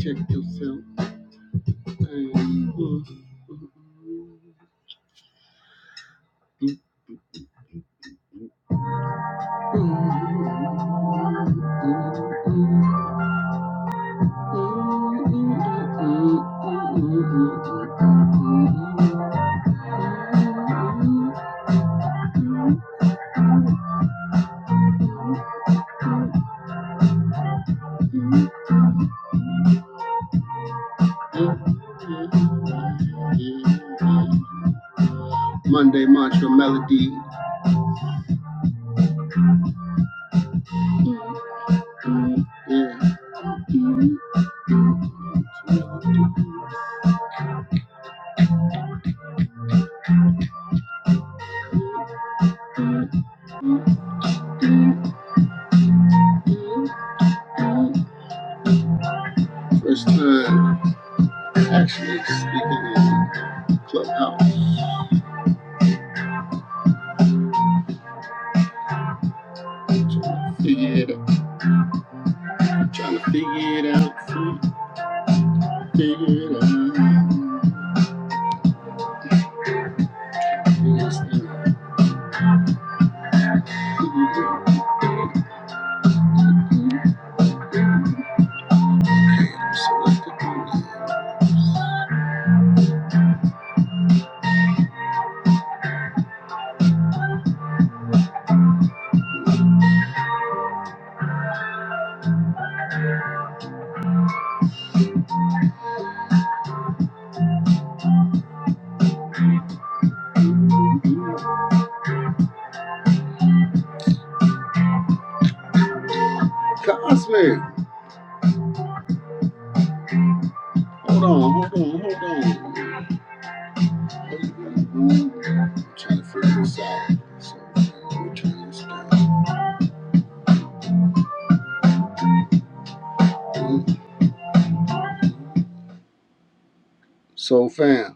Check yourself, check yourself. Monday mantra melody. First time actually speaking in Clubhouse. Trying to figure it out. Trying to figure it out. Figure it out. Figure this thing out. So let's get on it. Cosmic! Hold on, hold on, hold on. Trying to figure this out. So, we're trying this down. So, fam.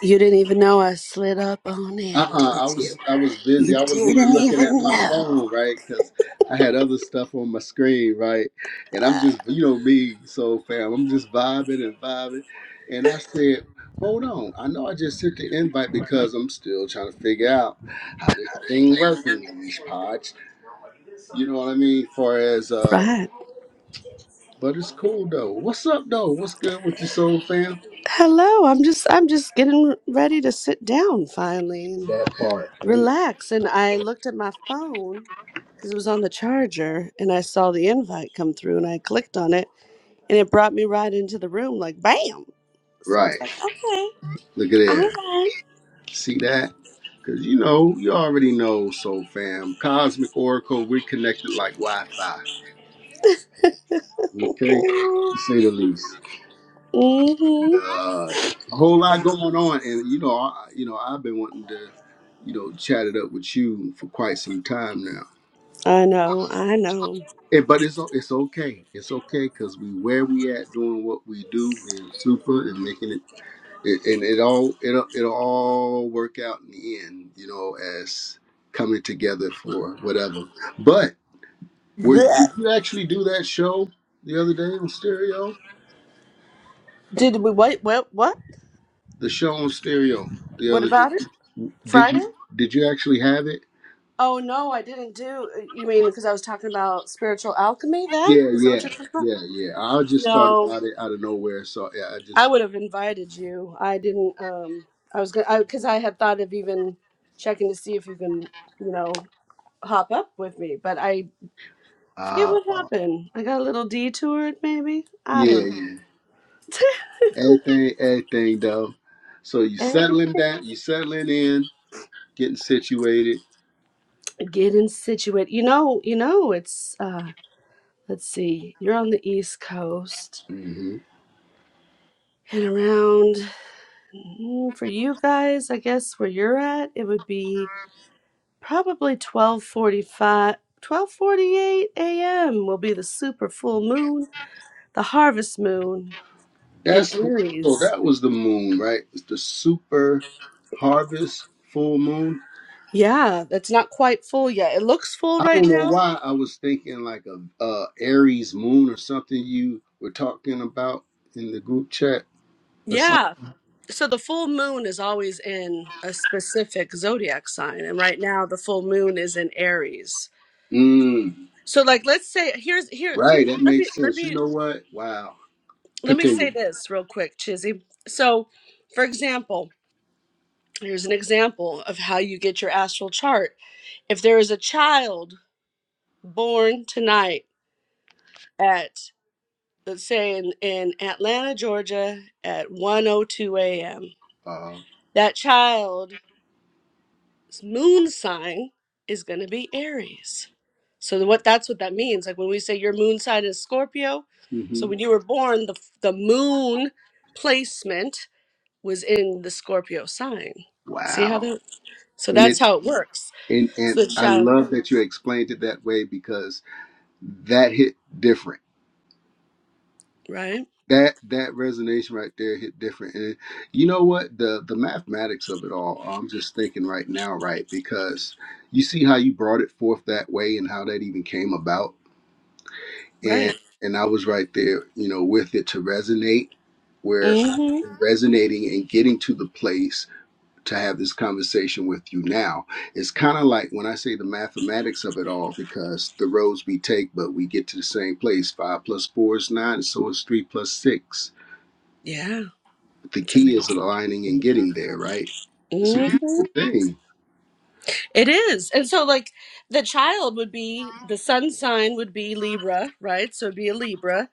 You didn't even know I slid up on in, Uh-uh, I did was you? I was busy. You I wasn't even didn't looking at even my know. phone, right? Because I had other stuff on my screen, right? And I'm just, you know me, so fam, I'm just vibing and vibing. And I said, hold on, I know I just sent the invite because I'm still trying to figure out how this thing working, these pods. You know what I mean? Far as uh, Right. but it's cool though. What's up though? What's good with you, soul fam? Hello. I'm just I'm just getting ready to sit down finally and That part, relax. And I looked at my phone because it was on the charger and I saw the invite come through and I clicked on it and it brought me right into the room like bam. So I right? was like, okay, Look at all there. right. See that? Because you know, you already know, Soul Fam. Cosmic Oracle, we're connected like Wi Fi. Okay? Mm-hmm. To say the least. Uh, a whole lot going on. And, you know, I, you know, I've been wanting to, you know, chat it up with you for quite some time now. I know, I know. And, but it's o- it's okay. It's okay because we where we at doing what we do, being super and making it, it and it all it'll it'll all work out in the end, you know, as coming together for whatever. But Were, Blech. did you actually do that show the other day on stereo? Did we wait what what? The show on stereo the What other day. about it? Did you Friday? did you actually have it? Oh no, I didn't do. You mean because I was talking about spiritual alchemy? Then Yeah, is that what yeah, you're talking about? yeah, yeah. I just thought No, about it out of nowhere. So yeah, I I just would have invited you. I didn't. Um, I was gonna because I, 'cause I had thought of even checking to see if you can, you know, hop up with me. But I forget uh what happened. I got a little detoured, maybe. I yeah, don't know. yeah. Everything, everything though. So you settling Everything down, you settling in, getting situated. getting situated. You know. You know. It's. uh Let's see. You're on the East Coast hmm and around. Mm, For you guys, I guess where you're at, it would be probably twelve forty five, twelve forty eight a.m. will be the super full moon, the harvest moon in That's so. Aries. That was the moon, right? It's the super harvest full moon. Yeah, that's not quite full yet. It looks full I right don't know now. why I was thinking like a uh, Aries moon or something you were talking about in the group chat or something. Yeah. So the full moon is always in a specific zodiac sign, and right now the full moon is in Aries. Mm, So like let's say here's here let right, me that let me makes let sense. You me know what? Wow. let me say Continue. this real quick, Chizzy. So, for example, here's an example of how you get your astral chart. If there is a child born tonight at, let's say, in, in Atlanta, Georgia, at 1:02 a.m., Uh, that child's moon sign is going to be Aries. So the- what that's what that means. Like when we say your moon sign is Scorpio, so hmm when you were born, the the moon placement was in the Scorpio sign. See how Wow. that? So And it that's how it works. and and So the I child, love that you explained it that way because that hit different. right? that that resonation right there hit different and you know what the the mathematics of it all i'm just thinking right now right because you see how you brought it forth that way and how that even came about and Right. and i was right there you know with it to resonate where i'm Mm-hmm. resonating and getting to the place to have this conversation with you now it's kind of like when i say the mathematics of it all because the roads we take but we get to the same place five plus four is nine so is three plus six Yeah. the It's key amazing. is aligning and getting there, right? It's a Mm-hmm. beautiful thing. It is. And so, like, the child would be, the sun sign would be Libra, right? So it'd be a Libra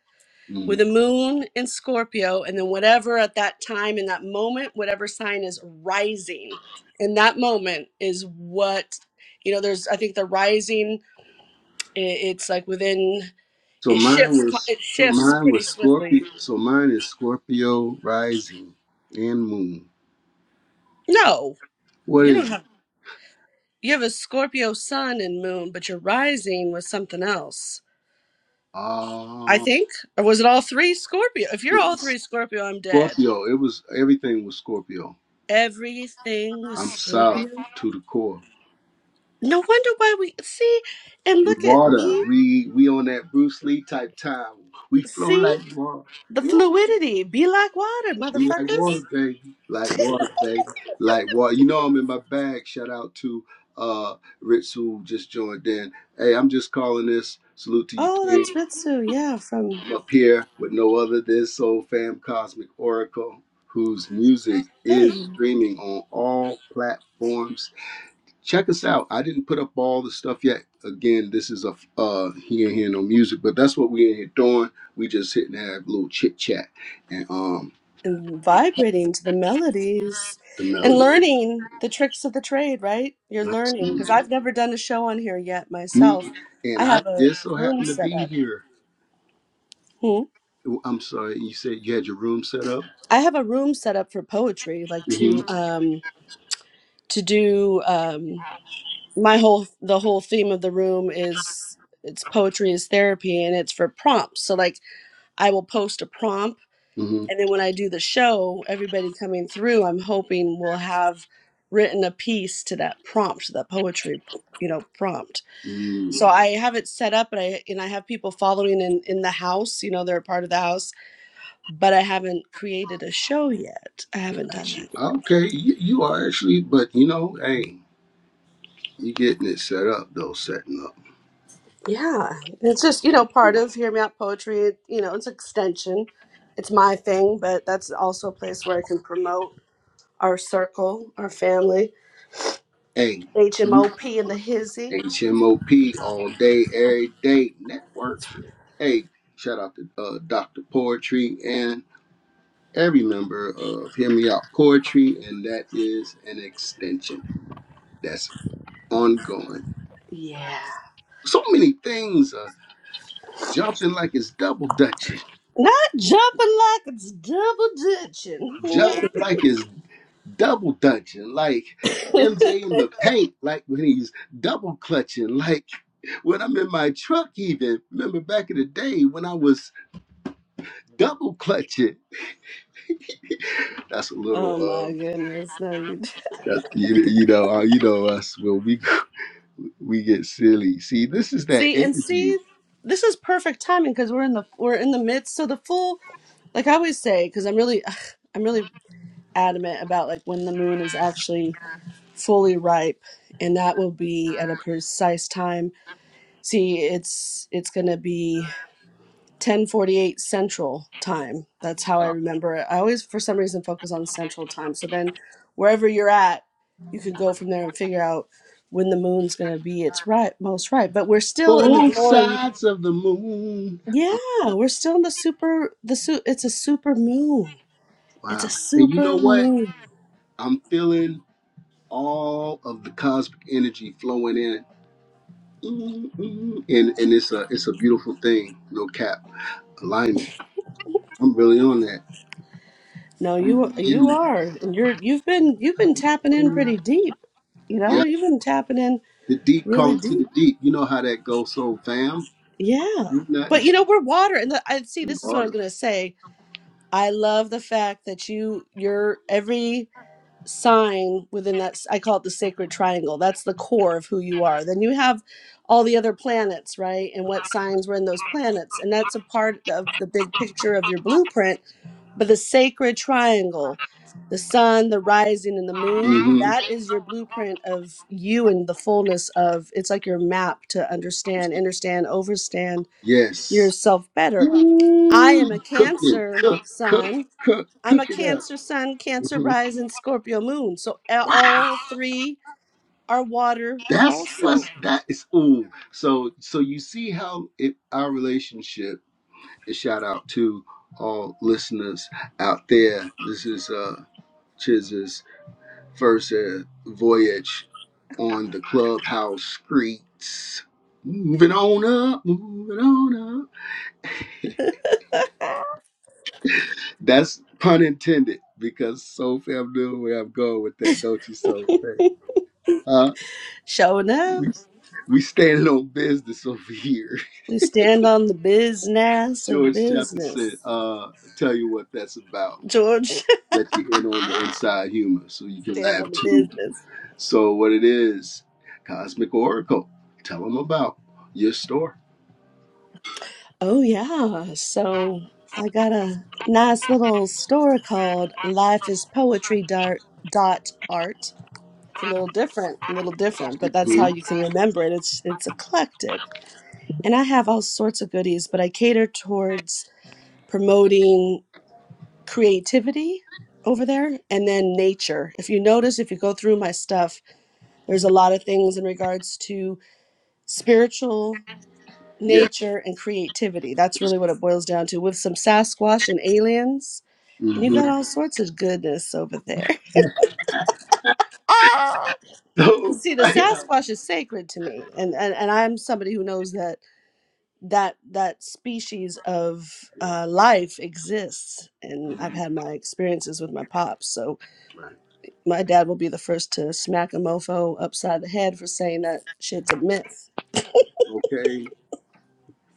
Mm. with a moon in Scorpio. And then, whatever at that time, in that moment, whatever sign is rising in that moment is what, you know, there's, I think the rising, i- it's like within. So It mine shifts. co- was It so shifts mine pretty was swiftly. Scorpio. So mine is Scorpio rising and moon. No, What you don't is it? have. You have a Scorpio sun and moon, but your rising was something else. I Uh, think, or was it all three Scorpio? If you're it all was three Scorpio, I'm dead. Scorpio. It was everything was Scorpio. Everything was I'm solid Scorpio. to the core. No wonder why we see and look at Water. me. We we on that Bruce Lee type time. We flow See like water. the fluidity. Be like water, We like motherfuckers. water, baby. Like water, baby. Like water. You know I'm in my bag. Shout out to uh Ritz who just joined in. Hey, I'm just calling this. Salute to you, Oh, that's King. Ritsu. Yeah, from I'm up here with no other than Soul Fam Cosmic Oracle, whose music is hey. streaming on all platforms. Check us out. I didn't put up all the stuff yet. Again, this is a uh he ain't hear no music, but that's what we in here doing. We just hitting have a little chit chat. And um and vibrating to the melodies the and melody. learning the tricks of the trade, right? You're learning because Absolutely. I've never done a show on here yet Me myself. and I I have a just so room happened to set be up. here. Hmm? Oh, I'm sorry, you said you had your room set up? I have a room set up for poetry, like hmm to um to do um my whole the whole theme of the room is it's poetry is therapy and it's for prompts. So like I will post a prompt hmm And then when I do the show, everybody coming through, I'm hoping will have written a piece to that prompt, that poetry, you know, prompt. So Mm, I have it set up and I and I have people following in in the house, you know, they're a part of the house, but I haven't created a show yet. I haven't done got you. that yet. Okay, you, you are actually, but you know, hey, you getting it set up though, setting up. Yeah. It's just, you know, Yeah. part of Hear Me Out Poetry, you know, it's an extension. It's my thing, but that's also a place where I can promote our circle, our family, Hey, you- HMOP and the hizzy. HMOP all day, every day network. Hey, shout out to uh, Dr. Poetry and. every member of Hear Me Out Poetry, and that is an extension that's ongoing. Yeah. So many things are jumping like it's double dutching, Not jumping like it's double jumping dutching. like it's double dutching, like MJ in the paint, like when he's double clutching, like when I'm in my truck, even. Remember back in the day when I was double clutching? That's a little, oh my um, goodness! No, you that, you, you know, uh, you know us when we we get silly. See, this is that see and energy. see. This is perfect timing because we're in the we're in the midst. So the full, like I always say, because I'm really I'm really adamant about like when the moon is actually fully ripe, and that will be at a precise time. See, it's it's gonna be. 10:48 Central Time. That's how I Uh, remember it. I always, for some reason, focus on Central Time. So then, wherever you're at, you can go from there and figure out when the moon's going to be its right most right. But we're still in the both glory. sides of the moon. Yeah, Oh, we're still in the super. The su- It's a super moon. It's a wow. And you know super what? moon. I'm feeling all of the cosmic energy flowing in. Mm, mm. And and it's a it's a beautiful thing, no cap. Alignment. I'm really on that. No, you I'm really in you that. are, and you're you've been you've been tapping in In pretty that. deep. You know, Yeah. you've been tapping in The deep really calling to the deep. deep. You know how that goes, so fam. Yeah. You not in But you sh- know, we're water, and the, I see. in This is what I was water. gonna say I love the fact that you your every sign within that I call it the sacred triangle. That's the core of who you are. Then you have all the other planets, right? And what signs were in those planets. And that's a part of the big picture of your blueprint, but the sacred triangle, the sun, the rising and the moon, hmm that is your blueprint of you and the fullness of it's like your map to understand, understand, overstand Yes. yourself better. I am a Ooh, cook it, Cancer cook, cook, sun cook, I'm a cook it up. Cancer Sun, Cancer Mhm. Rising, Scorpio Moon. So a- all Wow, three are water that's what's also. that is. Ooh, so so you see how it, our relationship. And shout out to all listeners out there. This is uh Chiz's first uh, voyage on the clubhouse streets. Moving on up, moving on up. That's pun intended because so fam knew where I'm going with that, don't you, so Uh, Showing up. we we standing on business over here. We stand on the business of George Chapman said, business. uh, tell you what that's about. George, Let you in on the inside humor so you can stand laugh on the too. business. So what it is, Cosmic Oracle, tell them about your store. Oh, yeah. So I got a nice little store called Life is Poetry Dart dot art it's a little different a little different but that's how Mhm. you can remember it it's it's eclectic and I have all sorts of goodies, but I cater towards promoting creativity over there and then nature. If you notice, if you go through my stuff, there's a lot of things in regards to spiritual Yeah. nature and creativity. That's really what it boils down to with some Sasquatch and aliens. And you've hmm got all sorts of goodness over there. Ah! So, See, the yeah. Sasquatch is sacred to me. And, and, and I'm somebody who knows that that that species of uh, life exists. And I've Mhm. had my experiences with my pops. So Right. my dad will be the first to smack a mofo upside the head for saying that shit's a myth. Okay.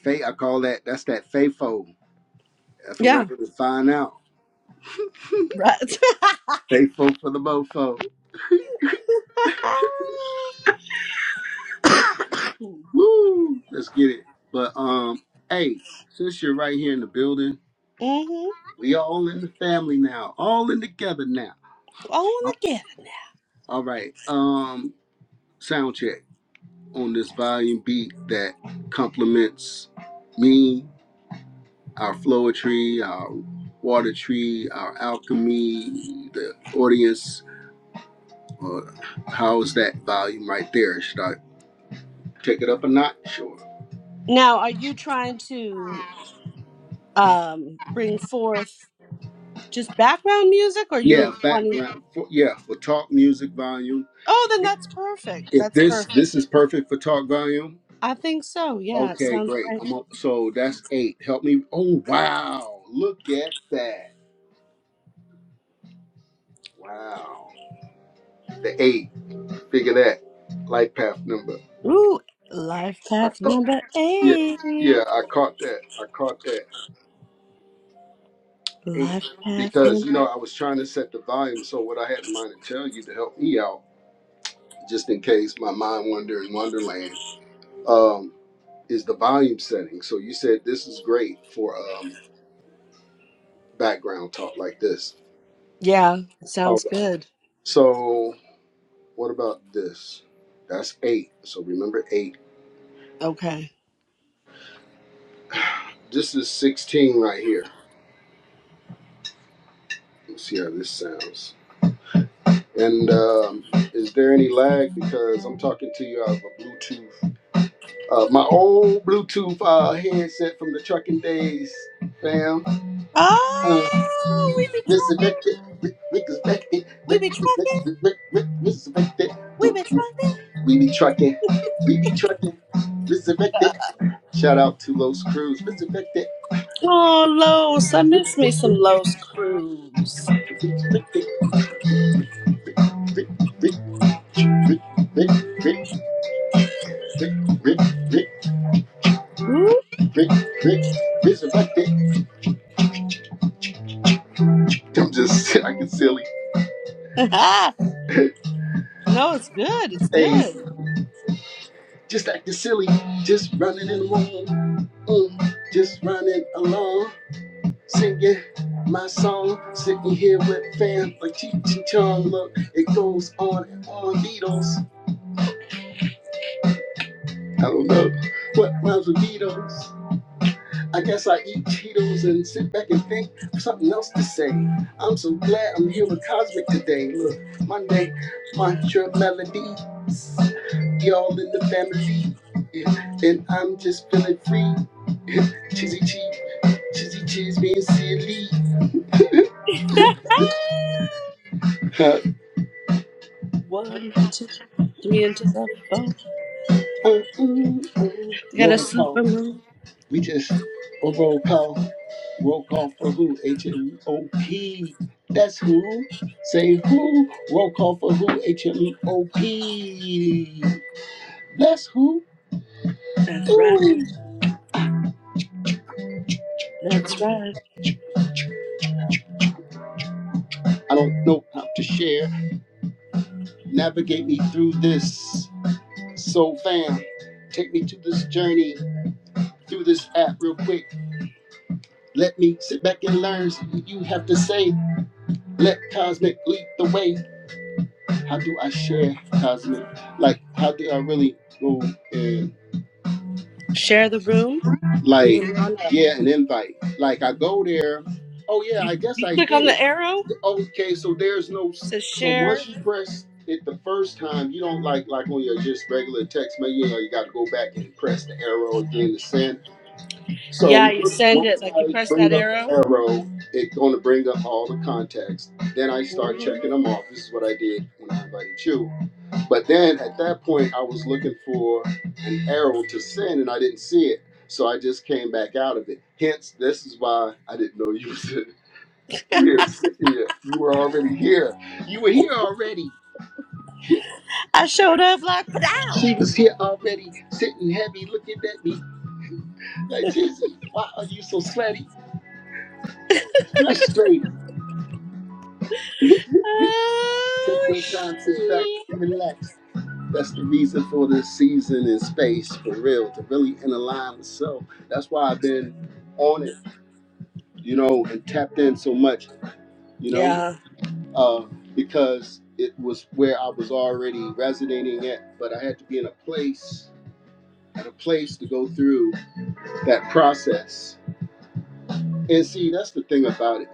Faith, I call that, that's that FAFO, F for Yeah, record to find out. right. Faithful for the mofo. mm-hmm. Woo! Let's get it. But um, hey, since you're right here in the building, Oh, we all in the family now, all in together now. well, look at it now. All right. Um, sound check on this volume beat that complements me, our flowetry, our water tree, our alchemy, the audience. Uh, how's that volume right there? Should I take it up a notch? Sure. Now, are you trying to um, bring forth just background music, or Yeah, you're wanting? background. For, yeah, for talk music volume. Oh, then that's perfect. If That's this perfect. this is perfect for talk volume. I think so. Yeah, it Okay, sounds great. great. I'm up, so that's eight. Help me. Oh wow! Look at that. Wow. The eight. Figure that. Light path number. Ooh, life I path caught. number Yeah, yeah. eight. I caught that. I caught that eight Life path because number. you know I was trying to set the volume. So what I had in mind to tell you to help me out, just in case my mind wander in Wonderland. Um, is the volume setting. So you said this is great for um, background talk like this. Yeah, All sounds right. good. So what about this? That's eight. So remember eight. Okay. This is 16 right here. Let's see how this sounds. And um, is there any lag? Because I'm talking to you out of a Bluetooth, uh, my old Bluetooth uh, headset from the trucking days, fam. Uh, Oh, we be trucking. resurrected, re- resurrected, We be trucking. We be trucking. We be trucking. We be trucking. Mr. Victor. Shout out to Los Cruz. Mr. Victor. Oh, Los. I miss me Mr. some Victor. Los Cruz. Mr. Victor. Rick, Rick, Rick, Rick, Rick, Rick, Rick, Ooh. Rick, Mr. Victor. I'm just acting silly. no, it's good. It's Hey, good. just acting silly. Just running in the room. Mm, just running along. singing my song, sitting here with fam like Cheech and Chong. Look, it goes on and on. Beatles, I don't know what rhymes with Beatles. I guess I eat Cheetos and sit back and think of something else to say. I'm so glad I'm here with Cosmic today. Look, Monday, mantra melodies, y'all in the family, yeah, and I'm just feeling free. Chizzy cheese, chizzy cheese, being silly. One, two, three into the phone. Oh, ooh, ooh. We got a Roll call. super moon. We just oh, roll call. Roll call for who? H M O P. That's who. Say who. Roll call for who? H M O P. That's who. That's right. Ooh. That's right. I don't know how to share. Navigate me through this. So fam, take me to this journey through this app real quick. Let me sit back and learn. You have to say, let cosmic lead the way. how do I share cosmic? Like, how do I really go and Share the room. like Moving on up. get an invite? Like, I go there. Oh yeah, I guess You I click did on it. the arrow. It Okay, so there's no. says So once share. you press it the first time, you don't like like on your just regular text. Maybe you know you got to go back and press the arrow again to send. So Yeah, you once, send once it. Like you I press that bring up the arrow. arrow, it's going to bring up all the contacts. Then I start hmm checking them off. This is what I did when I invited you. But then at that point, I was looking for an arrow to send, and I didn't see it. So I just came back out of it. Hence, this is why I didn't know you was in here. Sit here. You were already here. You were here already. I showed up like She pow. was here already, sitting heavy, looking at me like, Jesus, why are you so sweaty? Not straight. Take Oh your time, sit back, shit. and relax. That's the reason for this season and space, for real, to really in align with self. That's why I've been on it you know, and tapped in so much, you know, Yeah, uh, because it was where I was already resonating at, but I had to be in a place, at a place to go through that process. And see, that's the thing about it,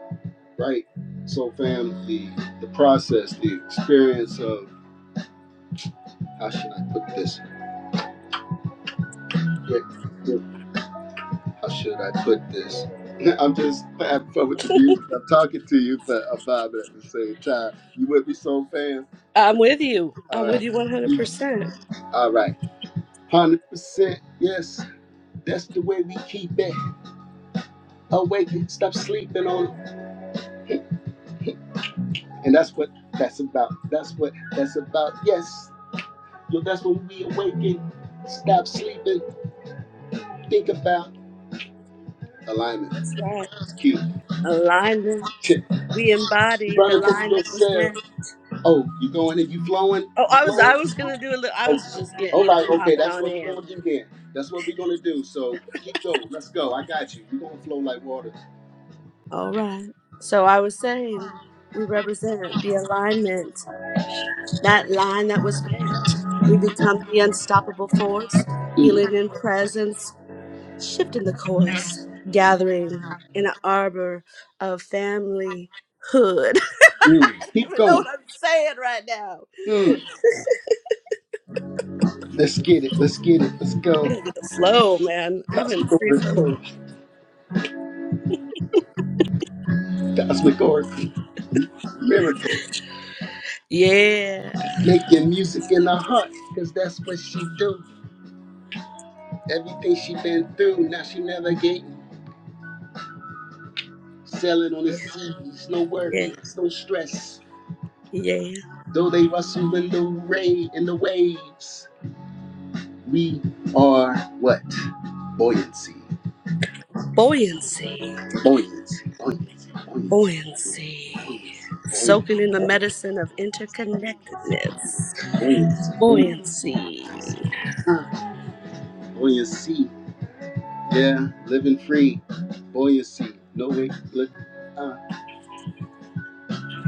right? So, fam, the, the process, the experience of how should I put this? Yeah, yeah, How should I put this? I'm just having fun with the music. I'm talking to you, but I'm vibing at the same time. You with me, soul fam? I'm with you. All I'm right. with you 100%. All right. one Hundred percent. Yes, that's the way we keep it awake. Stop sleeping on it, and that's what that's about. That's what that's about. Yes, yo, that's when we awaken. Stop sleeping. Think about alignment. That's right. It's cute. Alignment. Shit. We You embody the running from line that was yourself. meant. Oh, you going and you flowing. Oh, You I was I flowing. was going to do a little I Oh, was just getting, all you know, right. Okay, hopping that's on what we are in. gonna do then. That's what we are gonna do. So keep going. Let's go. I got you. You gonna flow like water. All right. So I was saying we represent the alignment, that line that was meant. We become the unstoppable force, Mm, healing in presence, shifting the course, gathering in an arbor of familyhood. mm. you Keep know going. what I'm saying right now. Mm. Let's get it. Let's get it. Let's I go. gotta get the flow, man. I haven't Cosmic free flow. Oracle. Cosmic Oracle. Miracle. Yeah. Making music in her heart, because that's what she do. Everything she been through, now she navigating. Selling on the Yeah. seas, no Yeah. worries, no stress. Yeah. Though they rustle in the rain, in the waves, we are what? Buoyancy. Buoyancy. Buoyancy. Buoyancy. Buoyancy. Buoyancy. Buoyancy. Buoyancy. Buoyancy. Soaking in the medicine of interconnectedness. Buoyancy. Buoyancy. Buoyancy. buoyancy. Yeah, living free, buoyancy. No way, look, uh,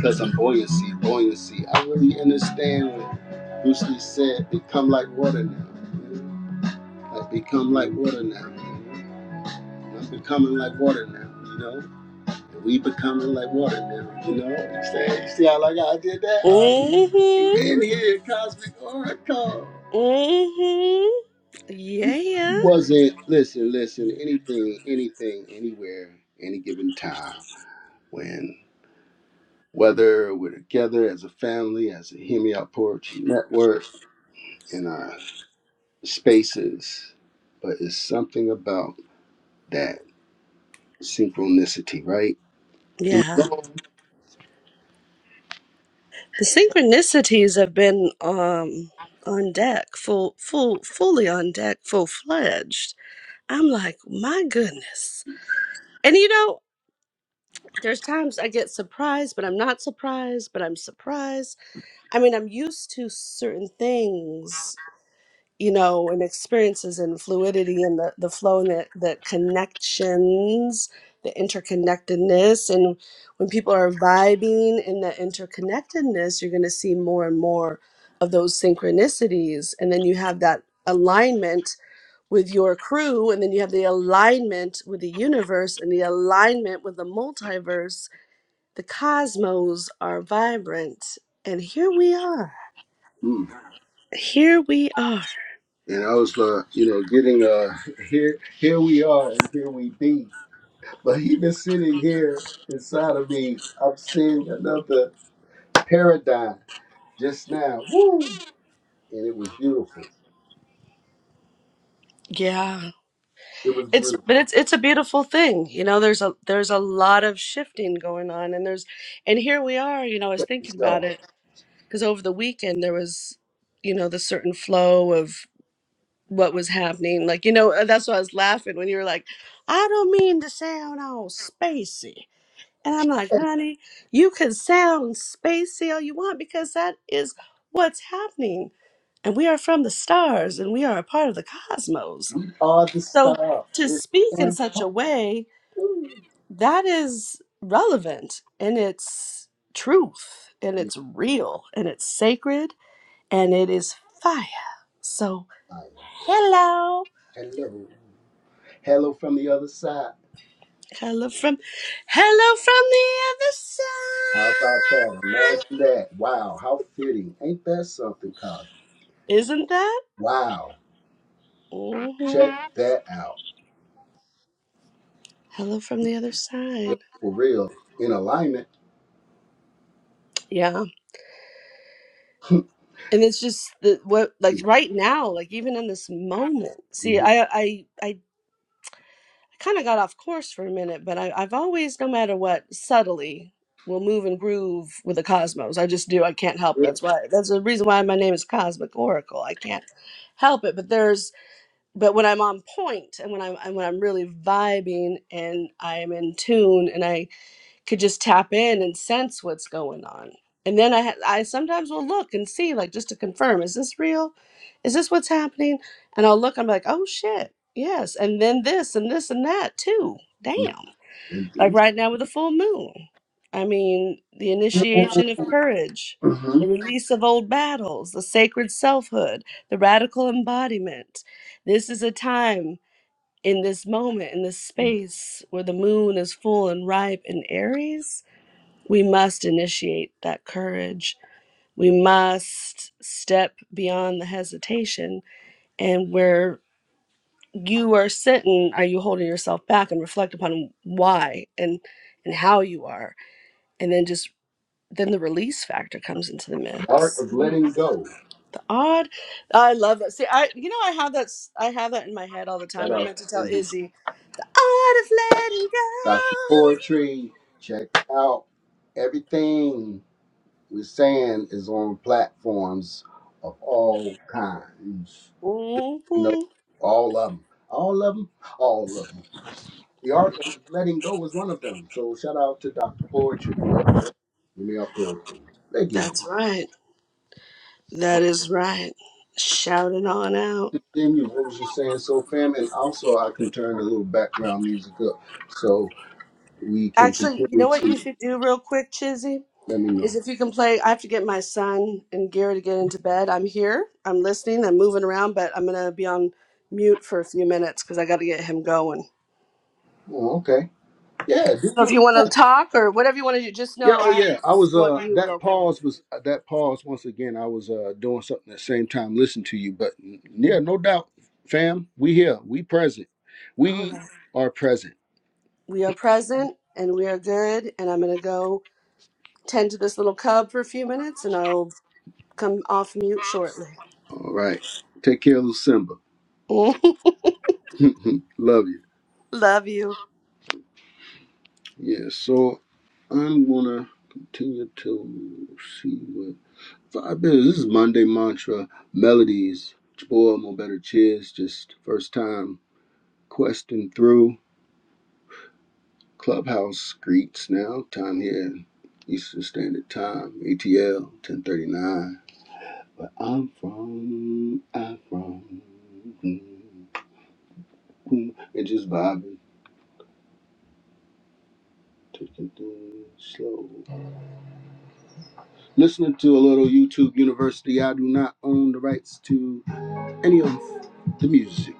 cause I'm buoyancy, buoyancy. I really understand what Bruce Lee said. Become like water now. you know? Like become like water now. you know? I'm becoming like water now. You know, and we becoming like water now. You know, you see, you see how like I did that? Uh, we Mm-hmm. here, cosmic oracle. Mm-hmm. Yeah. Wasn't listen, listen. Anything, anything, anywhere, any given time when whether we're together as a family, as a Hear Me Out Poetry Network, in our spaces, but it's something about that synchronicity, right? Yeah. Mm. The synchronicities have been um, on deck, full, full, fully on deck, full fledged. I'm like, my goodness. And you know, there's times I get surprised, but I'm not surprised, but I'm surprised. I mean, I'm used to certain things you know, and experiences and fluidity and the, the flow and the, the connections, the interconnectedness. And when people are vibing in the interconnectedness, you're going to see more and more of those synchronicities. And then you have that alignment with your crew, and then you have the alignment with the universe and the alignment with the multiverse. The cosmos are vibrant. And here we are. Here we are. And I was like, you know, getting uh here here we are and here we be. But even sitting here inside of me, I'm seeing another paradigm just now. Woo! And it was beautiful. Yeah. It was It's beautiful. but it's it's a beautiful thing. You know, there's a there's a lot of shifting going on and there's and here we are, you know, I was thinking So about it because over the weekend there was, you know, the certain flow of what was happening. Like, you know, uh, that's why I was laughing when you were like, I don't mean to sound all spacey. And I'm like, honey, you can sound spacey all you want because that is what's happening. And we are from the stars and we are a part of the cosmos. we are the So star. to It's speak in such impossible. a way that is relevant in its truth and Yes, it's real and it's sacred and it is fire. So, fire. Yes. hello. Hello. Hello from the other side. Hello from hello from the other How about that? side. Imagine that. Wow. How fitting. Ain't that something, Cosmo? Isn't that? Wow. hmm Check that out. Hello from the other Yeah, side. For real. In alignment. Yeah. And it's just the, what like right now, like even in this moment. See, Mm-hmm. I I I I kind of got off course for a minute, but I, I've always, no matter what, subtly will move and groove with the cosmos. I just do. I can't help it. That's why. That's the reason why my name is Cosmic Oracle. I can't help it. But there's. But when I'm on point and when I'm and when I'm really vibing and I am in tune and I could just tap in and sense what's going on. And then I ha- I sometimes will look and see like just to confirm is this real? Is this what's happening? And I'll look I'm like, "Oh shit. Yes." And then this and this and that too. Damn. Mm-hmm. Like right now with the full moon. I mean, the Mm-hmm. initiation of courage, the Mm-hmm. release of old battles, the sacred selfhood, the radical embodiment. This is a time in this moment, in this space where the moon is full and ripe in Aries we must initiate that courage. We must step beyond the hesitation. And where you are sitting, are you holding yourself back and reflect upon why and and how you are, and then just then the release factor comes into the Art mix. of Mhm. letting go. The odd, I love that. See, I you know I have that s- I have that in my head all the That time. I art meant to tell is Izzy, odd of letting go. Dr. Poetry. Check out everything we're saying is on platforms of all kinds. You know, hmm all of them, all of them, all of them. The art of letting go was one of them. So shout out to Dr. Poetry. Yeah, give me our poetry. They get it. That's right. That is right. Shout it on out. Continue. What was you saying? So, fam, and also I can turn a little background music up so we can Actually, you continue know what you to should do real quick, Chizzy? let me Is know. if you can play, I have to get my son and Gary to get into bed. I'm here. I'm listening. I'm moving around, but I'm going to be on mute for a few minutes because I got to get him going. Oh, okay. Yeah. Do So you if you want to talk or whatever you want to do, just Yeah, know oh I have to yeah. I just was go on uh mute that real quick. pause was uh, that pause once again. I was uh doing something at the same time listening to you, but n- yeah, no doubt, fam. We here. We present. All We right. are present. We are present and we are good. And I'm going to go tend to this little cub for a few minutes and I'll come off mute shortly. All right. Take care, little Simba. Love you. Love you. Yeah. So I'm gonna continue to see what five minutes. This is Monday mantra melodies. It's your Boy, i better cheers. Just first time questing through. Clubhouse greets now. Time here, Eastern Standard Time, ATL, 1039. But I'm from, I'm from. mm, mm, And just vibing, taking things slow. Listening to a little YouTube University. I do not own the rights to any of the music.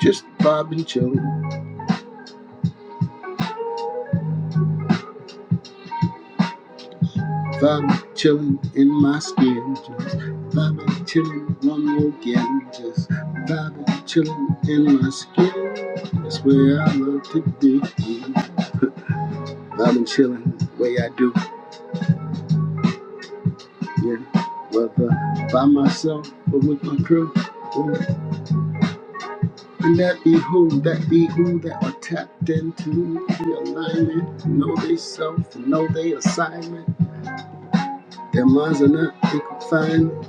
Just vibing, chilling, vibing, chilling in my skin. Just vibing, chilling one more again. Just vibing, chilling in my skin. That's where I love to be. I'm chilling the way I do. Yeah. Whether by myself or with my crew. Ooh. And that be who, that be who that are tapped into the alignment. Know they self, know they assignment. Their minds are not, they can find.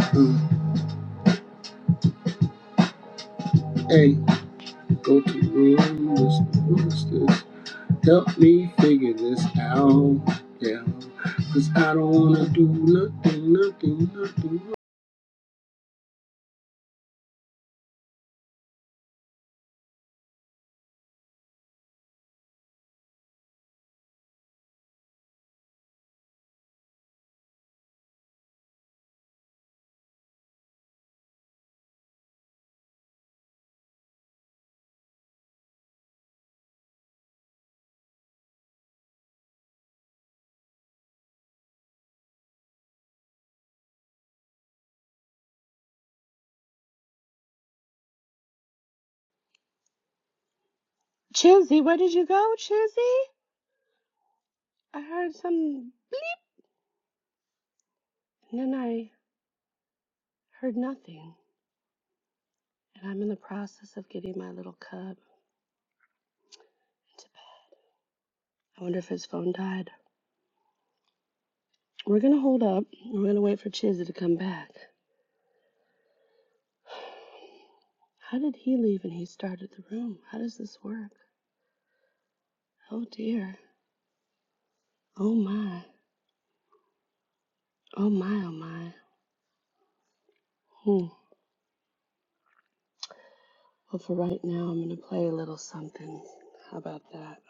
Uh, hey, go to the room. what's this? Help me figure this out. Yeah. Cause I don't wanna do nothing, nothing, nothing. Chizzy, where did you go, Chizzy? I heard some bleep, and then I heard nothing. And I'm in the process of getting my little cub. I wonder if his phone died. We're gonna hold up. We're gonna wait for Chizzy to come back. How did he leave and he started the room? How does this work? Oh dear. Oh my. Oh my, oh my. Hmm. Well, for right now, I'm gonna play a little something. How about that?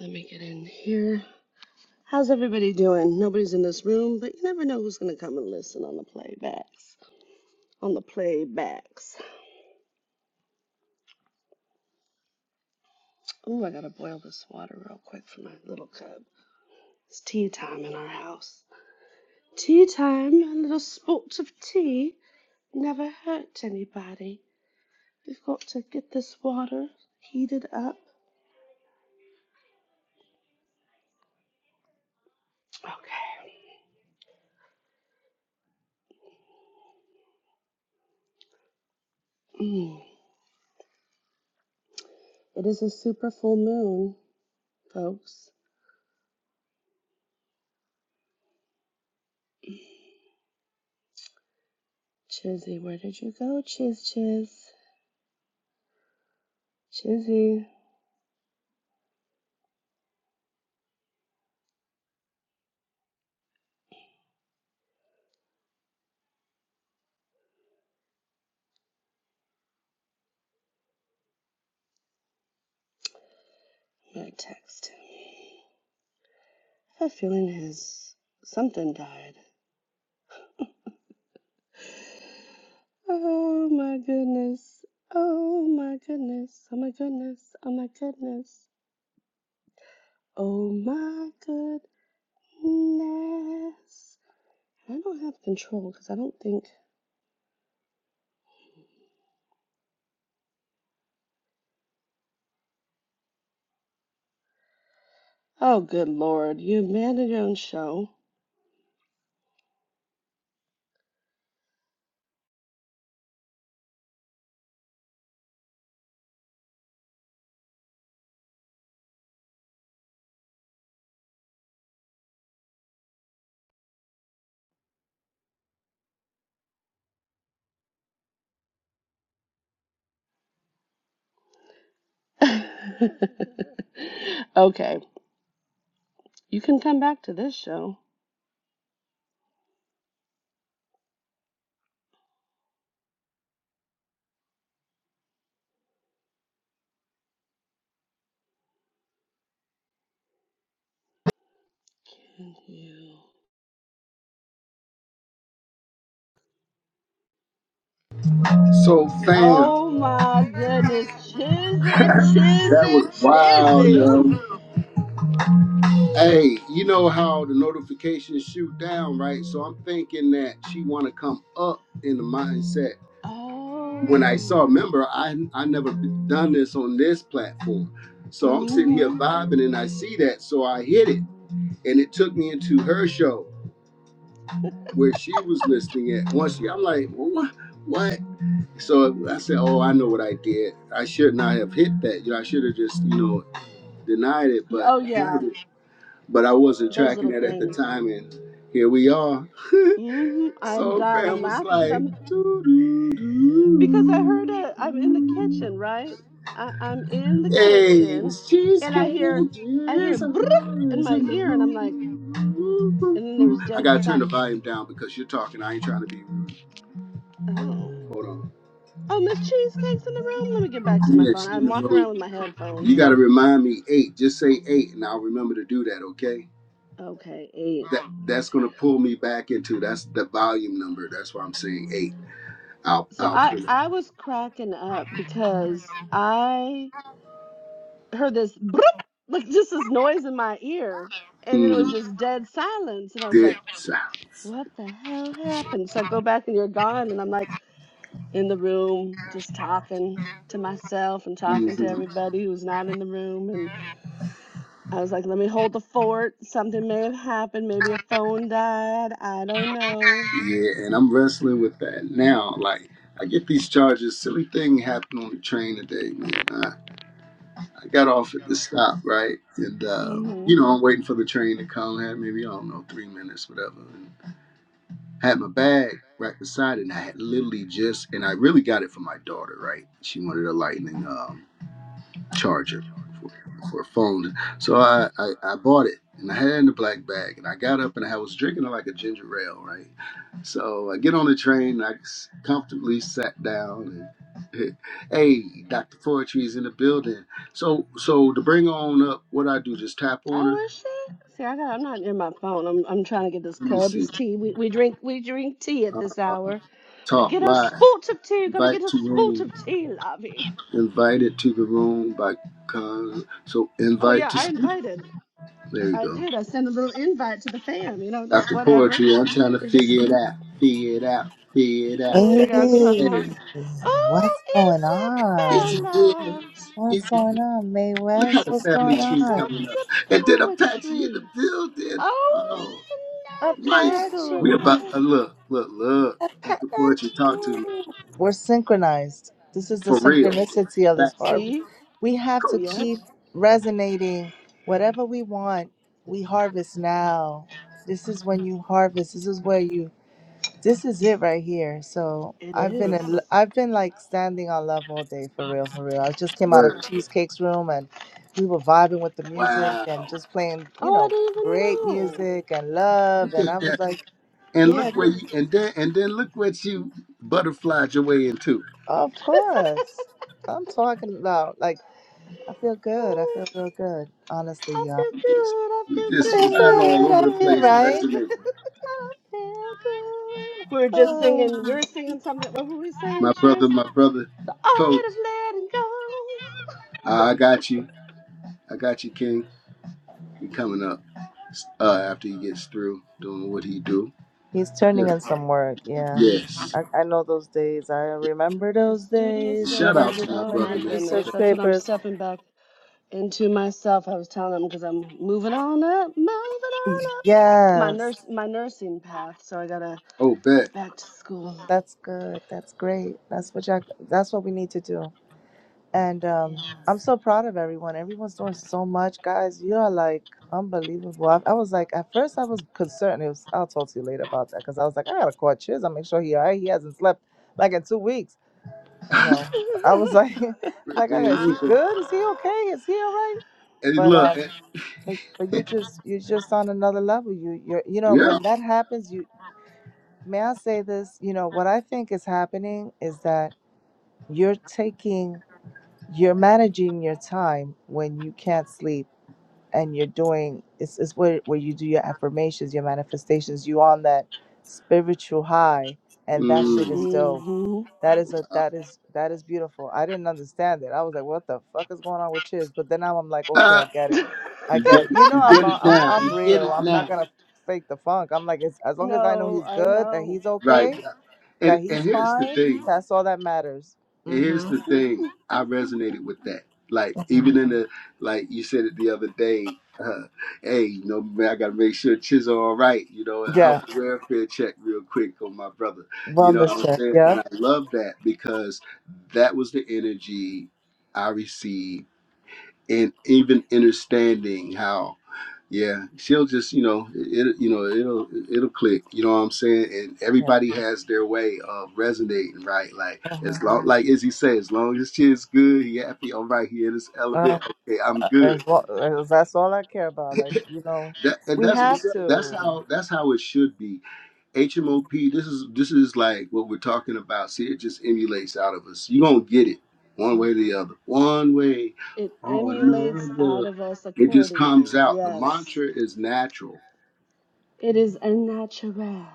Let me get in here. How's everybody doing? Nobody's in this room, but you never know who's gonna come and listen on the playbacks. On the playbacks. Oh, I gotta boil this water real quick for my little cub. It's tea time in our house. Tea time, and little spouts of tea never hurt anybody. We've got to get this water heated up. Okay. Mm. It is a super full moon, folks. Chizzy, where did you go, Chiz Chiz? Chizzy, I'm gonna text him. I have a feeling his something died. Oh my goodness. Oh my goodness. Oh my goodness. Oh my goodness. Oh my goodness. I don't have control because I don't think. Oh, good lord. You abandoned your own show. okay. You can come back to this show. So, fam, Oh my that goodness. Chizzy, Chizzy, was wild, Chizzy. yo. Hey, you know how the notifications shoot down, right? So I'm thinking that she want to come up in the mindset. When I saw, Oh. remember, I I never done this on this platform, so I'm sitting here Mhm. vibing and I see that, so I hit it, and it took me into her show where she was listening at. Once she, I'm like, what? What? So I said, "Oh, I know what I did. I should not have hit that. You know, I should have just, you know, denied it, but Oh yeah, denied it. But I wasn't those tracking little that at the things. time, and here we are." Mhm. I'm Soul dying. I'm Fam was laughing because like, I'm doo doo because I heard doo a, I'm in the kitchen, doo right? I, I'm in the "Hey, kitchen, Miss and I Cheesecake hear I hear is always brrrr in my in the ear, and I'm like, room." and then there was I dead gotta si turn the volume down because you're talking. I ain't trying to be rude. Oh. Hold on. Oh, Miss Cheesecake's in the room. Let me get back to my Yeah, phone. she in I'm the walking around room. with my You headphones. gotta remind me eight. Just say eight, and I'll remember to do that. Okay. Okay, eight. That that's gonna pull me back into that's the volume number. That's why I'm saying eight. I'll So I'll I pull it. I was cracking up because I heard this "Broop," like just this noise in my ear, and then it was Mm, just dead silence, and I was good like, sounds. "What the hell happened?" So I go back and you're gone, and I'm like in the room just talking to myself and talking to Mhm. everybody who's not in the room, and I was like, "Let me hold the fort. Something may have happened. Maybe a phone died. I don't know." Yeah, and I'm wrestling with that now. Like I get these charges. Silly thing happened on the train today, man. I got off at the stop, right? And, uh, hmm you know, I'm waiting for the train to come. I Had maybe, I don't know, three minutes, whatever. And I had my bag right beside it. And I had literally just, and I really got it for my daughter, right? She wanted a lightning. um, charger for, for a phone. So I, I, I bought it and I had it in the black bag and I got up and I was drinking it like a ginger ale, right? So I get on the train, I s- comfortably sat down and hey, Dr. Poetry's in the building. So so to bring on up what I do, just tap on Oh, her. was she? See, I got. I'm not near my phone. I'm. I'm trying to get this Let me cub see. his tea. We we drink we drink tea at this Uh, hour. We talk get a live. sport of tea. Gotta Invite get a to sport room. of tea, Lobby. Invited to the room by cause so Oh invite yeah, I to invited. there you I go. did. I sent a little invite to the fam. You know, just Dr. whatever. poetry, I'm trying to We're just figure it out, figure it out, figure it out. trying to figure out Hey, Clubhouse. Hey, what's going is he on? is, Oh, What's is he going is. on, May Look how West? the What's family going Isabella, tree's on? coming up. Doctor And then Apache in the Poetry. building. Oh, Oh, right. Apache, We Snapsicles. about to look, look, look. Dr. Apache. Poetry talked to me We're synchronized. This is the for real, synchronicity of this factual, harvest. See? We have to coach. Yep, keep resonating. Whatever we want, we harvest now. This is when you harvest. This is where you This is it right here. So it I've been in, l- is. I've been like standing on love all day for real, for real. I just came out of Word. Cheesecake's room and we were vibing with the music and Wow. just playing, you Oh, know, great I didn't even know. music and love. Look And I at was that. like, And look yeah, where great. you and then and then look what you butterflied your way into. Of course. I'm talking about like I feel good. I feel real good. Honestly, I y'all. feel You just, good. I you feel I just feel good. fired I all feel good. over I the feel good. place, I right. feel resonating. good. I feel good. We were just Oh. singing. We were singing something. What were we my saying, Chiz? brother, my brother, The coach. art of letting go. I got you. I got you, King. He coming up uh, after he gets through doing what he do. He's Yeah. turning in some work. Yeah, he's. Yes. I, I know those days. I remember The those studious days Shout when I out did so days. to my Oh brother, my many man. research goodness. Because, That's what I'm papers. stepping back into myself. I was telling them because I'm moving on up, moving on up. My Yes, nurse, my nursing path. So I gotta oh, bet. get back to school. that's good. That's great. That's what Jack. That's what we need to do. And um, Yeah. I'm so proud of everyone. Everyone's doing so much, guys. You are like unbelievable. I, I was like, at first, I was concerned. It was. I'll talk to you later about that because I was like, I gotta call Chiz. I make sure he all right. He hasn't slept like in two weeks. You know, I was like, like, "Oh, Man, is he Luther. good? Is he okay? Is he all right? And he But look. eh, um, but, but you're just you're just on another level. You you're you know Yeah. when that happens, you may I say this? You know what I think is happening is that you're taking you're managing your time when you can't sleep and you're doing it's, it's where, where you do your affirmations your manifestations you on that spiritual high and that shit hmm is Mm. dope that is a that is that is beautiful. I didn't understand it. I was like, what the fuck is going on with Chiz? But then now I'm like, okay, I Ah, get it. I you get get it. it. You know, You I'm get uh, it I'm now. You I'm get real. it I'm not now. gonna fake the funk. I'm like, it's, as long as I know no, he's I good, that know. he's Right. okay, that And and he's here's the fine, thing. that's all that matters. And here's Mm-hmm. the thing, Mhm. I resonated with that. Like even in the like you said it the other day, uh, hey, you know, man, I gotta make sure Chiz are all right, you know, a health Yeah. and welfare check real quick on my brother. You know Wellness what I'm check. saying? Yeah. And I love that because that was the energy I received and even understanding how yeah she'll just you know it you know it'll it'll click you know what i'm saying and Yeah. everybody has their way of resonating right like Uh-huh. as long like as he said as long as she good he happy all right he in his element Um, okay i'm Uh, as good well, as that's all I care about. Like you know, that, and we that's what's have up. that's to. how that's how it should be HMOP, this is this is like what we're talking about. See, it just emulates out of us. You're gonna get it one way or Uh-huh. the other. One way It or emulates another. out of us It just comes accordingly. out. The Yes. mantra is natural. It is unnatural.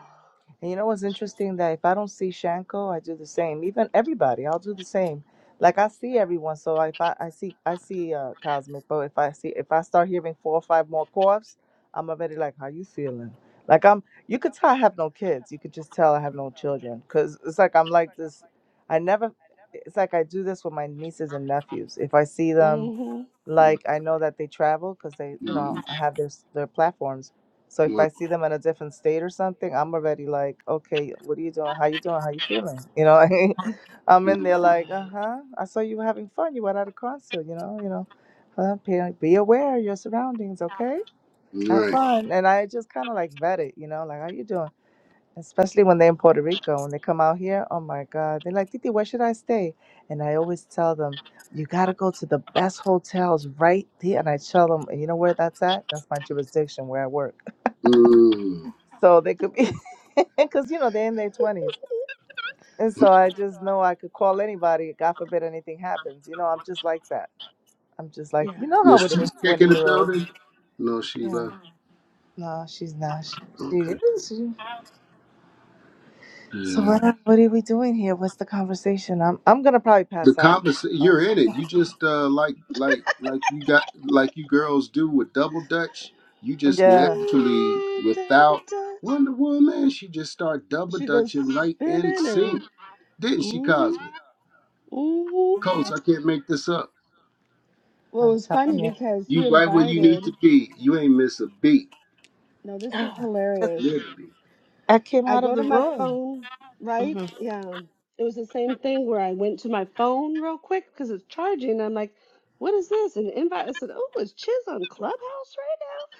And you know what's interesting? That if I don't see Shanko, I do the same. Even everybody, I'll do the same. Like I see everyone, so if I, I see I see uh Cosmic, but if I see if I start hearing four or five more coughs, I'm already like, how you feeling? Like I'm, you could tell I have no kids. You could just tell I have no children, cause it's like I'm like this. I never. It's like I do this with my nieces and nephews. If I see them, hmm Mm, like I know that they travel because they, you know, mm, have their s- their platforms. So if mm, I see them in a different state or something, I'm already like, okay, what are you doing? How you doing? How you feeling? You know, like, I'm mm, in there like, uh Right. huh. I saw you were having fun. You went at a concert. You know, you know. Uh, be, be aware of your surroundings, okay? Have Right. fun. And I just kind of like vet it, you know, like how you doing? Especially when they're in Puerto Rico, when they come out here, oh my God, they're like, Titi, where should I stay? And I always tell them, you got to go to the best hotels right there. And I tell them, and you know where that's at? That's my jurisdiction where I work. Mm. So they could be, because, you know, they're in their 20s. And so I just know I could call anybody. God forbid anything happens. You know, I'm just like that. I'm just like, Yeah. you know how Is it is, Cheesecake in 20 the year olds. building? No, she Yeah. left. No, she's not. She, she Okay. is. So Yeah. what are, what are we doing here? What's the conversation? I'm I'm gonna probably The pass out. convers you're Um, in it. You just uh, like like like you got like you girls do with double dutch. You just yeah, naturally Yeah, Double without touch. Wonder Woman, she just start double She goes dutching right in spinning sync, and didn't she, mm-hmm. Cosby? Mm-hmm. Coach, I can't make this up. Well, it I'm was telling funny you. because You he right where you need to invited. be. You ain't miss a beat, No, this is hilarious. literally. I came I out of go the to my room. phone, right? hmm Yeah. It was the same thing where I went to my phone real quick because it's charging. I'm like, what is this? An invite. I said, oh, it's Chiz on Clubhouse right now.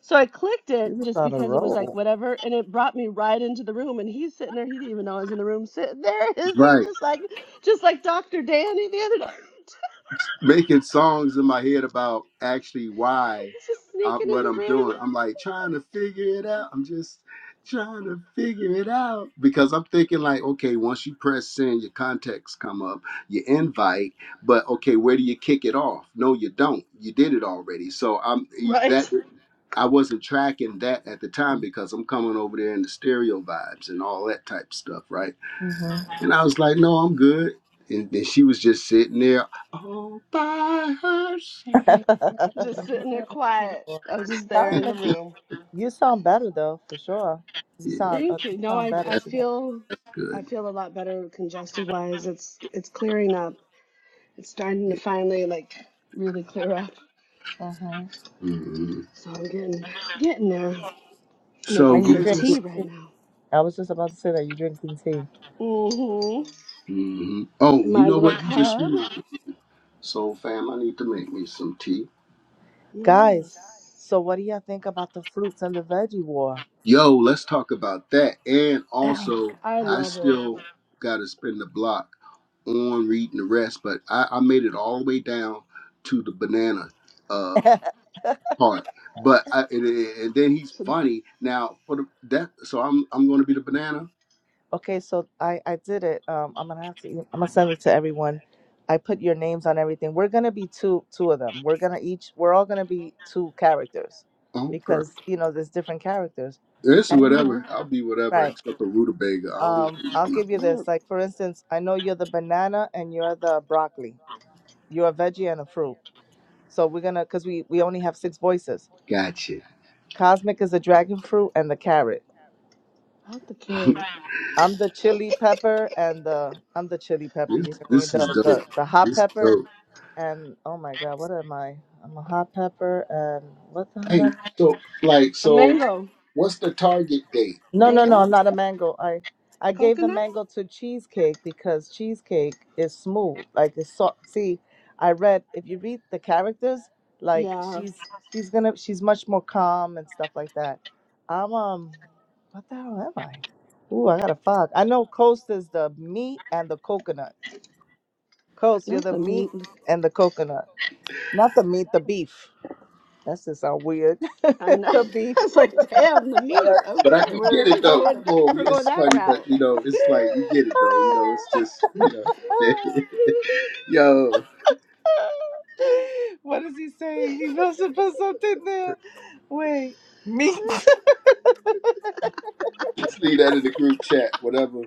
So I clicked it This is just on a because it was like roll. whatever, and it brought me right into the room. And he's sitting there. He didn't even know I was in the room. Sitting there is he right. just like, just like Dr. Danny the other night. making songs in my head about actually why he's just I, sneaking in what the I'm room, doing. I'm like trying to figure it out. I'm just trying to figure it out because I'm thinking like, okay, once you press send, your contacts come up, your invite, but okay, where do you kick it off? No, you don't. You did it already. So I'm eh, right? that I wasn't tracking that at the time because I'm coming over there in the stereo vibes and all that type of stuff, right? hmm And I was like, no, I'm good. And then she was just sitting there all by herself. Just sitting there quiet. I was just there in Cosmic, the room. you sound better though, for sure. You Yeah, sound uh, Thank you you. No, sound I better I that's today. feel I good. feel a lot better congested wise. It's it's clearing up. It's starting to Yeah. finally like really clear up. hmm hmm So I'm getting getting there. So Making And you're we some tea drinking just, right tea. now. I was just about to say that you're drinking tea, Mm-hmm. hmm oh, you My know little what? You just cub. reminded me. So, fam, I need to make me some tea. Yes. guys. So what do y'all think about the fruits and the veggie war? Yo, let's talk about that. And Oh also, I my I love it. still got to spin the block on reading the rest, but I, I made it all the way down to the banana. uh, god. part. But I, and, and then he's So the, funny. Now for the, that, so I'm I'm going to be the banana. Okay, so I I did it. Um, I'm gonna have to. e- I'm gonna send it to everyone. I put your names on everything. We're gonna be two two of them. We're gonna each. We're all gonna be two characters, Oh, okay, because you know there's different characters. it's And mm-hmm. whatever. I'll be whatever right. except for rutabaga. I don't want to. Um, Be, I'll no. give you Yeah, this. Like for instance, I know you're the banana and you're the broccoli. You're a veggie and a fruit. So we're gonna, cause we we only have six voices. Gotcha. Cosmic is the dragon fruit and the carrot. not the carrot. I'm the chili pepper and the I'm the chili pepper. this You hear me? this is The the dope. the hot This is pepper dope. and oh my god, what am I? I'm a hot pepper and what the hell? Hey, Am I? so like A so, mango. what's the target date? No, The no, kid no, Mango? I'm is- not a mango. I I gave the Coconut? mango to cheesecake because cheesecake is smooth, like it's soft. See, I read if you read the characters, like Yeah. she's she's gonna she's much more calm and stuff like that. I'm um, what the hell am I? Ooh, I got a fog. I know Coast is the meat and the coconut. Coast, you're That's the the meat meat. and the coconut, not the meat, the beef. That's just so weird. And I the beef. I was like, damn, the all meat. right, but I, Okay, we we're get it we're though. going Come on, we, we're going it's that funny, but route. you know, it's like we get it though. You know, it's just you know, yo, what is he saying? He must have put something there. Wait, meat. let's leave that in the group chat, whatever.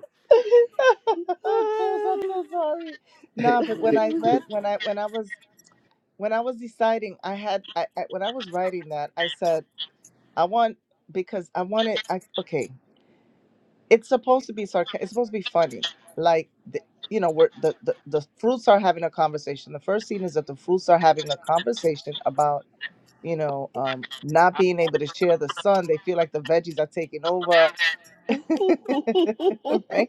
of course, I'm so sorry. Nah, but when I read, when I when I was when I was deciding, I had I, I when I was writing that, I said I want because I wanted. I okay. it's supposed to be sarcastic. It's supposed to be funny. Like the, you know, where the, the the fruits are having a conversation. The first scene is that the fruits are having a conversation about you know um, not being able to share the sun. They feel like the veggies are taking over, right?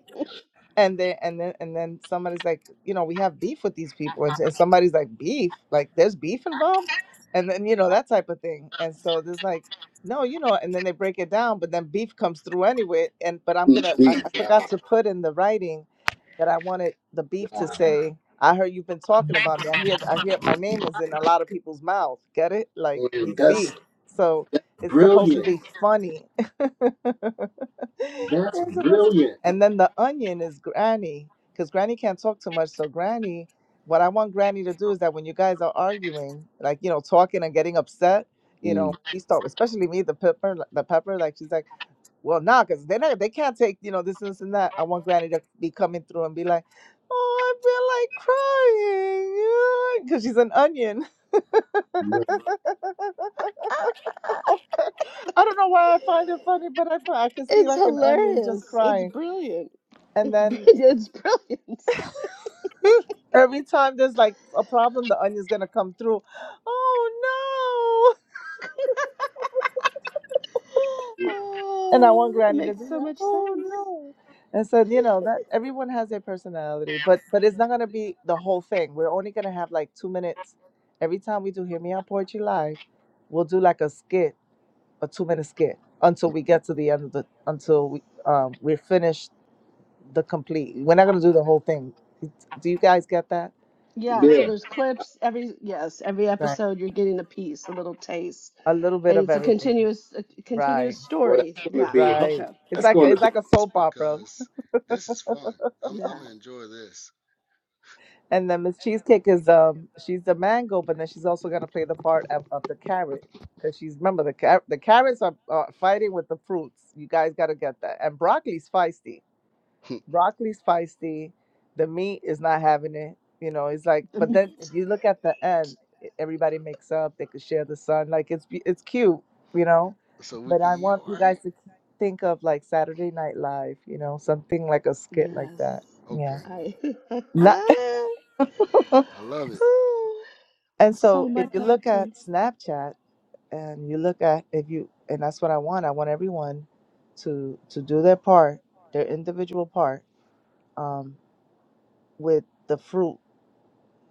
and then and then and then somebody's like you know we have beef with these people and, and somebody's like beef like there's beef involved and then you know that type of thing and so there's like no you know and then they break it down but then beef comes through anyway and but i'm TV. gonna i, I forgot Wow. to put in the writing that i wanted the beef to wow. say i heard you've been talking Man, about me i hear i hear my name is in a lot of people's mouth get it like he's beef that's so it's supposed to brilliant. be funny They're That's supposed to- brilliant. And then the onion is Granny, because Granny can't talk too much. So Granny, what I want Granny to do is that when you guys are arguing, like you know, talking and getting upset, you Mm, know, we start, especially me, the pepper, like, the pepper. Like she's like, well, nah, because they not, they can't take you know this, this, and that. I want Granny to be coming through and be like, oh, I feel like crying, because she's an onion. mm, I don't know why I find it funny, but I find, I can see It's like an onion just hilarious. It's crying. brilliant. And It's br- then it's brilliant. Every time there's like a problem, the onion's gonna come through. Oh no! And I want Oh, it Granny to makes do so that. much Oh sense. no! And so you know that everyone has their personality, but but it's not gonna be the whole thing. We're only gonna have like two minutes. Every time we do Hear Me Out Poetry Live, we'll do like a skit, a two minute skit, until we get to the end of the until we um we're finished the complete. We're not gonna do the whole thing. Do you guys get that? Yeah, so Yeah. there's clips every yes, every Right. episode you're getting a piece, a little taste. A little bit And of it's a everything. continuous a Right. continuous Well, story. that's going to Yeah. be hard. Right. Okay. It's That's like going to it's be. like a It's soap opera. because this is fun. I'm, I'm Yeah. going to enjoy this. And then Miss Cheesecake is um she's the mango, but then she's also gonna play the part of, of the carrot because she's remember the car- the carrots are, are fighting with the fruits. You guys gotta get that. And broccoli's feisty. broccoli's feisty. The meat is not having it. You know, it's like, The but then meat. if you look at the end, e- everybody makes up. They could share the sun. Like it's be- it's cute, you know. So we But can, I you want all you right? guys to k- think of like Saturday Night Live. You know, something like a skit like Yes. that. Yeah. Okay. I Not. I love it. Ooh, and It's so so if my you cup of look at tea. Snapchat and you look at if you and that's what I want. I want everyone to to do their part, their individual part, um, with the fruit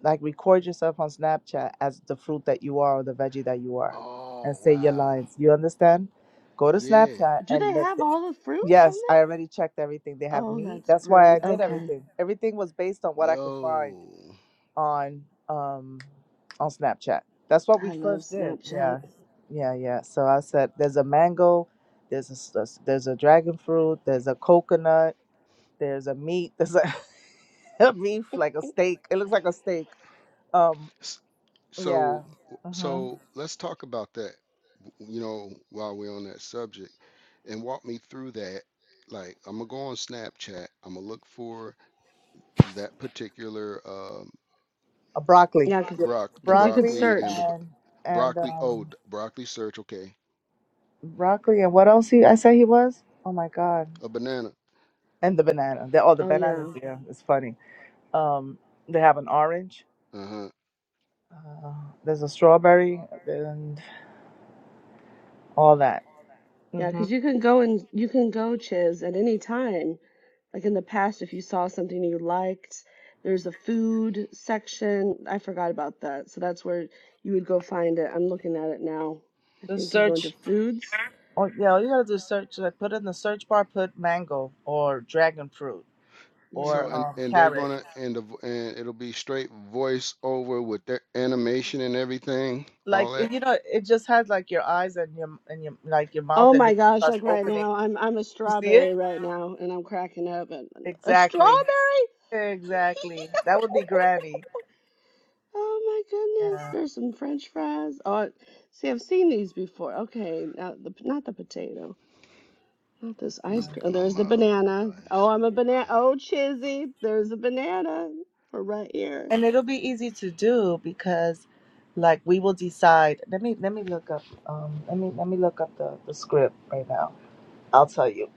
Like record yourself on Snapchat as the fruit that you are or the veggie that you are, and Oh, say your wow. lines. You understand? Go to Yeah. Snapchat Do and they let. have The, all the fruits on yes, I there? already checked everything. They have Oh, meat. that's That's why I brilliant. did Okay. everything. Everything was based on what I could find Yo. on um on Snapchat. That's what we I love first did. Snapchat. Yeah, yeah, yeah. So I said, there's a mango, there's a s- a s- there's a dragon fruit, there's a coconut, there's a meat, there's a, a beef like a steak. It looks like a steak. Um. S- Yeah. So, hmm so let's talk about that, you know, while we're on that subject and walk me through that. Like, I'm gonna go on Snapchat. I'm gonna look for that particular um, A broccoli. Yeah, Yep. broc the cuz you could Broccoli broccoli and the search. b- and and broccoli. Oh, um d- broccoli search. Okay, broccoli and what else he I say he was? Oh my god. a banana. And the banana. They, oh the Oh yeah. bananas, yeah. It's funny. Um they have an orange. Uh-huh. Uh, there's a strawberry and all that. Yeah, hmm because you can go and you can go, Chiz, at any time. Like in the past, if you saw something you liked, there's a food section. I forgot about that. So that's where you would go find it. I'm looking at it now. I Just think you go into search foods. oh yeah, all you gotta do is search like put in the search bar, put mango or dragon fruit So, or Yeah. and um and they're carrot. gonna and the vo- and it'll be straight voice over with their animation and everything, Like all that. it- you know, it just has like your eyes and your and your like your mouth Oh and it my just gosh, starts like right opening. now, I'm I'm a You see it? strawberry right now and I'm cracking up and a strawberry? Exactly. Exactly. That would be granny. Oh my goodness, Yeah. there's some French fries. Oh, see, I've seen these before. Okay, now the not the potato, not this I'm ice yeah. cream. Oh, looking on there's my the other banana. Oh, device I'm a real banana. quick. Oh, Chizzy, there's a banana. We're right here. And it'll be easy to do because like we will decide. Let me let me look up um let me let me look up the, the script right now. I'll tell you.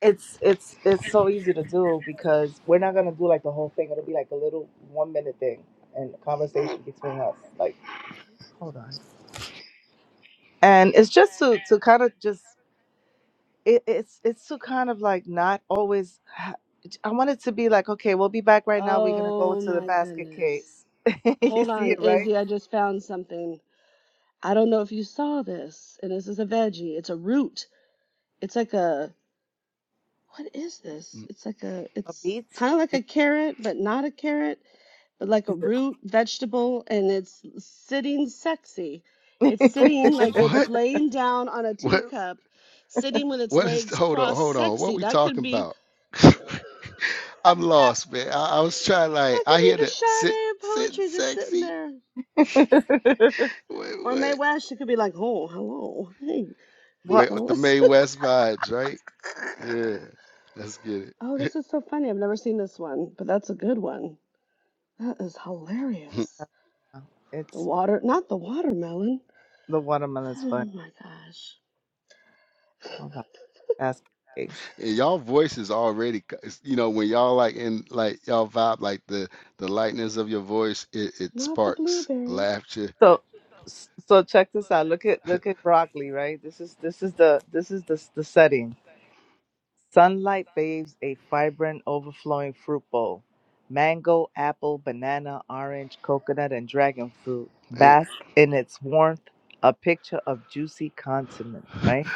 It's it's it's so easy to do because we're not gonna do like the whole thing. It'll be like a little one minute thing and a Mm, conversation between us. Like hold on. And it's just to to kind of just it, it's it's so kind of like not always. ha- I want it to be like, okay, we'll be back right now. We're gonna go Oh to the my basket goodness. case. you Hold see on, it, right? Izzy. I just found something. I don't know if you saw this, and this is a veggie. It's a root. It's like a What is this? mm. It's like a, A it's beat. kind of like a carrot, but not a carrot, but like a root vegetable, and it's sitting sexy. It's sitting like What? it's laying down on a What teacup, sitting with its what is legs hold on, crossed, hold on. What sexy. we That could talking be, about? that I'm lost, man. I, I was trying like could I be hear the the sit Sade of sit poetry just sitting sexy. there. What Or Mae what? West, she could be like, oh, hello, hey, hey, what? May, with the fellas. May West vibes, right? Yeah. Let's get oh, it. this is so funny. I've never seen this one, but that's a good one. That is and hilarious. The It's water, not the watermelon. the watermelon's funny. Oh my gosh. Hold on, basket case. y'all voice is already c- it's- you know, when y'all like in like y'all vibe like the the lightness of your voice, it, it Not the sparks blueberry. laughter. So, so check this out. Look at look at broccoli, right? This is this is the this is the the setting. Sunlight bathes a vibrant, overflowing fruit bowl. Mango, apple, banana, orange, coconut, and dragon fruit Man, bask in its warmth, a picture of juicy condiment, right?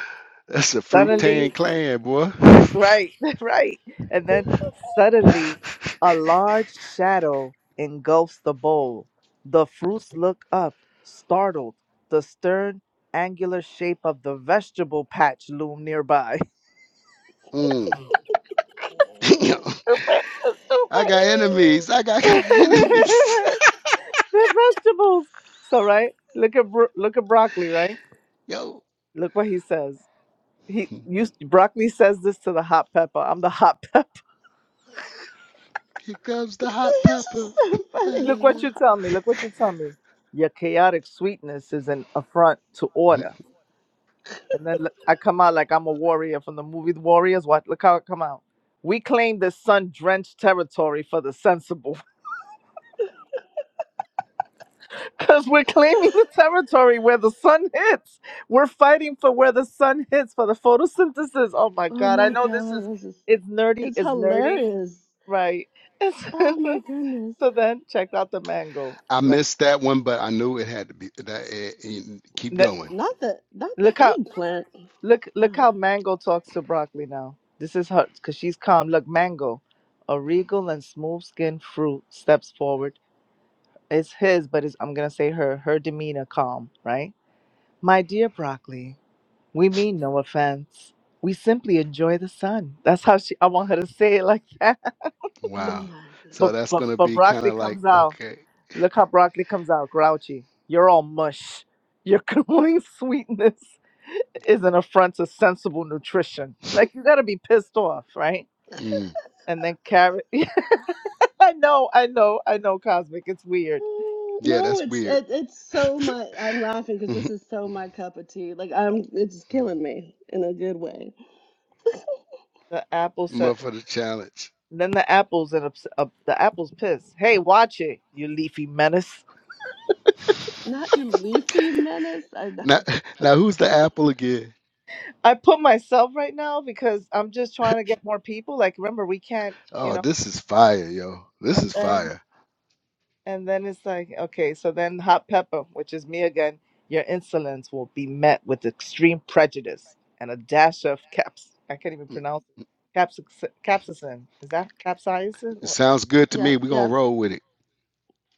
that's a fruit tan Suddenly, clan, boy. that's right, that's right. And then suddenly, a large shadow engulfs the bowl. The fruits look up, startled. The stern, angular shape of the vegetable patch loom nearby. Mm. Stupid, stupid. I got enemies. I got, I got They're enemies. vegetables. So right, look at bro- look at broccoli. Right, Yo, look what he says. He here used broccoli says this to the hot pepper. I'm the hot pepper. comes the hot this is pepper. so funny. Look what you tell me. Look what you tell me. Your chaotic sweetness is an affront to order. And then look, I come out like I'm a warrior from the movie The Warriors. What? Look how I come out. We claim this sun drenched territory for the sensible. Because we're claiming the territory where the sun hits. We're fighting for where the sun hits for the photosynthesis. Oh my Oh God. I my know this is, god, this is it's nerdy, it's it's nerdy, hilarious. right? It's- Oh my goodness. so then check out the mango, I right? missed that one, but I knew it had to be that. It, it- keep Th- going. Not the not the Look how, eggplant. look, look Wow. how mango talks to broccoli now. This is her, because she's calm. Look, mango, a regal and smooth skinned fruit steps forward. It's his, but it's, I'm going to say her, her demeanor calm, right? My dear broccoli. We mean no offense. We simply enjoy the sun. That's how she. I want her to say it like that. Oh Wow. my goodness. So But that's but gonna but be kind broccoli of like comes out. okay. Look how broccoli comes out. Grouchy. You're all mush. Your glowing sweetness is an affront to sensible nutrition. Like you got to be pissed off, right? Mm, And then carrot. I know, I know, I know. Cosmic. It's weird. Uh, yeah, No, that's it's weird. it, it's so my I'm laughing because this is so my cup of tea. Like I'm, it's killing me in a good way. The apple said. More for the challenge. Then the apples and ups, up, the apples piss. Hey, watch it, you leafy menace. Not you, leafy menace. I, now, now who's the apple again? I put myself right now because I'm just trying to get more people. Like, remember, we can't, you Oh, know. this is fire, yo. This And is then, fire. and then it's like, okay, so then hot pepper, which is me again. Your insolence will be met with extreme prejudice and a dash of caps. I can't even Mm, pronounce it. Caps, capsaicin. Is that capsaicin? It What- sounds good to yeah, me. We're gonna yep, roll with it.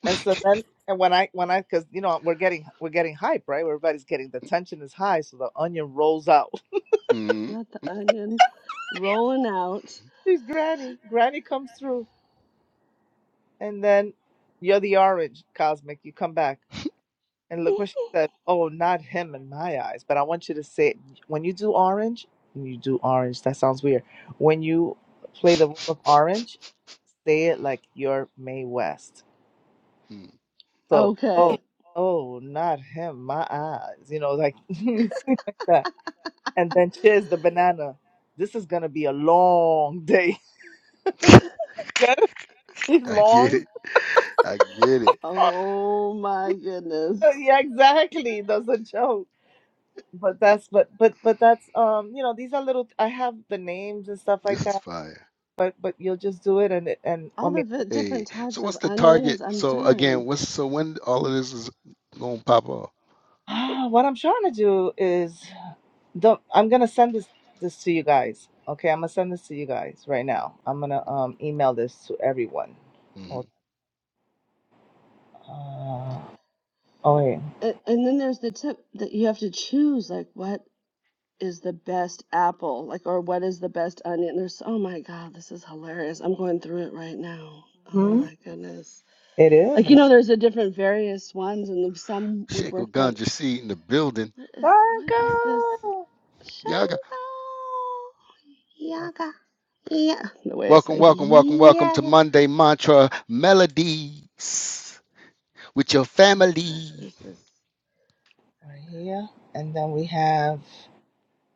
And so then, and when I, when I, because you know we're getting, we're getting hype, right? Everybody's getting the tension is high, so the onion rolls out. Mm, not the onion, rolling out. She's granny. Granny comes through And then you're the orange, Cosmic. You come back. And look what she says. Oh, not him in my eyes. But I want you to say it. When you do orange, when you do orange, that sounds weird. When you play the role of orange, say it like you're Mae West. mm, So, oh, Okay. oh, not him, my eyes. You know, like, you say like that. And then cheers the banana. This is going to be a long day. Get it? It's I get long. it. I get it. Oh my goodness. Yeah, exactly. That's a joke. but that's but but but that's um you know these are little I have the names and stuff This like is that fire. but but you'll just do it and it and I All the mean vi- Hey, different so types of what's the onions. target? I'm So again, dying. what's so when all of this is gonna pop off? what I'm trying to do is don't I'm gonna send this this to you guys okay I'm gonna send this to you guys right now I'm gonna um email this to everyone hmm hold on uh, oh wait And, and then there's the tip that you have to choose. Like what? is the best apple? Like, or what is the best onion? There's, oh my God, this is hilarious. I'm going through it right now. Oh hmm my goodness. it is Like, you I'm know, there's a different various ones, and some would Sheikh work better. Ganja C in the building. What is, trying what is this? girl. Y'all got Shango. Yaga. Yeah. The way I say, welcome, welcome, welcome, welcome to yeah. Monday Mantra Melodies with your Oh my gosh, family. where's this? right here and then we have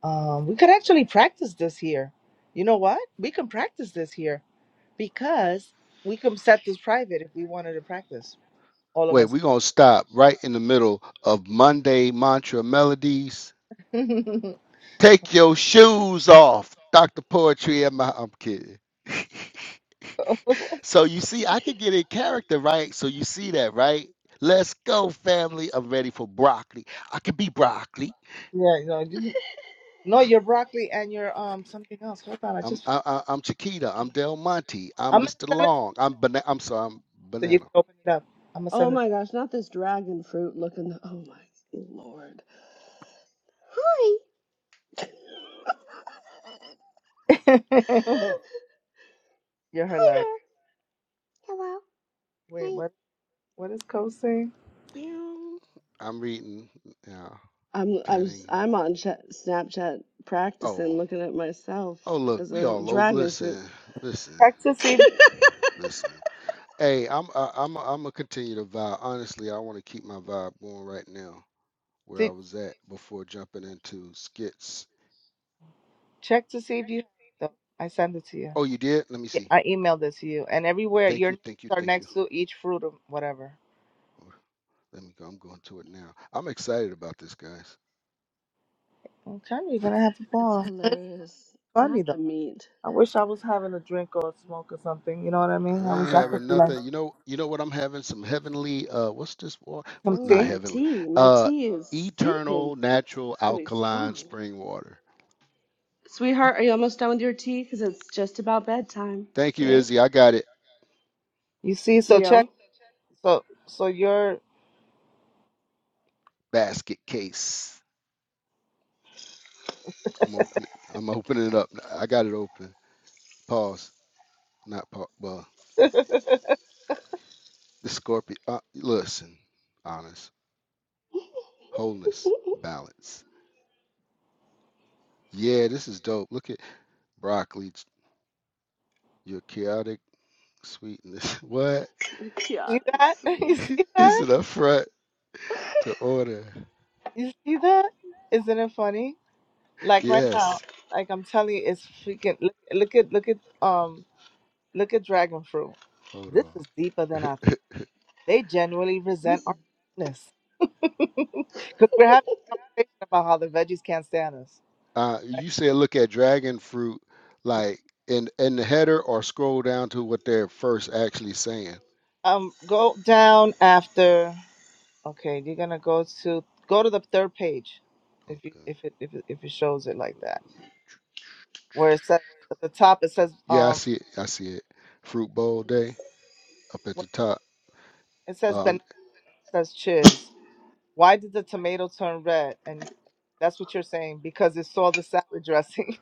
um we could actually practice this here you know what we can practice this here because we can set this private if we wanted to practice all of Wait, us we're gonna stop right in the middle of Monday Mantra Melodies. yeah Take your shoes off, Dr. Poetry. Am I, I'm kidding. So you see, I could get in character, right? So you see that, right? Let's go, family. I'm ready for broccoli. I could be broccoli. you know you, no your broccoli and your um something else hold on i I'm just I, I, I'm Chiquita. I'm Del Monte. i'm I'm gonna Mr. send it Long. I'm banana. I'm sorry. I'm to you guys so you banana. can open it up i'm gonna Oh send it my gosh, not this dragon fruit looking. Oh my Lord. Hi. you're Hi hilarious there. Hello. wait Hey. what what is code saying Meow. I'm reading. Yeah, I'm I'm am turning. i I'm on Ch Snapchat Oh, practicing looking at myself oh, look, as we a all over. dragon fruit. Listen, listen, check to see if, listen. Hey, I'm I, I'm I'm gonna continue the vibe. Honestly, I want to keep my vibe going right now. Where I see- was at before jumping into skits. check to see if you have it though i send it to you Oh, you did? Let me Yeah, see. i emailed it to you and everywhere Thank your you, names thank you, are thank you. next to each fruit or whatever Oh, Let me go. I'm going to it now. I'm excited about this, guys. i'm telling you you're gonna have a It's ball hilarious. Not funny though. the meat. I wish I was having a drink or a smoke or something. You know what I mean? I I ain't wish I could having be like nothing. You know, you know what I'm having? Some heavenly, uh, what's this water? some What Oh, not tea. my heavenly? tea. My Uh tea is eternal steeping. natural It's gonna be alkaline strong. spring water. Sweetheart, are you almost done with your tea? Because it's just about bedtime. Thank you, Okay, Izzy. I got it. You see, so check. Leo. So so you're Basket case. I'm opening. I'm opening it up. I got it open. Pause. Not pause. Well, see the scorpion. Uh, listen, honest, wholeness, balance. Yeah, this is dope. Look at Broccoli, ch- your chaotic sweetness. What? You're Chaotic, that? sweet. You see Is that? it up front to order? You see that? Isn't it funny? Like right now, Yes. like I'm telling you, it's freaking. Look, look at look at um look at dragon fruit. Hold This on. is deeper than I thought. They genuinely resent our Listen. sweetness because we're having a conversation about how the veggies can't stand us. Uh, Right? you said look at dragon fruit, like in in the header, or scroll down to what they're first actually saying. Um, go down after. Okay, you're gonna go to go to the third page, if you Okay. if it if it, if it shows it like that, where it says at the top it says Yeah, I um see it. I see it. Fruit Bowl Day up at when- the top. it says Uh, banana it says chiz. Why did the tomato turn red? And that's what you're saying because it saw the salad dressing,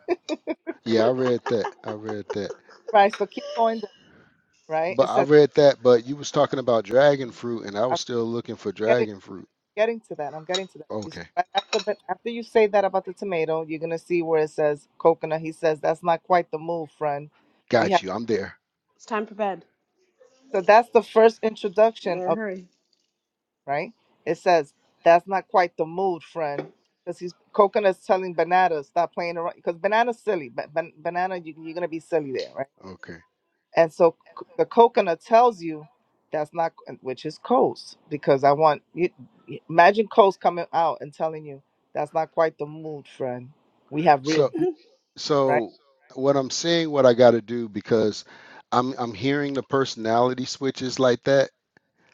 yeah, I read that. I read that. right? So keep going down, right? But It I says read that. But you was talking about dragon fruit, and I I'm was still looking for getting dragon fruit. getting to that. I'm getting to that. You, so Okay, right after but after you say that about the tomato, you're gonna see where it says coconut. He says that's not quite the move, friend. We got have you. I'm there. It's time for bed. so that's the first introduction Better of. hurry. right? It says that's not quite the mood, friend, because he's coconut's telling banana stop playing around because banana's silly, but ban- banana you, you're gonna be silly there, right? Okay. And so c- the coconut tells you that's not, which is Coast, because I want you imagine Coast coming out and telling you that's not quite the mood, friend. We have real So beef, right? so what I'm saying what I got to do because I'm I'm hearing the personality switches like that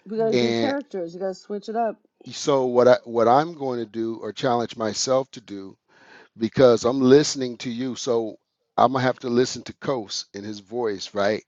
We gotta be and characters. You gotta switch it up. so what I what I'm going to do or challenge myself to do because I'm listening to you so I'm going to have to listen to Coase in his voice, right?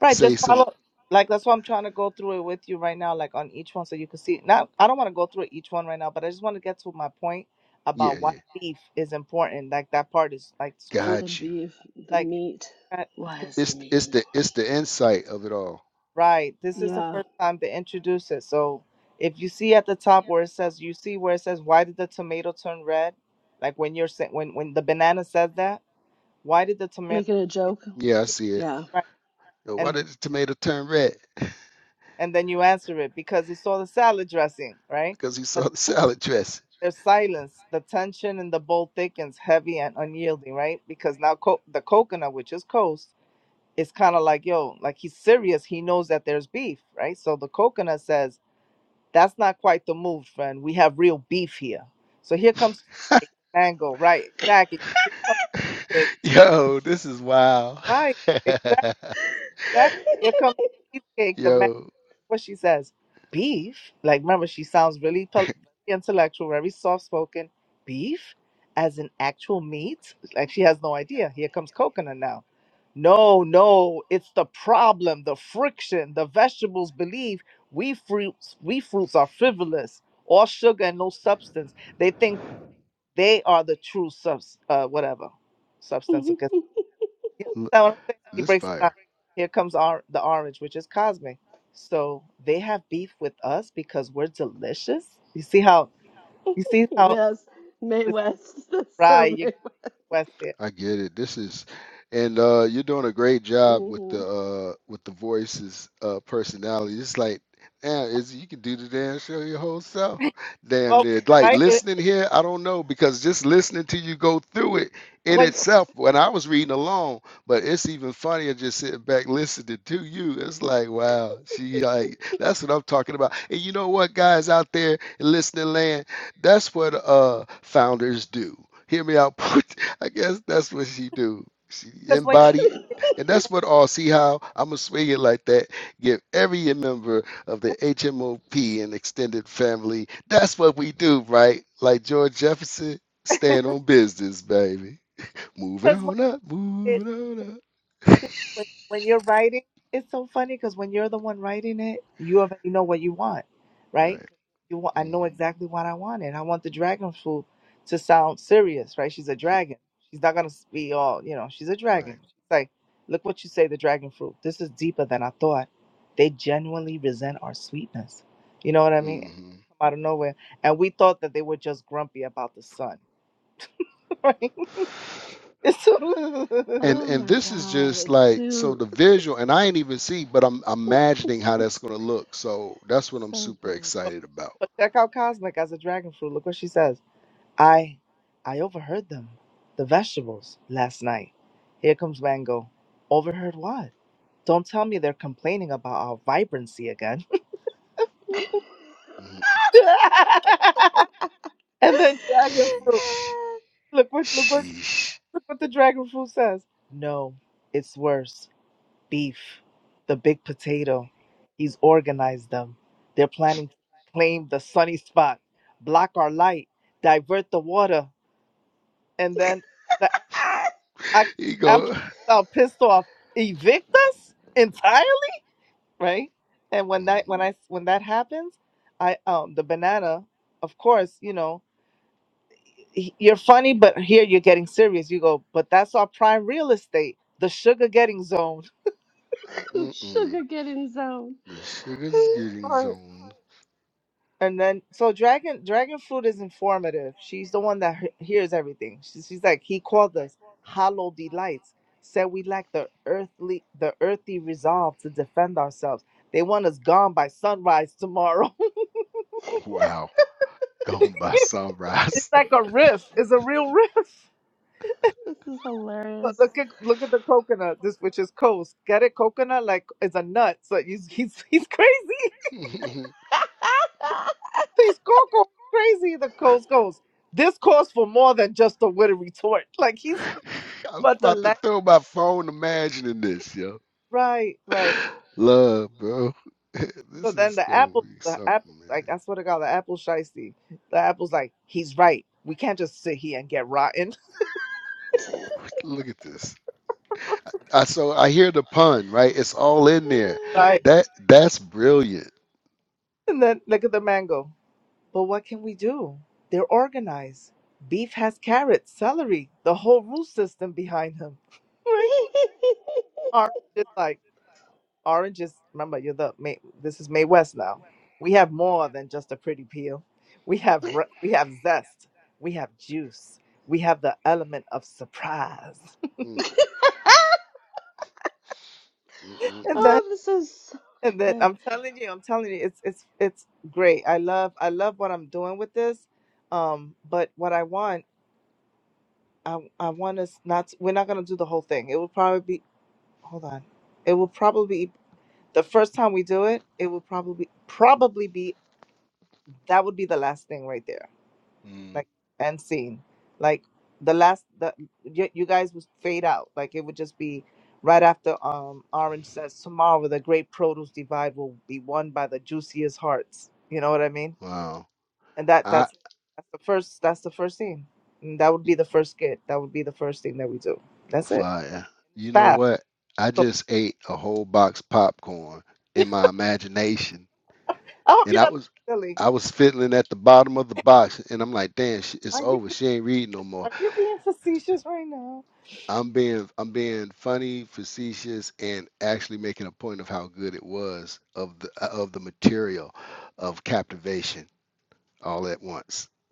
Right, Say just some follow. Like that's why I'm trying to go through it with you right now, like on each one, so you can see. Now, I don't want to go through each one right now, but I just want to get to my point about yeah, why yeah. beef is important. Like that part is like it's cruel. The Got you. beef, the Like, if you meat. look at- Why 'cause- is the It's meat it's the important? it's the insight of it all. right, this is the Yeah. first time they introduce it. So if you see at the top where it says, you see where it says, why did the tomato turn red? Like when you're saying when when the banana says that, why did the tomato? Make it a joke. Yeah, I see it. Yeah. Right, Oh, Why and did the tomato turn red? and then you answer it because it's all the salad dressing, right? Because he saw the salad dressing. There's silence. The tension in the bowl thickens, heavy and unyielding, right? Because now co- the coconut, which is Coast, is kind of like, yo, like he's serious. He knows that there's beef, right? So the coconut says, that's not quite the move, friend. We have real beef here. So here comes Cheesecake, mango, right? Exactly. Here comes cake, Yo, this is wild. right? Exactly. Here comes cheesecake, the mango. Yo, what she says beef like remember she sounds really pol- intellectual very soft spoken beef as in actual meat like she has no idea here comes coconut now no no it's the problem the friction the vegetables believe we fruits we fruits are frivolous all sugar and no substance they think they are the true subs uh whatever substance you l- understand what I'm saying? So he this breaks it down. fire. Here comes our, the orange, which is Cosme. So they have beef with us because we're delicious. You see how you see how yes. May it's gonna West. That's fry so you May West. West there. I get it. This is, and uh, you're doing a great job with hmm the uh, with the voices, uh, personality. It's like, damn, is you can do the damn show your whole self. Damn Well, near. Like right? It, listening here, I don't know because just listening to you go through it in When itself. When I was reading along, but it's even funnier just sitting back listening to you. It's like, wow, she like that's what I'm talking about. And you know what, guys out there in listening land, that's what uh founders do. Hear me out. I guess that's what she do. She because when embody, because and that's what all see how I'm gonna swing it like that. Give every member of the HMOP and extended family. That's what we do, right? Like George Jefferson, stand on business, baby. Moving when on up, it- moving on up. when, when you're writing, it's so funny because when you're the one writing it, you already know what you want, right? Right, You want, I know hmm exactly what I want, and I want the dragon fruit to sound serious, right? She's a dragon. She's not gonna be all, you know. She's a dragon. right. She's like, look what you say, the dragon fruit. This is deeper than I thought. They genuinely resent our sweetness. You know what I mean? hmm Come out of nowhere, and we thought that they were just grumpy about the sun, right? And oh and my this is god. just It's like so too. the visual, and I ain't even see, but I'm imagining how that's gonna look. So that's what I'm So super good. But, excited about. but check out Cosmic as a dragon fruit. Look what she says. I I overheard them, the vegetables, last night. Here comes Mango. Overheard what? Don't tell me they're complaining about our vibrancy again. Mhm. and then dragon fruit. Sheesh. Look what look what Sheesh. look what the dragon fruit says. No, it's worse. Beef. The big potato. He's organized them. They're planning to claim the sunny spot, block our light, divert the water. and then the Ah, I, He go. Apple uh, pissed off, evict us entirely, right? And when that Mm, when I when that happens, I um the banana, of course, you know, he- you're funny, but here you're getting serious. You go, but that's our prime real estate, the sugar getting zone. Mm-mm. Sugar getting zone. The sugar's getting zoned. And then, so Dragon Dragon Fruit is informative. She's the one that he- hears everything. She, she's like, he called us hollow delights. Said we lack the earthly, the earthy resolve to defend ourselves. They want us gone by sunrise tomorrow. Wow. Gone by it's sunrise. like a riff. It's a real riff. This is But look hilarious. at look at the coconut. This which is coast. Get it, coconut like it's a nut. So he's he's he's crazy. I He's coco crazy. The coast goes. This calls for more than just a witty retort. Like he's was but the about language. to throw my phone imagining this, yo. Right, right. Love, bro. So this then is the gonna apple, be the apple's something, like, man. I swear to God, the apple shiesty. The apple's like, he's right. We can't just sit here and get rotten. Look at this. I so I hear the pun, right? It's all in there. Right. That that's brilliant. And then look at the mango. But what can we do? They're organized. Beef has carrots, celery, the whole root system behind him. Right? Orange is like, orange is, remember, you're the, May, this is May West now. We have more than just a pretty peel. We have, re- we have zest. We have juice. We have the element of surprise. Mm, mm, mm, And mm. that, oh, this is so and that good. I'm telling you, I'm telling you, it's it's it's great. I love I love what I'm doing with this. Um, but what I want, I I want us not. We're not gonna do the whole thing. It will probably be. Hold on. It will probably be the first time we do it. It will probably probably be that would be the last thing right there. Mm. like and scene like the last the you, you guys would fade out like it would just be right after um orange says tomorrow the great produce divide will be won by the juiciest hearts you know what i mean Wow. and that I that's that's the first that's the first scene and that would be the first skit that would be the first thing that we do that's it Fire. and it's You know fast what? I so just ate a whole box popcorn in my imagination, i hope and you're I not was being silly I was fiddling at the bottom of the box, and I'm like, "Damn, sh- it's are you over. being- She ain't reading no more." are you being facetious right now I'm being I'm being funny, facetious, and actually making a point of how good it was of the of the material of captivation all at once.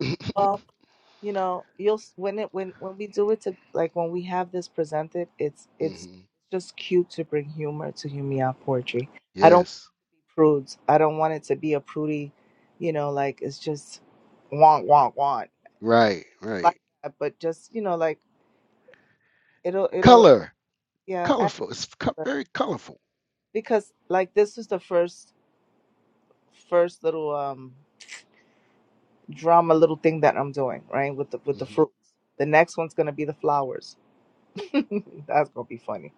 you know you'll s- when it when when we do it to like when we have this presented it's it's hmm just cute to bring humor to Humiya poetry i don't want it Yes, to be prudes i don't want it to be a prudy you know like it's just want want want right, right. like that but just you know like it'll it'll Color, yeah add colorful. It's co- to it. very colorful. because like this is the first first little um drama little thing that i'm doing right with the with the hmm fruits the next one's gonna be the flowers that's gonna be funny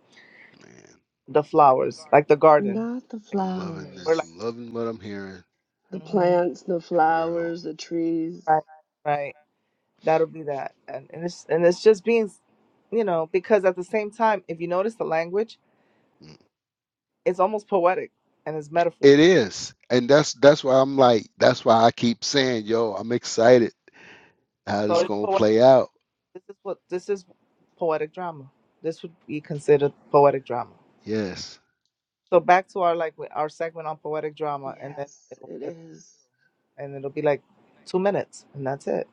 Man. the flowers, like the garden. Not the Like I'm we're, loving we're this. like, flowers, I'm loving what I'm hearing. the hmm plants, the For real. flowers, the trees. right, right. That'll be that, and and it's and it's just being, s- you know, because at the same time, if you notice the language, Mm. it's almost poetic and it's metaphor. It is. And that's that's why I'm like, that's why I keep saying, yo, I'm excited how So this it's gonna poetic. play out. This is what this is poetic drama. This would be considered poetic drama. Yes. So back to our like our segment on poetic drama, and then Yes, it'll, it it'll is. and it'll be like two minutes, and that's it.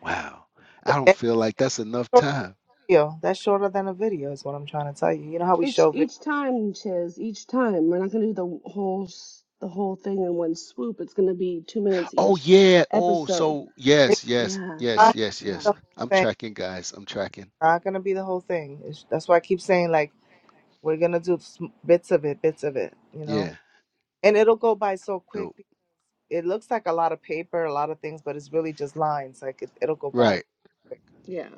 Wow. And I don't that's feel like that's enough shorter time. video. That's shorter than a video is what I'm trying to tell you. You know how we Each show videos. each time, Chiz. Each time. We're not gonna do the whole s- the whole thing in one swoop. It's gonna be two minutes Oh each yeah. Oh, episode. so It's yes, yes, Yeah. not yes, gonna yes, be Yeah. the yes. whole I'm thing. It's tracking, guys. I'm tracking. not gonna be the whole thing. It's, that's why I keep saying like we're gonna do sm- bits of it, bits of it, you know. Yeah, And it'll go by so quick dope. because it looks like a lot of paper, a lot of things, but it's really just lines. Like it, it'll go by Right. quick Yeah.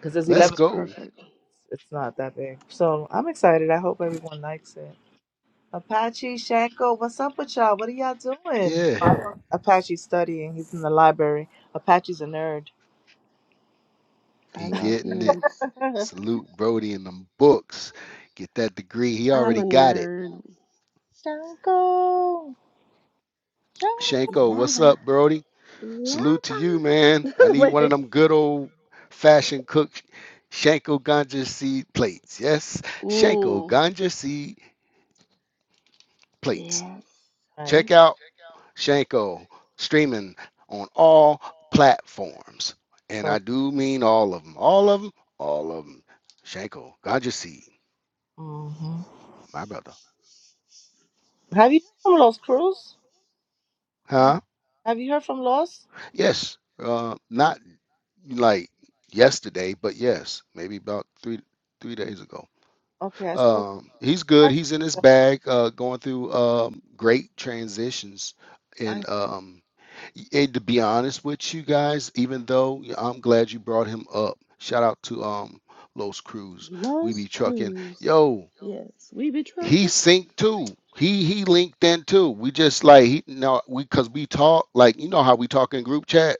because there's No, Let's eleven. it's go. perfect. It's, it's not that big. So I'm excited. I hope everyone likes it. Apache Shanko, what's up with y'all? What are y'all doing? Yeah. Well, Apache's studying. He's in the library. Apache's a nerd. I He love getting it. nerds. Shanko, Salute Brody and them books. Get that degree. He I'm already a got it. nerd. Shanko. Shanko, what's Yada. up, Brody? Yada. Salute to you, man. I the need way one of I them good old fashioned cooked Shanko ganja seed plates. Yes, Shanko Mm. ganja seed plates. Yes. Right. Check out Shanko streaming on all platforms. And I do mean all of them. All of them. All of them. Shanko ganja seed, hmm my brother. Have you heard from Los Cruz? Have Huh? have you heard from Los? Yes. Uh, not like yesterday, but yes, maybe about three three days ago. Okay, I spoke. Um, he's good. He's in his bag, uh, going through um, great transitions. I, And um, and to be honest with you guys, even though i I'm glad you brought him up, shout out to um, Los Cruz. We Los be trucking. Cruz. Yo, Yes. We be he trucking. synced too. He he linked in too. We just like he no we cause we talk like you know how we talk in group chat.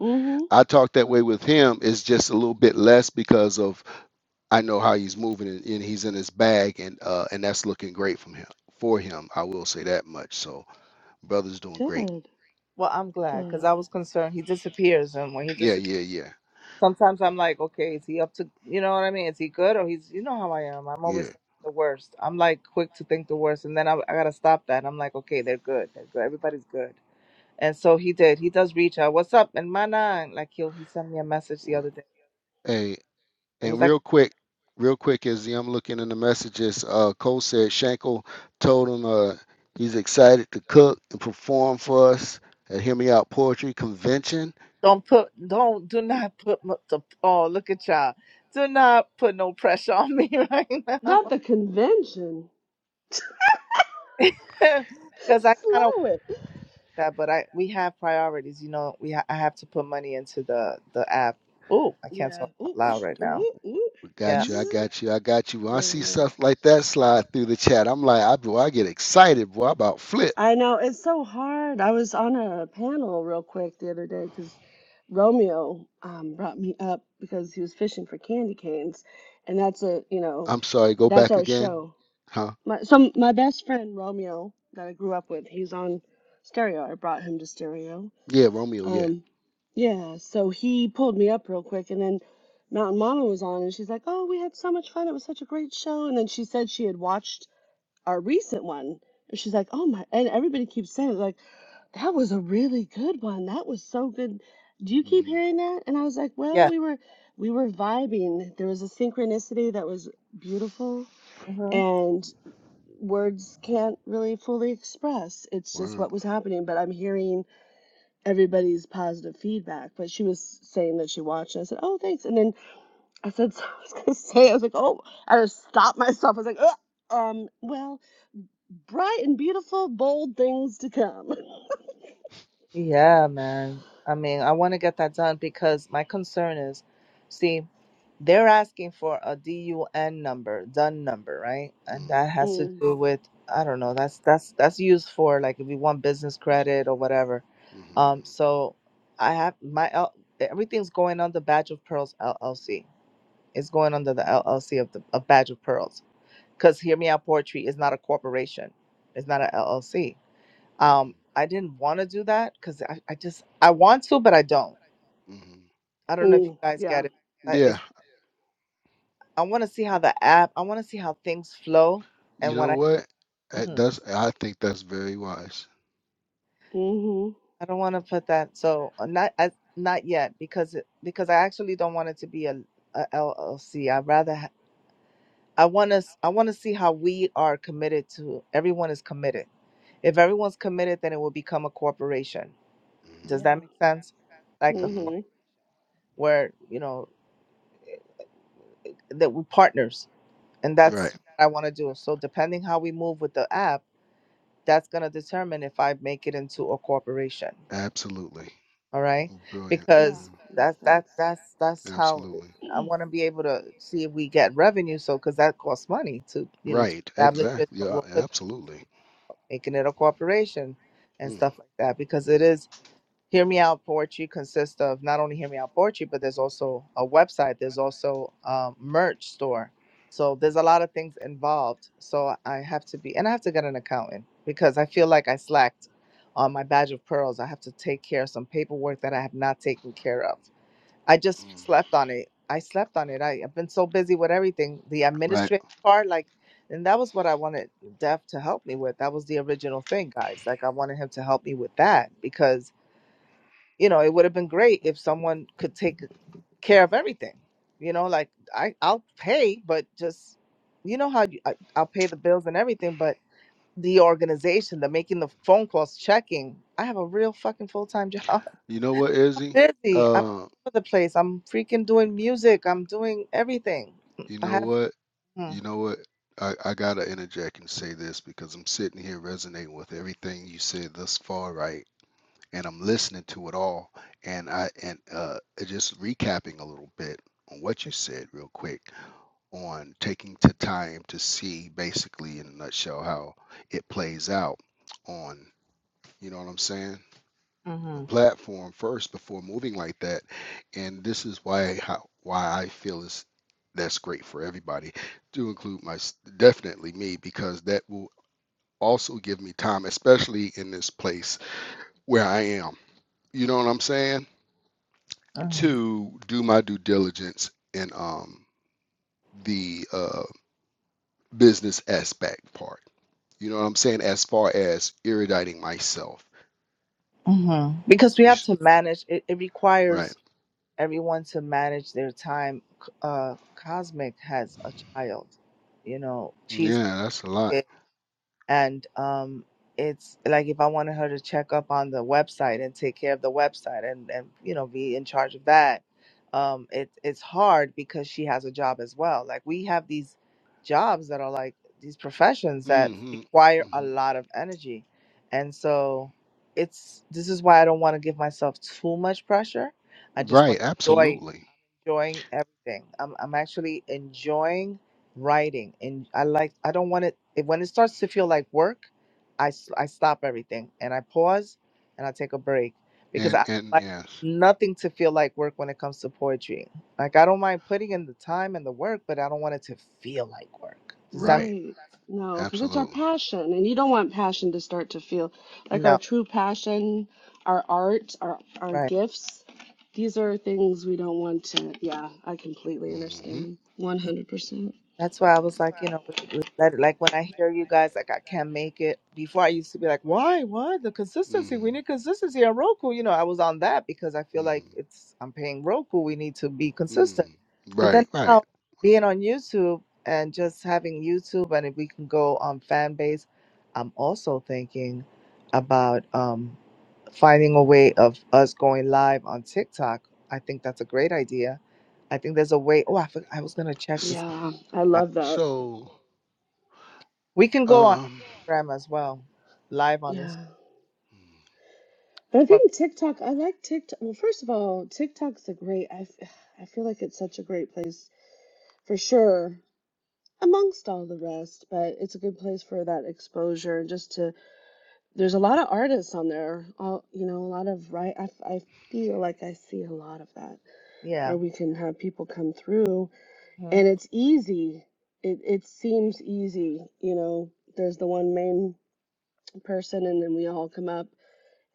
Mm-hmm. I talk that way with him. It's just a little bit less because of I know how he's moving and, and he's in his bag and uh and that's looking great from him for him. I will say that much. So brother's doing great. Good. well, I'm glad because Good. I was concerned he disappears, and when he Yeah, disappears, yeah, yeah, sometimes I'm like, okay, is he up to? You know what I mean? Is he good or he's? You know how I am. I'm always yeah. thinking the worst. I'm like quick to think the worst, and then I, I gotta stop that. I'm like, okay, they're good. They're good. Everybody's good. And so he did. He does reach out. What's up, and my nine? Like he'll he sent me a message the Word. other day. Hey, It was and like. real quick, real quick as I'm looking in the messages, uh Cole said Shankle told him uh he's excited to cook and perform for us at Hear Me Out Poetry Convention. Don't put, don't, do not put m- the, oh, look at y'all. Do not put no pressure on me right Not now. the convention. Because I kind of want Slow it. that, but I, we have priorities. You know, we, ha- I have to put money into the, the app. Oh, I can't Yeah. talk out Ooh, loud right sh- now. ooh, ooh. We Yeah. got you, I Bzzz. got you, I got you. When I see Yeah. stuff like that slide through the chat, I'm like, I boy, I get excited, boy, I about flip. I know it's so hard. I was on a panel real quick the other day because Romeo um, brought me up because he was fishing for candy canes, and that's a you know I'm sorry, go that's back our again. show. Huh? My so my best friend Romeo that I grew up with, he's on Stereo. I brought him to Stereo, Yeah, Romeo, yeah. Um, yeah, so he pulled me up real quick, and then Mountain Mama was on, and she's like, "Oh, we had so much fun. It was such a great show." And then she said she had watched our recent one. And she's like, "Oh my!" And everybody keeps saying, "Like that was a really good one. That was so good." Do you keep Mm-hmm. hearing that? And I was like, "Well, Yeah. we were we were vibing. There was a synchronicity that was beautiful, mm-hmm. and words can't really fully express. It's just Word. what was happening." But I'm hearing everybody's positive feedback. But she was saying that she watched. And I said, "Oh, thanks." And then I said, so "I was gonna say," I was like, "Oh," I just stopped myself. I was like, Ugh. "Um, well, bright and beautiful, bold things to come." Yeah, man. I mean, I want to get that done because my concern is, see, they're asking for a DUN number, DUN number, right? And Mm, that has to Mm. do with, I don't know, that's that's that's used for like if you want business Where's credit or whatever. Um, hmm so I have my L, everything's going under Badge of Pearls LLC. It's going under the LLC of the of Badge of Pearls. Because Hear Me Out Poetry is not a corporation. It's not an LLC hmm um, I didn't want to do that because I, I just I want to, but I don't. hmm I don't your- know if you Mm. guys Yeah. get it. I, it's, Yeah, I want to see how the app. I want to see how things flow, you and when know I what? Uh, Mhm. That's, I think that's very wise. Mhm. I don't want to put that. So uh, not I, not yet because it, because I actually don't want it to be a, LLC. I rather ha- I want to I want to see how we are committed to. Everyone is committed. If everyone's committed, then it will become a corporation. Does hmm that Yeah. make sense? Like a hmm Mhm. corporation where you know that we're partners and that's Right. what i want to do so depending how we move with the app that's going to determine if i make it into a corporation Absolutely. all right Brilliant. Yeah. because Mm, Makes that that sense. that's that's how absolutely. i want to be able to see if we get revenue so because that costs money to you know to Right. establish it Exactly. so Yeah, we'll put that into absolutely. making it a corporation and Mm. stuff like that because it is Hear Me Out Poetry consists of not only Hear Me Out Poetry, but there's also a website. There's also a merch store. So there's a lot of things involved. So I have to be, and I have to get an accountant because I feel like I slacked on my badge of pearls. I have to take care of some paperwork that I have not taken care of. I just Mm. slept on it. I slept on it. I, I've been so busy with everything. The Right. administrative part, like, and that was what I wanted Dev to help me with. That was the original thing, guys. Like, I wanted him to help me with that because you know, it would have been great if someone could take care of everything. You know, like I, I'll pay, but just, you know how you, I, I'll pay the bills and everything, but the organization, the making the phone calls, checking. I have a real fucking full time job. You know what, I'm Izzy? busy. I'm Uh, all over the place. I'm freaking doing music. I'm doing everything. you I know have. what? Mm, You know what? I, I gotta interject and say this because I'm sitting here resonating with everything you said thus far, right? And I'm listening to it all. And I and uh just recapping a little bit on what you said real quick on taking the time to see basically in a nutshell how it plays out on you know what I'm saying? the mm-hmm, platform first before moving like that. And this is why how, why I feel is that's great for everybody, to include my definitely me because that will also give me time, especially in this place where I am. You know what I'm saying? To do my due diligence in um the uh, business aspect part. You know what I'm saying? As far as eruditing myself, mm-hmm. Because we you have to manage. It, it right? requires everyone to manage their time. C- Uh, Cosmic has a child, you know, she's Yeah, that's a lot. kid, and um, it's like if I wanted her to check up on the website and take care of the website and and you know be in charge of that, um, it it's hard because she has a job as well. Like we have these jobs that are like these professions that hmm require a hmm lot of energy, and so it's this is why I don't want to give myself too much pressure. I just want Right, to enjoy absolutely. enjoying everything. I'm I'm actually enjoying writing, and I like I don't want it if- when it starts to feel like work. I s- I stop everything and I pause and I take a break because And I and like yes, nothing to feel like work when it comes to poetry. Like I don't mind putting in the time and the work, but I don't want it to feel like work. Does that make right, Right. No, because it's our absolutely. passion, and you don't want passion to start to feel like our no? true passion, our art, our our Right. gifts. These are things we don't want to. Yeah, I completely Mm-hmm. understand. 100%. That's why I was like, you know, we, we let it, like when I hear you guys, like I can't make it. Before I used to be like, why, why the consistency? Mm-hmm. We need consistency on Roku. You know, I was on that because I feel like Mm-hmm. it's I'm paying Roku. We need to be consistent. Mm. But Right, then right. now being on YouTube and just having YouTube, and if we can go on fan base, I'm also thinking about um, finding a way of us going live on TikTok. I think that's a great idea. I think there's a way. Oh, I, for- I was gonna check to S- see Yeah, I that. love that. So, We can go on um, Instagram as well, live on Instagram. Yeah. mm-hmm. But I From, think TikTok, I like TikTok. Well, first of all, TikTok's a great, I, f- I feel like it's such a great place for sure, amongst all the rest, but it's a good place for that exposure and just to There's a lot of artists on there. All you know, a lot of right. I I feel like I see a lot of that yeah. where we can have people come through, and hmm it's easy. It it seems easy. You know, there's the one main person, and then we all come up,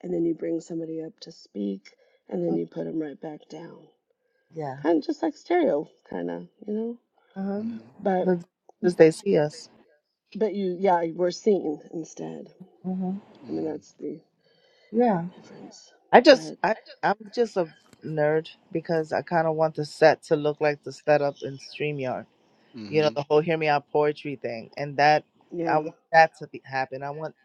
and then you bring somebody up to speak, and then you put them right back down. Yeah. Kind of just like stereo, kind of you know. hmm Mm-hmm. But The, because they see us. but you yeah we're seen instead. hmm I mean that's the Yeah. difference. I just, But I, I'm just a nerd because I kind of want the set to look like the setup in StreamYard. You know, mm-hmm, the whole "Hear Me Out" poetry thing, and that I yeah want that to be, happen. I want,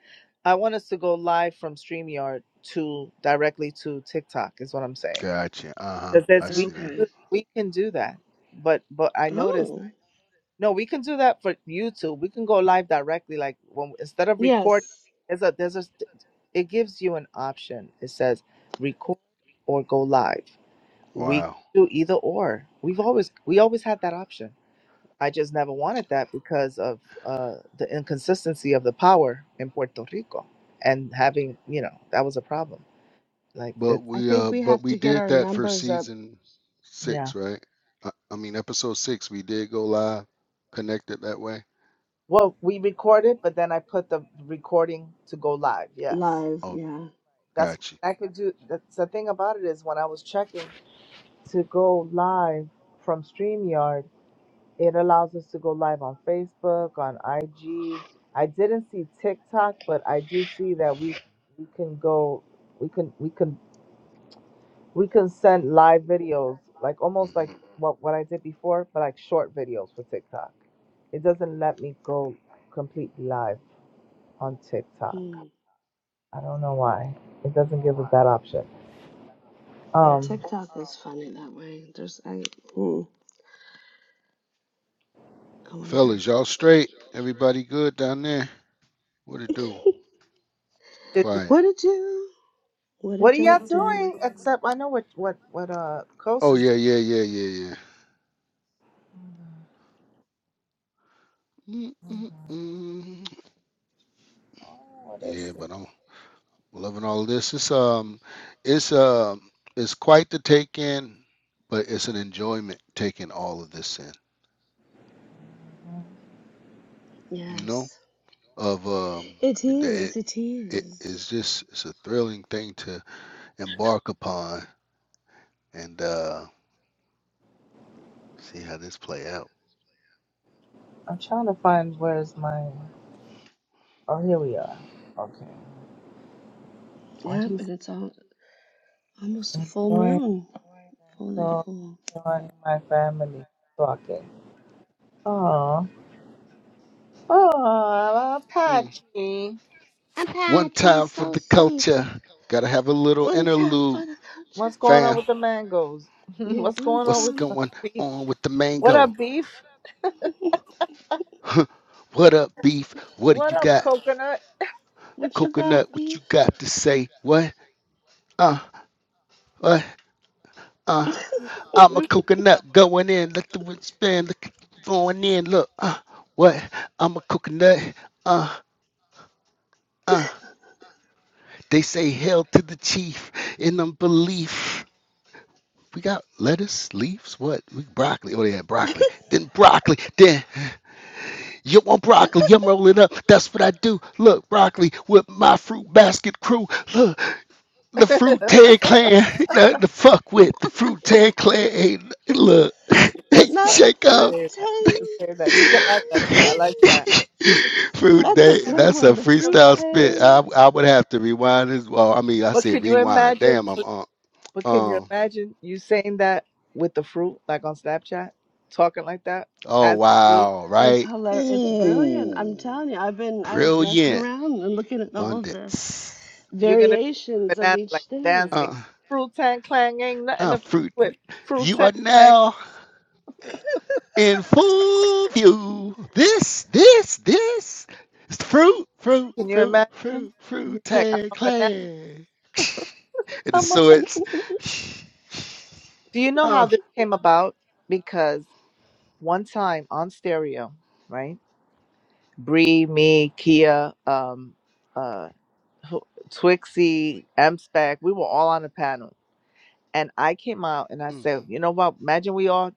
I want us to go live from StreamYard to directly to TikTok. Is what I'm saying. Gotcha. Uh-huh. I Because we see can that. okay. do, we can do that. But, but I noticed. Oh, No, we can do that for YouTube. We can go live directly. Like when instead of record, yes. there's a there's a it gives you an option. It says record or go live. We can Wow. do either or. We've always we always had that option. I just never wanted that because of uh, the inconsistency of the power in Puerto Rico and having you know that was a problem. Like But it, I we think uh we but have we to get did our that for numbers up season yeah. six, right? I, I mean episode six, we did go live, connected that way. Well, we recorded, but then I put the recording to go live. Yes. live. Oh, Yeah. That's got you. I could do. That's the thing about it is when I was checking to go live from StreamYard, it allows us to go live on Facebook, on IG. I didn't see TikTok, but I do see that we we can go, we can we can we can send live videos, like almost like hmm what what I did before, but like short videos for TikTok. It doesn't let me go completely live on TikTok. Hmm. I don't know why. It doesn't give us that option. Yeah, Um, TikTok is funny that way. There's, I, hmm, I wonder. Fellas, y'all straight? Everybody good down there? What it do? Quiet. what it do? What What it are don't y'all do? doing? Except I know what what what uh Coast Oh is. yeah, yeah, yeah, yeah, yeah. Mm-mm-mm. What is Yeah, it? but I'm loving all this. It's um, it's um, it's quite the take in, but it's an enjoyment taking all of this in. You know, Yes. of um, It the is. It it is. is just it's a thrilling thing to embark upon and uh see how this play out. I'm trying to find where's my. Oh, here we are. Okay. What Yep, he's and it's all, almost a full enjoying? moon. Fully Coast, full. enjoying my family talking. Oh, oh, Mm. Apache. One Apache, time for so the sweet. culture. Gotta have a little One time for interlude, the What's culture. going on fam. with the mangoes? Yeah, What's one going on What's with time. the going beef? on with the What up, mango? beef? Huh. what up, beef? What do What you up, got? coconut? What you got, Coconut, what you beef? got to say? What? Uh, what? Uh, I'm a coconut going in. Let the wind spin. Look, going in. Look, uh, what? I'm a coconut. Uh, Uh, They say hail to the chief in unbelief. We got lettuce, leaves, what? We broccoli. Oh yeah, broccoli. Then broccoli. Then you want broccoli? I'm rolling up. That's what I do. Look, broccoli with my fruit basket crew. Look, the fruit tag clan. Nothing to fuck with. The fruit tag clan. Ain't, look, That's Not funny. the shake up. fruit You say that. You tang. can say that. You can add that too. I like that. I Food That's a day. good That's a one. The can fruit freestyle fuck with. spit. tang. I, I would have to rewind as well. I mean, I But said could you rewind. imagine? Damn, I'm on. But can you Um imagine you saying that with the fruit, like on Snapchat, talking like that Oh, as the fruit? wow, It's right? hilarious. It's brilliant. I'm Ooh, telling you. I've been. I was messing brilliant. around and looking at all the Abundance. You're gonna be like a variations of banana, each like thing. dancing. Uh, Fruit tank clang ain't nothing uh, to fuck fruit. with. Fruit You are tank clang. now in full view. This, this, this is the fruit, fruit, Can you fruit, imagine? fruit, He's fruit like, I'm tag a banana. clan. And I'm a so banana. swords. Do you know how Uh, this came about? Because one time on stereo, right? Bree, me, Kia, um, uh, who- Twixie, M Spec, we were all on a panel And I came out and I mm, said, you know what? Imagine we all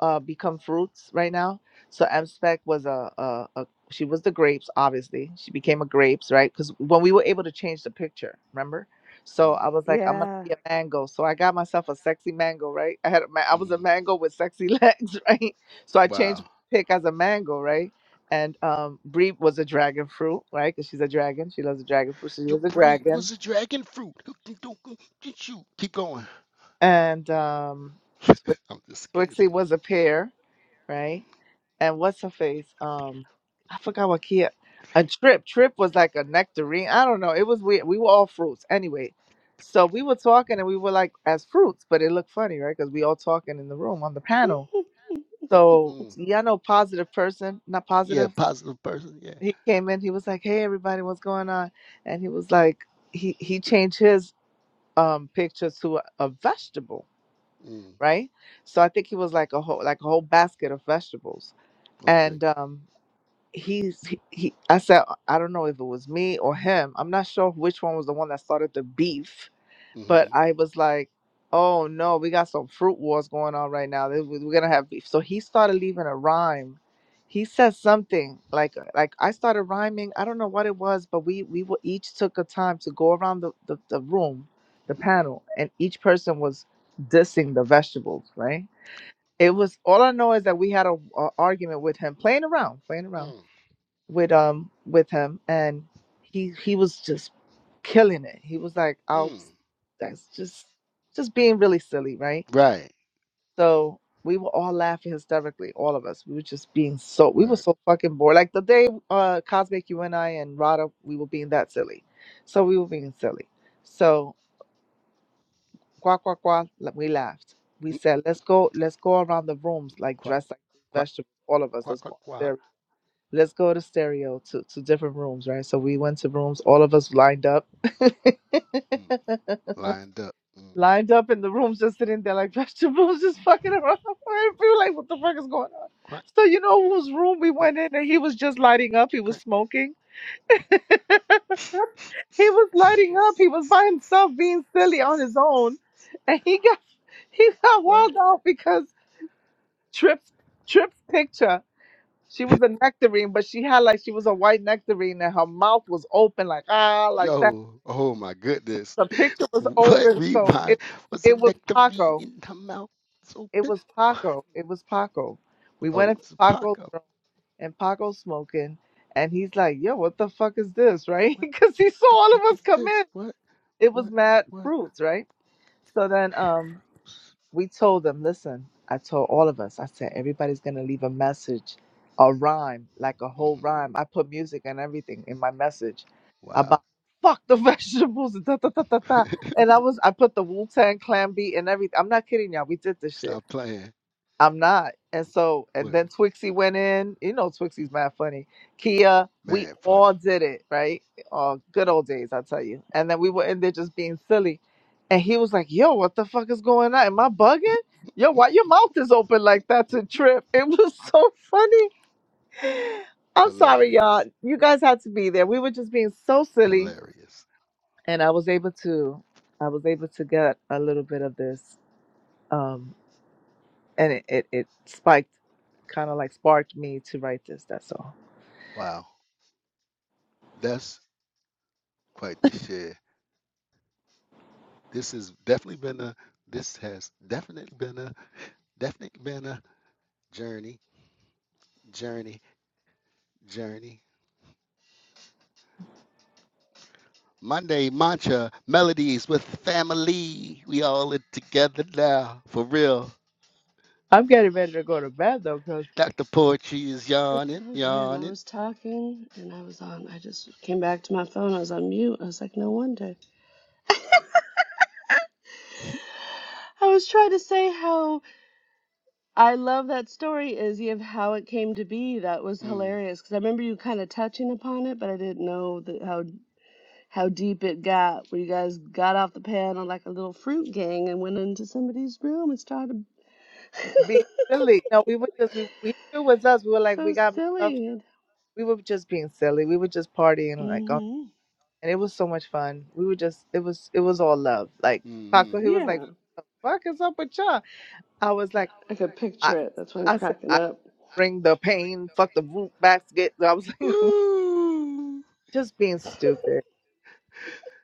uh, become fruits right now. So M Spec was a, a, a she was the grapes, obviously. She became a grapes, right? Because when we were able to change the picture, remember? So mm, I was like, I'm gonna Yeah. be a mango. So I got myself a sexy mango, right? I had a ma- I was a hmm mango with sexy legs, right? So I changed Wow. my pick as a mango, right? And um, Bree was a dragon fruit, right? Because she's a dragon. She loves a dragon fruit. So she Your was a breed dragon was a dragon fruit. do- who can Get you. Keep going. and um, Twi- I'm just kidding. Twixie was a pair, right? And what's her face? Um, I forgot what Kia. A trip. Trip was like a nectarine. I don't know. It was weird. We were all fruits anyway. So we were talking and we were like as fruits, but it looked funny, right? Because we all talking in the room on the panel. So Mm. yeah, I know positive person, not Yeah, positive. positive person. Yeah. He came in. He was like, "Hey, everybody, what's going on?" And he was like, he he changed his um picture to a, a vegetable Mm, right? So I think he was like a whole like a whole basket of vegetables. okay. And um he's he, he I said I don't know if it was me or him. I'm not sure which one was the one that started the beef, but Mm-hmm. I was like, "Oh no, we got some fruit wars going on right now. This- We're going to have beef." So he started leaving a rhyme. He said something like uh, like I started rhyming. I don't know what it was, but we we were, each took a time to go around the, the the room, the Mm-hmm. panel, and each person was dissing the vegetables, right? It was all I know is that we had a, a argument with him, playing around, playing around Mm, with um with him, and he he was just killing it. He was like, "I'll mm. that's just just being really silly, right?" Right. So we were all laughing hysterically, all of us. We were just being so we were Word. so fucking bored. Like the day uh Cosmic, you and I and Rada, we were being that silly. So we were being silly. So Quack, quack, quack. Le- We laughed. We Mm, said, let's go, let's go around the rooms, like quack, dressed like quack, vegetables, all of us. quack, Let's quack, go quack. stereo. Let's go to stereo to, to different rooms, right? So we went to rooms, all of us lined up. Mm, lined up. Mm, lined up in the rooms, just sitting there like vegetables, just fucking around. We were like, what the fuck is going on? quack, So you know whose room we quack, went in and he was just lighting up, he was quack. smoking. He was lighting up. He was by himself being silly on his own. And he got he got What? walled out because Trip's Trip's picture. She was a nectarine, but she had like she was a white nectarine and her mouth was open like ah like that. Yo. Oh my goodness. The picture was What? open, so Rewind. it Was a it was nectarine Paco. in her mouth? It's It open. was What? Paco. It was Paco. We went Oh, into it's a Paco's Paco. room and Paco's smoking and he's like, Yo, what the fuck is this? Right? What? Because he What saw the all fuck of is us come this? in. What? It was What? mad What? fruits, right? So then um, Bathroom. we told them, listen, I told all of us, I said, everybody's going to leave a message, a rhyme, like a whole Mm-hmm. rhyme. I put music and everything in my message Wow. about fuck the vegetables. Da, da, da, da, da. And I was, I put the Wu Tang Clan beat and everything. I'm not kidding y'all. We did this shit. Stop playing. I'm not. And so, and then Word. Twixie went in. You know, Twixie's mad funny. Kia, we Man, all funny. did it, right? Oh, good old days, I tell you. And then we were in there just being silly. And he was like, yo, what the fuck is going on? Am I bugging? Yo, why your mouth is open like that to trip? It was so funny. I'm sorry, y'all. Hilarious. You guys had to be there. We were just being so silly. Hilarious. And I was able to, I was able to get a little bit of this. um, and it it, it spiked kind of like sparked me to write this that's all Wow. That's quite the share. This has definitely been a this has definitely been a definitely been a journey. Journey. Journey. Monday mantra melodies with family. We all in together now. For real. i'm getting ready to go to bed though because Dr. Poetry is yawning, Oh damn! I yawning. was talking and I was on. I just came back to my phone. I was on mute. I was like, no wonder. I was trying to say how I love that story, Izzy, of how it came to be. That was Mm, hilarious because I remember you kind of touching upon it, but I didn't know that how how deep it got. Where you guys got off the panel like a little fruit gang and went into somebody's room and started. being silly no we were just we, we knew it was us we were like we so got messed up silly. we were just being silly we were just partying like oh, Mm-hmm. and it was so much fun we were just it was it was all love like mm-hmm. Paco, he was like Yeah, fuck is up with y'all? I was like, I could I, picture it. That's why I'm I said, cracking I up. bring the pain, fuck the root basket. I was like, Woo! just being stupid.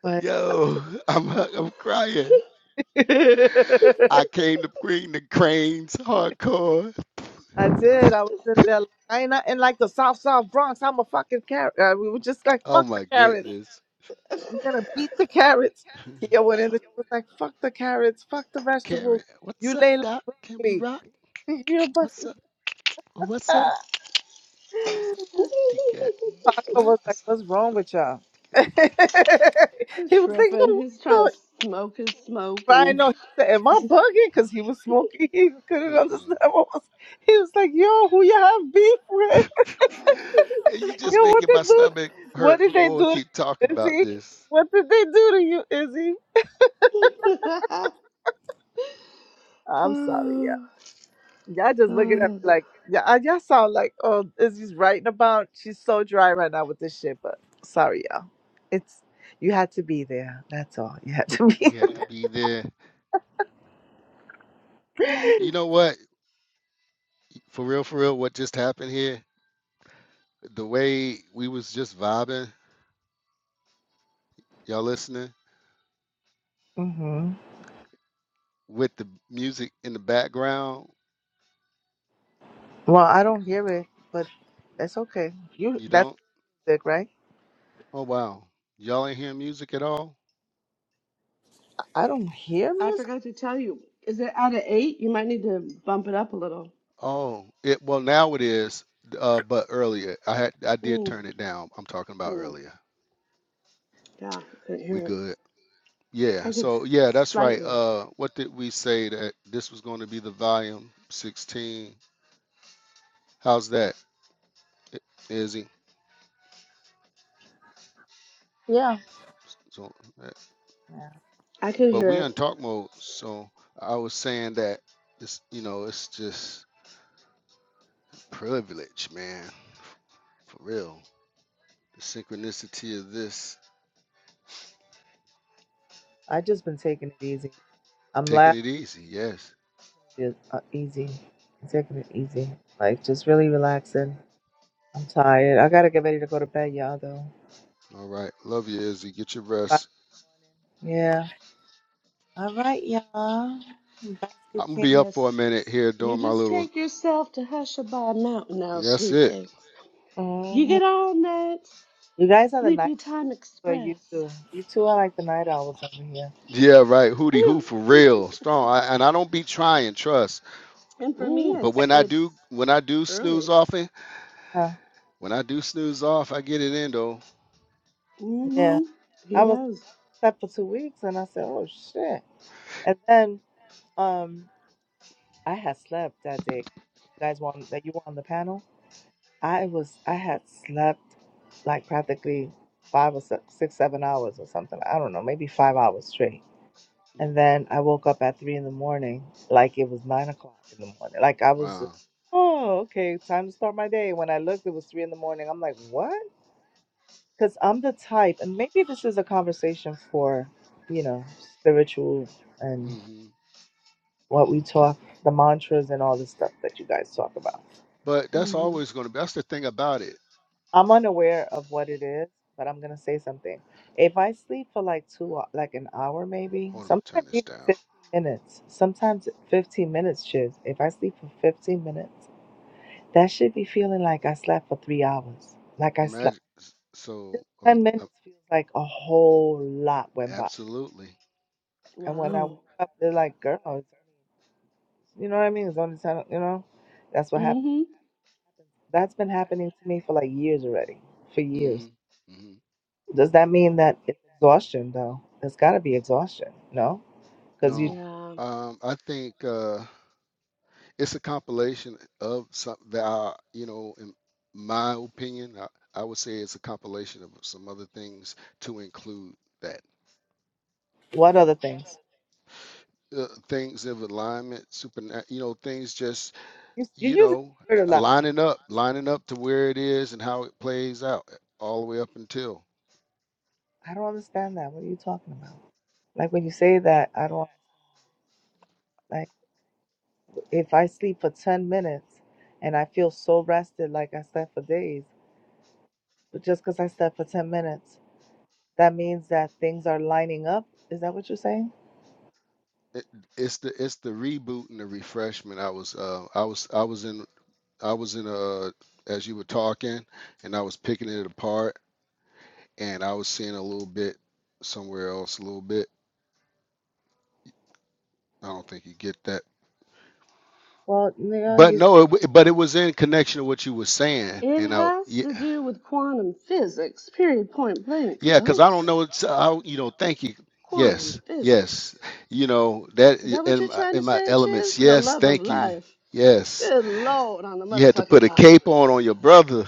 But Yo, I'm I'm crying. I I came to bring the cranes hardcore. did. I was in there like, I ain't not in like the South South Bronx. I'm a fucking carrot. Uh, we were just like, Oh fuck the my carrots. goodness. We're gonna beat the carrots. Yeah, went in there. She was like, fuck the carrots, fuck the vegetables. carrot. You what's up, lay like Doc? Can we broccoli. rock? You're but What's up? What's up? What's up? DK. Paco What? was like, What's up? what's What's wrong up, with y'all? he was like, He's no, tripping. what? He's trying the-" to smoke his smoke I and know he said, "Am I bugging?" Because he was smoking, he couldn't DK? understand what was. He was like, "Yo, who you have beef with? Mm-mm. Hey, you Yo, just what making they my do? stomach What hurt. did they do Boy, to keep talking you, about Izzy? this. What did they do to you, Izzy?" I'm sorry, yeah. oh, Y'all just looking at me oh. like, yeah, I- y'all sound like, oh, Izzy's writing about. She's so dry right now with this shit, but sorry, y'all. It's you had to be there. That's all. You had to We be. had to be there. You know what? For real, for real, what just happened here? The way we was just vibing, y'all listening, hmm with the music in the background, Well, I don't hear it, but that's okay. You, you that's don't? music, right? Oh wow, y'all ain't hearing music at all. I don't hear I music. forgot to tell you. Is it out of eight? You might need to bump it up a little. Oh, it well now it is, uh, but earlier I had I did Mm, turn it down. I'm talking about mm. earlier. Yeah, I could hear We it. good? Yeah. I could So yeah, that's right. slightly. Uh, what did we say that this was going to be the volume 16? How's that, I- Izzy? Yeah, So, uh, yeah. I could but hear we it. on talk mode, so I was saying that it's you know it's just privilege, man, for real. The synchronicity of this, I just been taking it easy. I'm taking laughing it easy, yes. it uh, easy. I'm taking it easy. Like just really relaxing. I'm tired. I gotta get ready to go to bed, y'all. Though. All right. Love you, Izzy. Get your Bye. rest. Yeah. All right, y'all. Basket I'm gonna case. be up Yes. for a minute here You doing my just little. take yourself to Hushabye Mountain now, That's sweet it. cakes. You hmm get on that You guys are the night sleepy time for you express. two. You two are like the night owls over here. Yeah, right. Hootie hoo for real. Strong. I, and I don't be trying. Trust. and for me, Ooh. But Like, it's when I it's do, when I do snooze early. often, huh? when I do snooze off, I get it in though. Yeah. hmm I He was does. slept for two weeks, and I said, "Oh shit!" And then, um, I had slept that day. You guys were on that you were on the panel. I was I had slept like practically five or six, six, seven hours or something. I don't know, maybe five hours straight. And Mm. then I woke up at three in the morning, like it was nine o'clock in the morning. Like I was just, Wow. oh, okay, time to start my day. When I looked, it was three in the morning. I'm like, what? Because I'm the type, and maybe this is a conversation for, you know, spiritual and hmm what we talk, the mantras and all this stuff that you guys talk about. But that's hmm always gonna be. That's the thing about it. I'm unaware of what it is, but I'm gonna say something. If I sleep for like two, hou- like an hour maybe, Hold on. Turn sometimes this even down. 15 minutes, sometimes 15 minutes, shiz. If I sleep for 15 minutes, that should be feeling like I slept for three hours. Like I slept Imagine. So. Um, 10 uh, minutes feels like a whole lot went by. absolutely. And when I Wow. wake up, they're like, girl, it's only, you know what I mean? It's only 10, o- you know? That's what happened. Mm-hmm. That's been happening to me for like years already, for years. hmm hmm Does that mean that it's exhaustion though? It's got to be exhaustion, no? Because you, No. Yeah. Um. I think. Uh. it's a compilation of some that are, you know, in my opinion, I, I would say it's a compilation of some other things to include that. what other things? Uh, things of alignment, super, you know, things just, You you you use the know, word a lot. lining up, lining up to where it is and how it plays out uh, all the way up until I don't understand that. What are you talking about? Like when you say that, I don't like if I sleep for ten minutes and I feel so rested, like I slept for days. But just because I slept for ten minutes, that means that things are lining up. Is that what you're saying? it, it's the it's the reboot and the refreshment. I was uh I was I was in I was in a as you were talking and I was picking it apart and I was seeing a little bit somewhere else, a little bit. I don't think you get that. Well, you know, But you no, it, w- but it was in connection to what you were saying, It and I, has yeah, to do with quantum physics, period, point blank, yeah, because I folks. don't know, it's I, you know, thank you, Quantum yes, physics. yes, you know that Is that what in you're my, trying to in my say, Chiz? elements, For the yes, love of thank you, life. yes. Good Lord on the You had to put motherfucking a cob. cape on on your brother.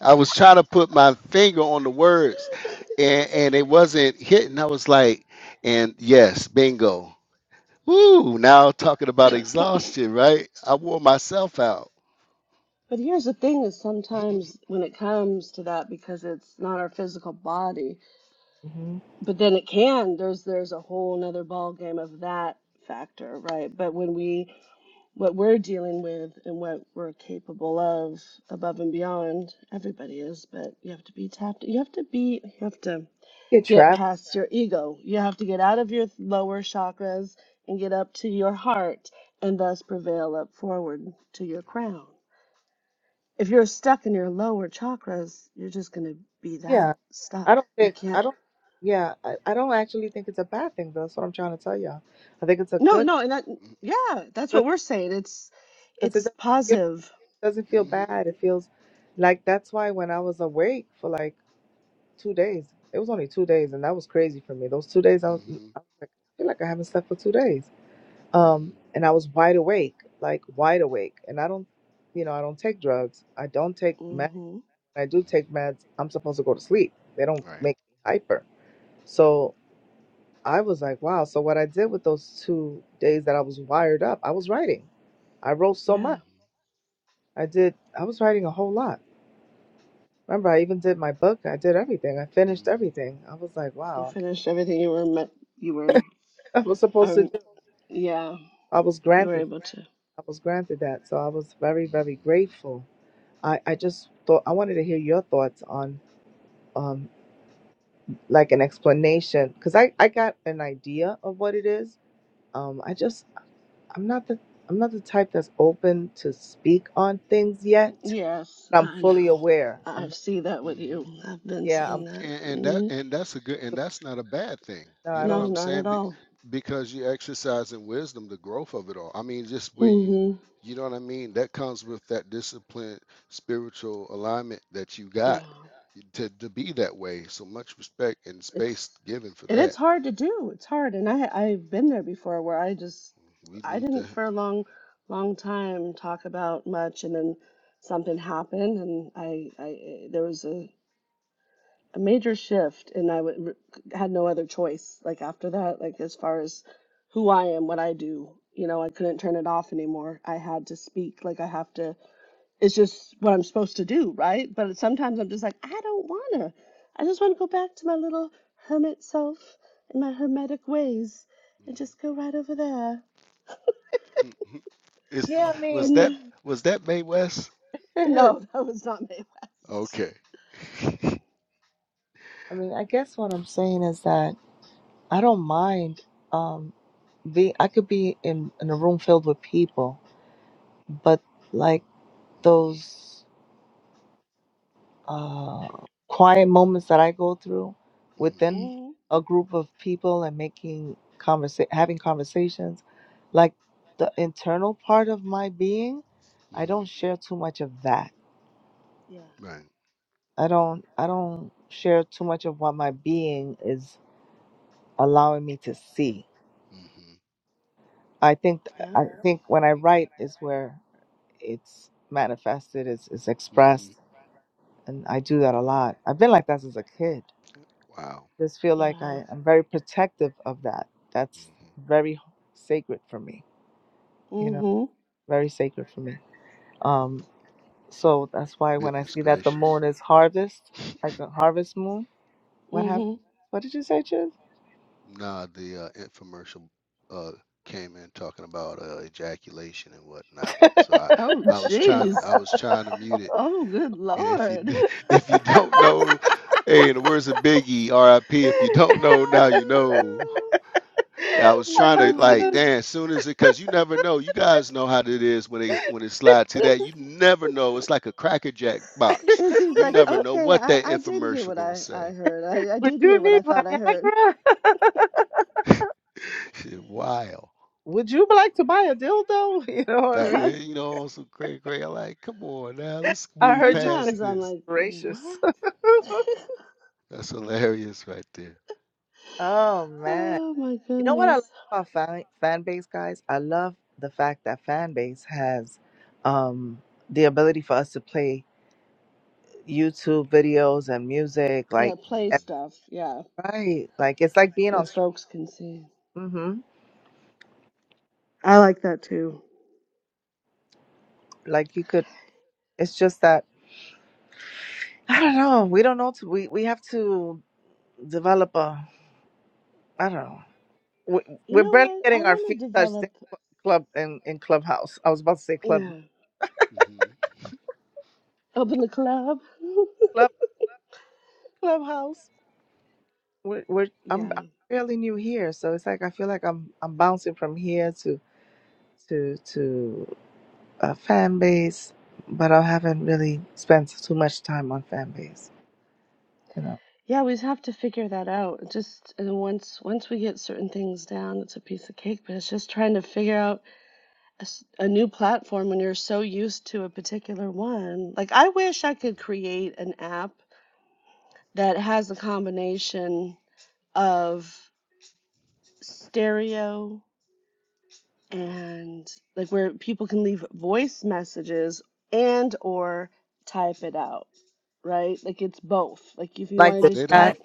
I was trying to put my finger on the words, and and it wasn't hitting. I was like, and yes, bingo Woo! Now talking about exhaustion, right? I wore myself out. But here's the thing is sometimes when it comes to that, because it's not our physical body, hmm but then it can there's there's a whole nother ball game of that factor right but when we what we're dealing with and what we're capable of above and beyond everybody is but you have to be tapped you have to be you have to get get trapped. past your ego you have to get Mhm, out of your lower chakras and get up to your heart and thus prevail up forward to yeah. your crown if you're stuck in your lower chakras you're just going to be Yeah, that stuck I don't you think I can't don't yeah, I, I don't actually think it's a bad thing though. That's what I'm trying to tell y'all. I think it's a No, good no, and that yeah, that's good what we're saying. It's because it it's doesn't feel, positive. it doesn't feel Mm- bad. It feels like that's why when I was awake for like two days, it was only two days, and that was crazy for me. Those two days, I was, mhm, I was like, I feel like I haven't slept for two days. mhm, Um, mhm, and I was wide awake, like wide awake. And I don't, you know, I don't take drugs. I don't take meds. hmm When I do mhm. take meds, I'm supposed to go to sleep. They don't Right. make me hyper. So I was like, wow. So what I did with those two days that I was wired up, I was writing. I wrote so much. Yeah, I did. I was writing a whole lot. Remember, I even did my book. I did everything. I finished Mhm, everything. I was like, you wow. finished everything you were met. You were I was supposed to um do. yeah, I was you were granted. able to. I was granted that. So I was very, mhm, very mhm, grateful. I, I just thought I wanted to hear your thoughts on um like an explanation because I, I got an idea of what it is. Um, I just I'm not the I'm not the type that's open to speak on things yet Yes, But I'm I fully know. aware. I I'm very, see that with you. mhm. I've been yeah. I'm seeing that. And, and that hmm and that's a good and so, that's not a bad thing. no, You I know what No, don't. I'm not saying? at Be, all. because you're exercising wisdom, the growth of it all. I mean, just where you, hmm you know what I mean. That comes with that discipline, spiritual alignment that you Yeah, got to to be that way. So much respect and space it's. given for and that. it's hard to do it's hard and i i've been there before where i just We i need to. didn't for a long long time talk about much and then something happened and i i there was a, a major shift and i would, had no other choice like after that like as far as who i am what i do you know i couldn't turn it off anymore i had to speak like i have to it's just what I'm supposed to do, right? But sometimes I'm just like, I don't want to. I just want to go back to my little hermit self and my hermetic ways and Mhm. just go right over there. It's the, Yeah, I mean, was And it. that not, was that May West? no, I that was not Mae West. Okay. Mhm, mean, I guess what I'm saying is that I don't mind. Um, be. I could be in in a room filled with people, but like those uh quiet moments that I go through mhm, within Mm, a group of people and making conversa- having conversations, like the internal part of my being, I don't mhm. share too much of that yeah. Right. I don't I don't share too much of what my being is allowing me to see. hmm I think Yep. I think when I write is where it's manifested, it's, it's hmm expressed, and I do that a lot. I've been like that since a kid. Wow. Just feel like Yeah. I i am very protective of that. That's hmm very sacred for me, you mm know, Mhm. very sacred for me. Um, so that's why when I Goodness see that the gracious. moon is harvest, hmm like the harvest moon, what mm happened? Mhm. What did you say, Chiz? Nah, the uh, infomercial uh, came in talking about uh, ejaculation and whatnot. So I, Oh, I was trying, jeez. I was trying to mute it. Oh, good And if you, lord. d- if you don't know, hey, in the words of Biggie, R.I.P. If you don't know now, you know. Oh, Yeah, I was I trying to heard like, you. no. damn, as soon as it, because you never know. You guys know how it is when it when it slides to that. You never know. It's like a Cracker Jack box. It seems You like, never know okay, what I, that I did hear infomercial what gonna I, I say. heard. I, I Would did hear you what need I thought I heard. Viagra? Shit, wild. Would you like to buy a dildo? You know what I That, mean? eh, you know, some crazy, crazy. I'm like, come on now, let's I move heard you say past Sometimes I'm this. like, what? gracious. That's hilarious right there. oh man. Oh my You know what I like goodness. about fan, fan base, guys? I love the fact that fan base has um the ability for us to play YouTube videos and music Yeah, like play Mhm, and, stuff. Yeah, like, right. Like it's like being on that stream. folks can see. Mhm. I like that too. Like you could it's just that I don't know. We don't know. To, we we have to develop a. I don't know. We, You we're know barely what? I getting our want feet to touched in develop, club in, in clubhouse. I was about to say club yeah, mhm, mhm, open the club. club clubhouse. We're, we're I'm, yeah. I'm fairly new here, so it's like I feel like I'm I'm bouncing from here to to to a fan base, but I haven't really spent too much time on fan base. you Yeah, we have to figure that out. Just and once once we get certain things down, it's a piece of cake, but it's just trying to figure out s- a new platform when you're so used to a particular one. Like, I wish I could mhm. create an app that has a combination of stereo and like where people can leave voice messages and or type it out, right? Like it's both. Like if you want Like to the They just don't. chat. type,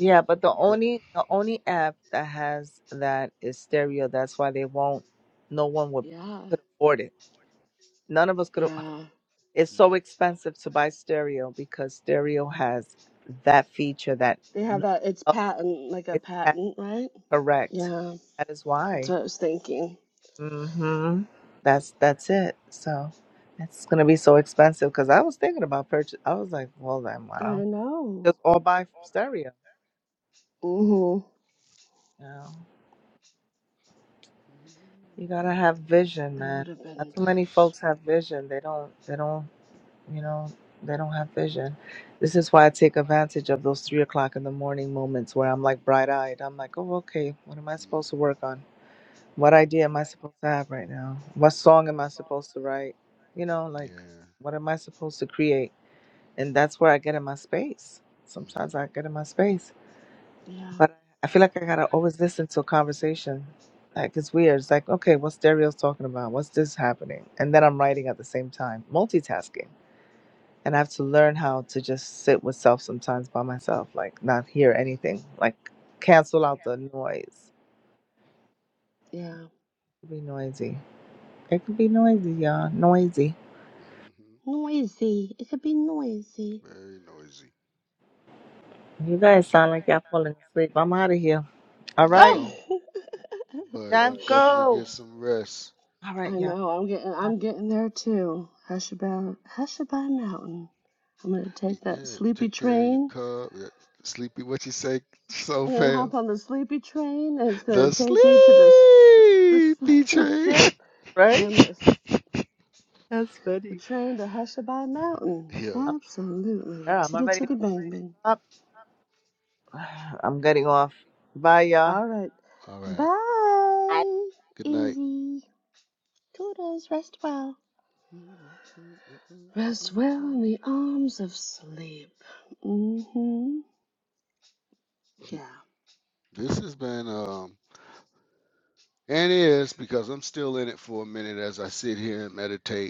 Yeah, but the They, mm, only the only app that has that is stereo. That's why they won't no one would yeah, could afford it. None of us could af- yeah. it's so mm, expensive to buy stereo because stereo has that feature that They have that it's no patent, like a Is that patent, right? correct? Yeah, That is that's why. what I was thinking. hmm That's that's it. So it's gonna be so expensive because I was thinking about purchase. I was like, well then, why I don't you know. just all buy stereo? Mhm. You know, mm, you gotta have mm. vision, That would man. have Not been, too many yes. folks have vision. They don't. They don't. You know, they don't have vision. This is why I take advantage of those three o'clock in the morning moments where I'm like bright eyed. I'm like, oh okay, what am I mm, supposed to work on? What idea am I supposed to have right now? What song am I supposed to write? You know, like, Yeah. what am I supposed to create? And that's where I get in my space. Sometimes I get in my space, yeah, but I feel like I gotta always listen to a conversation. Like, it's weird. It's like, okay, what's Dario's talking about? What's this happening? And then I'm writing at the same time, multitasking. And I have to learn how to just sit with self sometimes by myself, like, not hear mhm, anything, like, cancel out the noise. yeah. It can be noisy. It can be noisy, y'all. Noisy. hmm Noisy. It could be noisy. Very noisy. You guys sound like y'all falling asleep. I'm out of here. All right. No, Oh! but you Time definitely get go. some rest. All right, I y'all. know. I'm getting. I'm getting there too. Hushabye, Hushabye Mountain. I'm gonna Y- take that Yeah, sleepy take care of your train. cub. uh, Sleepy, what you say so I'm gonna hop fast? on the sleepy train, and it's gonna The take me to this, this, the sleepy train. ship, and Right? I'm gonna s- That's the funny. train to Hushabye Mountain. Yo, i Absolutely. yeah, I'm Chitty already there. chitty bang bang. Next Up. I'm getting off. Bye, y'all. All right. all right. Bye, Good night. Izzy. Toodles. Rest well. Rest well in the arms of sleep. Mm-hmm. Yeah. This has been um and is because I'm still in it for a minute as I sit here and meditate.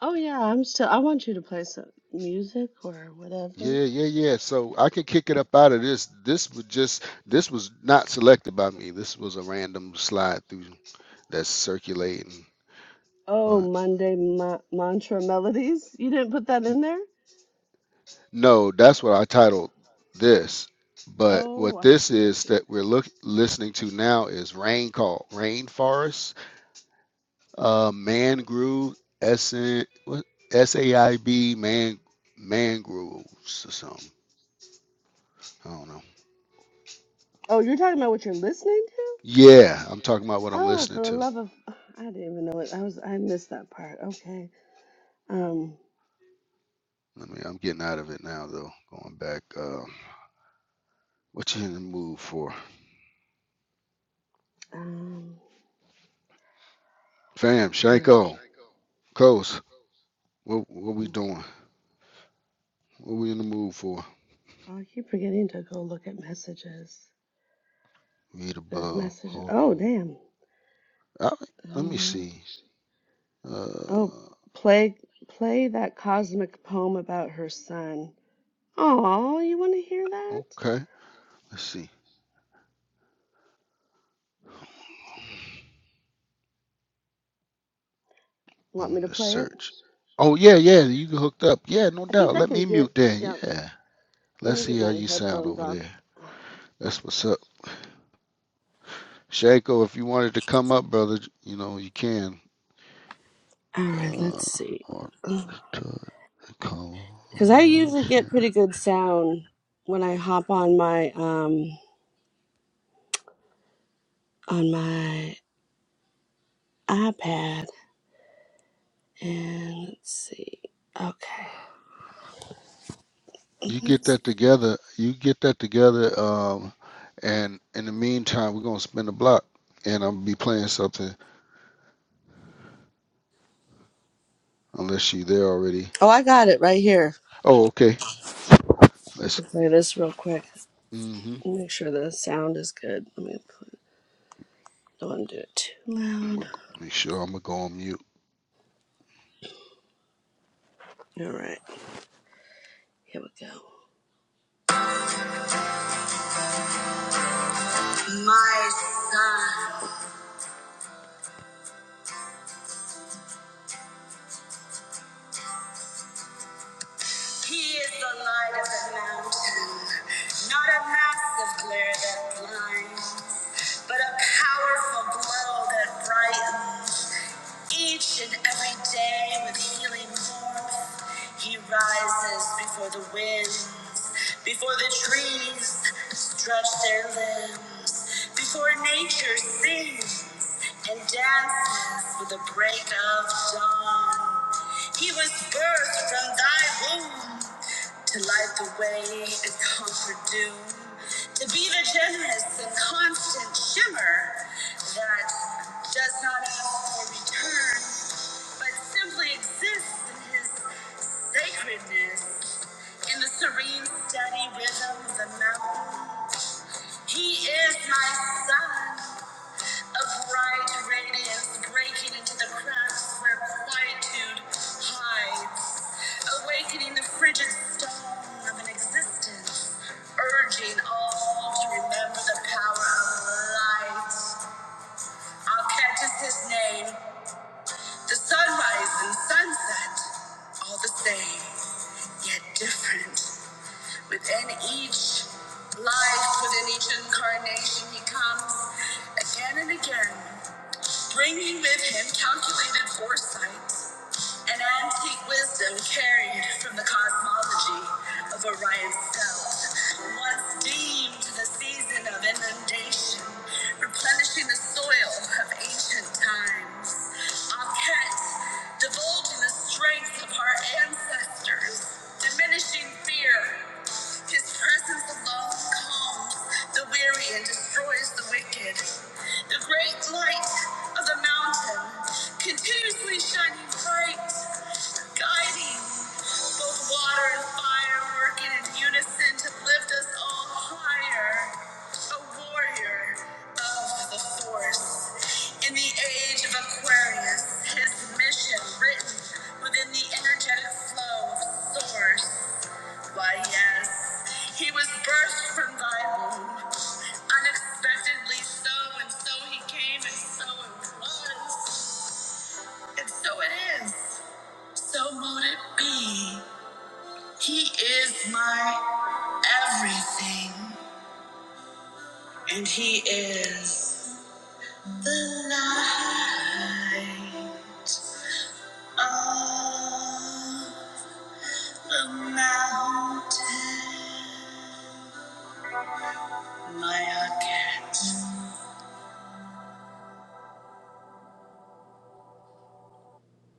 Oh yeah. I'm still. I want you to play some music or whatever. Yeah, yeah, yeah. So I can kick it up out of this. This was just this was not selected by me. This was a random slide through that's circulating. Oh, But Monday ma- mantra melodies. You didn't put that in there. no, that's what I titled this. But what Oh, I this see. I is see. that we're look listening to now is rain call, rainforest, uh, mangrove, SN, what SAIB, man, mangroves or something. I don't know. Oh, you're talking about what you're listening to? Yeah, I'm talking about what I'm Oh, listening for the to. love of I didn't even know it. I was I missed that part. Okay. Um Let me. I'm getting out of it now though. Going back. Uh, what you in the mood for? um Fam, hmm. Shanko, Coast. What what we Mm. doing? What we in the mood for? Oh, I keep forgetting to go look at messages. Read There's above. messages. Hold Oh, on. damn. All right. let me Uh, see. oh, Uh, play play that cosmic poem about her son. Oh, you want to hear that? okay. Let's see. Want I'm me in to the play it? search. Oh yeah, yeah. You hooked up. Yeah, no I think doubt. I Let can me hear. mute then. Yeah, Yeah. let Let's me get see how my you sound headphones over off. there. That's what's up. Shanko, if you wanted to come up, brother, you know you can. All right, Uh, let's see. or to Because I usually get pretty good sound when I hop on my um on my iPad. And let's see. Okay. You get that together. You get that together. Um, and in the meantime, we're gonna spin the block, and I'm gonna be playing something. Unless you there already. Oh, I got it right here. Oh, okay. We Let's. can play this real quick. Mm-hmm. Make sure the sound is good. Let me put, don't want to do it too loud. Make sure I'm gonna go on mute. All right, here we go. My son. He is the light of the mountain, not a massive glare that blinds, but a powerful glow that brightens each and every day with healing warmth. He rises before the winds, before the trees stretch their limbs, before nature sings and dances with the break of dawn. He was birthed from thy womb to light the way and conquer doom, to be the generous and constant shimmer that does not ask for return, but simply exists in his sacredness, in the serene, steady rhythm of the mountain. He is my son of bright radiance breaking into the cracks where quietude hides, awakening the frigid stone of an existence, urging all to remember the power of light. I'll catch his name, the sunrise and sunset, all the same, yet different. Within each life, within each incarnation, he comes again and again bringing with him calculated foresight and antique wisdom carried from the cosmology of Orion's belt, once deemed the season of inundation, replenishing the soil of ancient times. Aket, divulging the strength of our ancestors, diminishing fear. His presence alone calms the the weary and destroys the wicked. The great light of the mountain, continuously shining bright, guiding both water and fire, working in unison to lift us all higher. A warrior of the force. In the age of Aquarius, his mission written within the energetic flow of source. Why, yes, he was birthed from thy womb, unexpectedly so, and so he came, and so it was, and so it is. So mote it be. He is my everything, and he is the light of the mountain. My cat.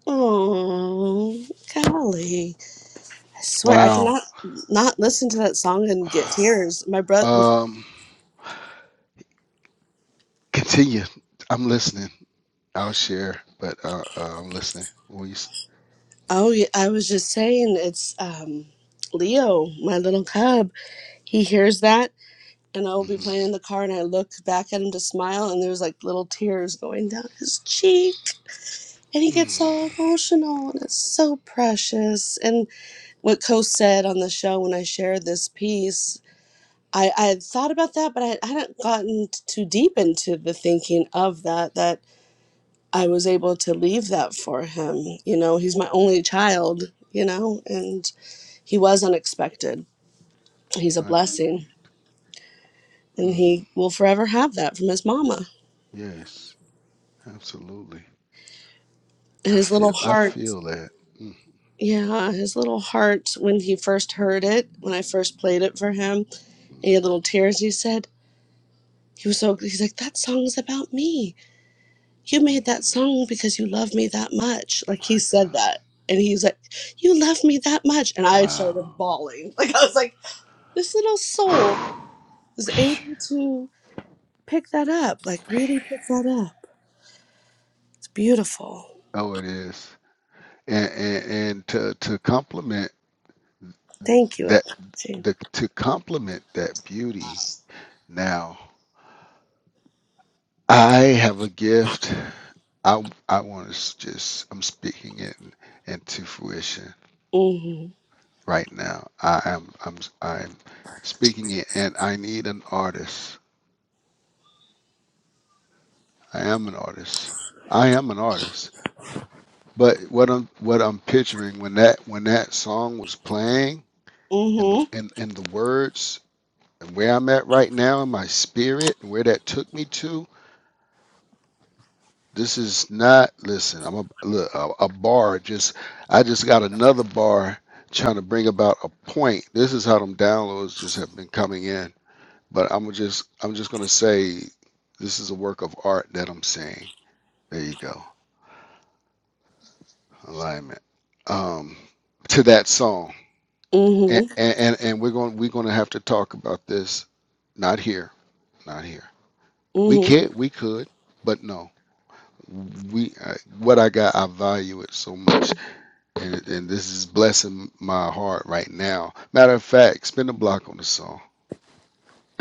Oh, golly. I swear, I Wow. cannot not listen to that song and get tears. My brother, Um, continue. I'm listening. I'll share, but uh, uh I'm listening. Will you? oh, yeah, I was just saying, it's um, Leo, my little cub. He hears that, and I'll be Mm-hmm. playing in the car, and I look back at him to smile, and there's like little tears going down his cheek, and he Mm. gets all emotional, and it's so precious. And what Coase said on the show when I shared this piece. I, I had thought about that, but I, hadn't gotten t- too deep into the thinking of that, that I was able to leave that for him. You know, he's my only child, you know, and he was unexpected. He's a I, blessing, need. and mm, he will forever have that from his mama. yes. Absolutely. And I his feel little I heart, feel that. Mm, yeah, his little heart, when he first heard it, when I first played it for him, and he mm, had little tears, he said, he was so, he's like, that song's about me you mm, made that mm, song mm. because you love me that much. Like he My said God. that. And he's like, You love me that much. And I Wow. started bawling. Like I was like, this little soul was Whew. able to pick that up. Like really pick that up. It's beautiful. Oh, it is. And and, and to to complement Thank you, that Apache. the to complement that beauty. Now, I have a gift. I I want to just I'm speaking it in- into fruition Mm-hmm. right now. I am I'm I'm speaking it and I need an artist. I am an artist. I am an artist. But what I'm what I'm picturing when that when that song was playing and the Mm-hmm. and, and the words and where I'm at right now in my spirit and where that took me to, this is not listen, I'm a look a, a bar just I just got another bar trying to bring about a point. This is how them downloads just have been coming in. But I'm just I'm just gonna say this is a work of art that I'm seeing. There you go. alignment um, to that song. And, Mm-hmm. and and we're going we're going to have to talk about this. Not here, not here. We Mm-hmm. can't. We could, but no. We I, what I got, I value it so much, and and this is blessing my heart right now. Matter of fact, spin a block on the song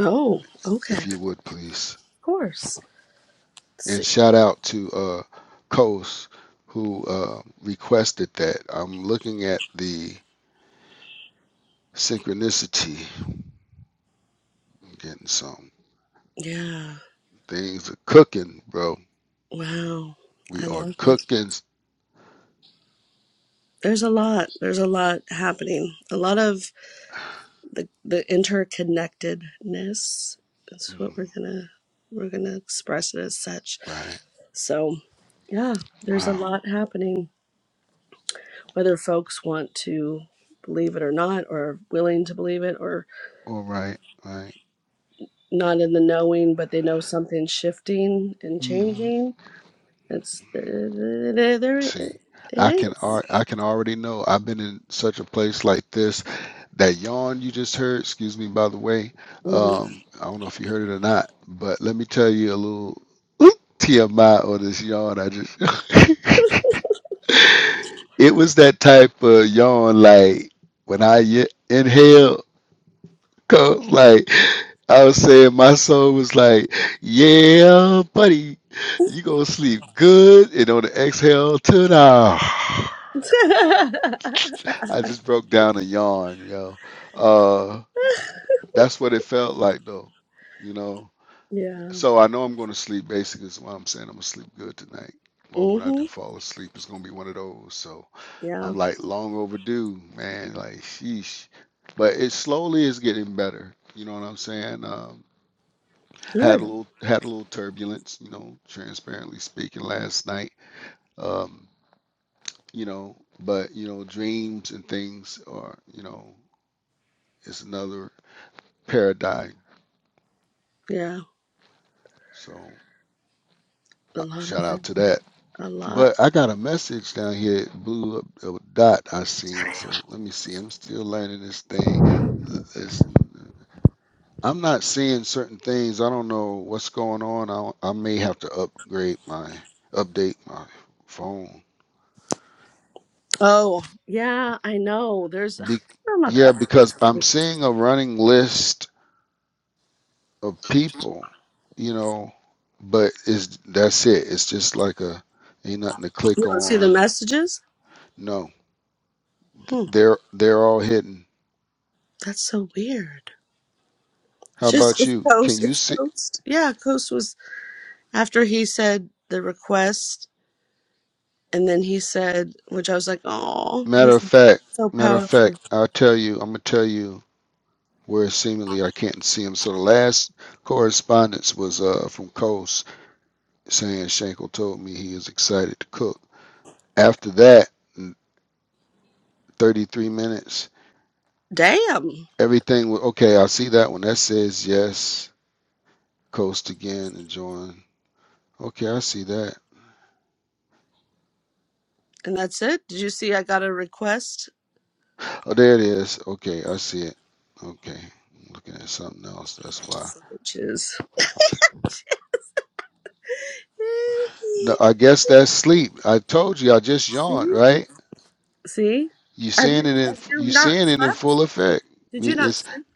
Oh, okay. if you Of would please, course. Let's and see. shout out to uh, Coast who uh, requested that. I'm looking at the synchronicity. I'm getting some. Yeah. Things are cooking, bro. Wow. We I are love it. cooking. There's a lot. There's a lot happening. A lot of the the interconnectedness is what Mhm. we're gonna we're gonna express it as such Right. so yeah there's a Wow. lot happening whether folks want to believe it or not or willing to believe it or All right. Right. not in the knowing but they know something's shifting and Mm-hmm. changing it's there there it See, it I can is. ar- I can already know. I've been in such a place like this. That yawn you just heard, excuse me, by the way. Mhm. Um, I don't know if you heard it or not, but let me tell you a little TMI on this yawn. I just it was that type of yawn like when I ye- inhale. Cause like I was saying, my soul was like, "Yeah, buddy, you gonna sleep good." And on the exhale, tonight, I just broke down and yawned. Yo, uh, that's what it felt like, though. You know, yeah so I know I'm gonna sleep. Basically, is why I'm saying I'm gonna sleep good tonight. Or when I hmm do fall asleep, it's gonna be one of those. So yeah I'm like long overdue, man. Like sheesh, but it slowly is getting better. You know what I'm saying? Um, had a good little had a little turbulence, you know, transparently speaking last night. Um, you know, but you know, dreams and things are, you know, it's another paradigm. yeah So a uh, lot of shout out to that. a lot But I got a message down here, blue uh, dot I seen. So let me see. I'm still learning this thing. it's- I'm not seeing certain things. I don't know what's going on. I, I may have to upgrade my update my phone Oh, yeah, I know. There's Be- I'm not yeah, up. because I'm seeing a running list of people, you know, but is that's it. It's just like a ain't nothing to click You don't see the on. messages? No, th- Hmm, they're they're all hidden. that's so weird. How It's just about it's you? Can Coast. you It's see? Coast. Yeah, Coast was after he said the request, and then he said, which I was like, oh, Matter he's of fact, so matter of fact, powerful. I'll tell you. I'm gonna tell you where seemingly I can't see him. So the last correspondence was uh from Coase saying Shankle told me he is excited to cook. After that, in 33 minutes. Damn. Everything okay, I see that one. That says yes. Coast again and join. Okay, I see that. And that's it. Did you see? I got a request, Oh, there it is. Okay, I see it. Okay, I'm looking at something else. That's why. which is No, I guess that's sleep. I told you. I just yawned, see, right? see. You Have seeing you it in have you you not seeing it in slept? full effect. Did We- you not It's sleep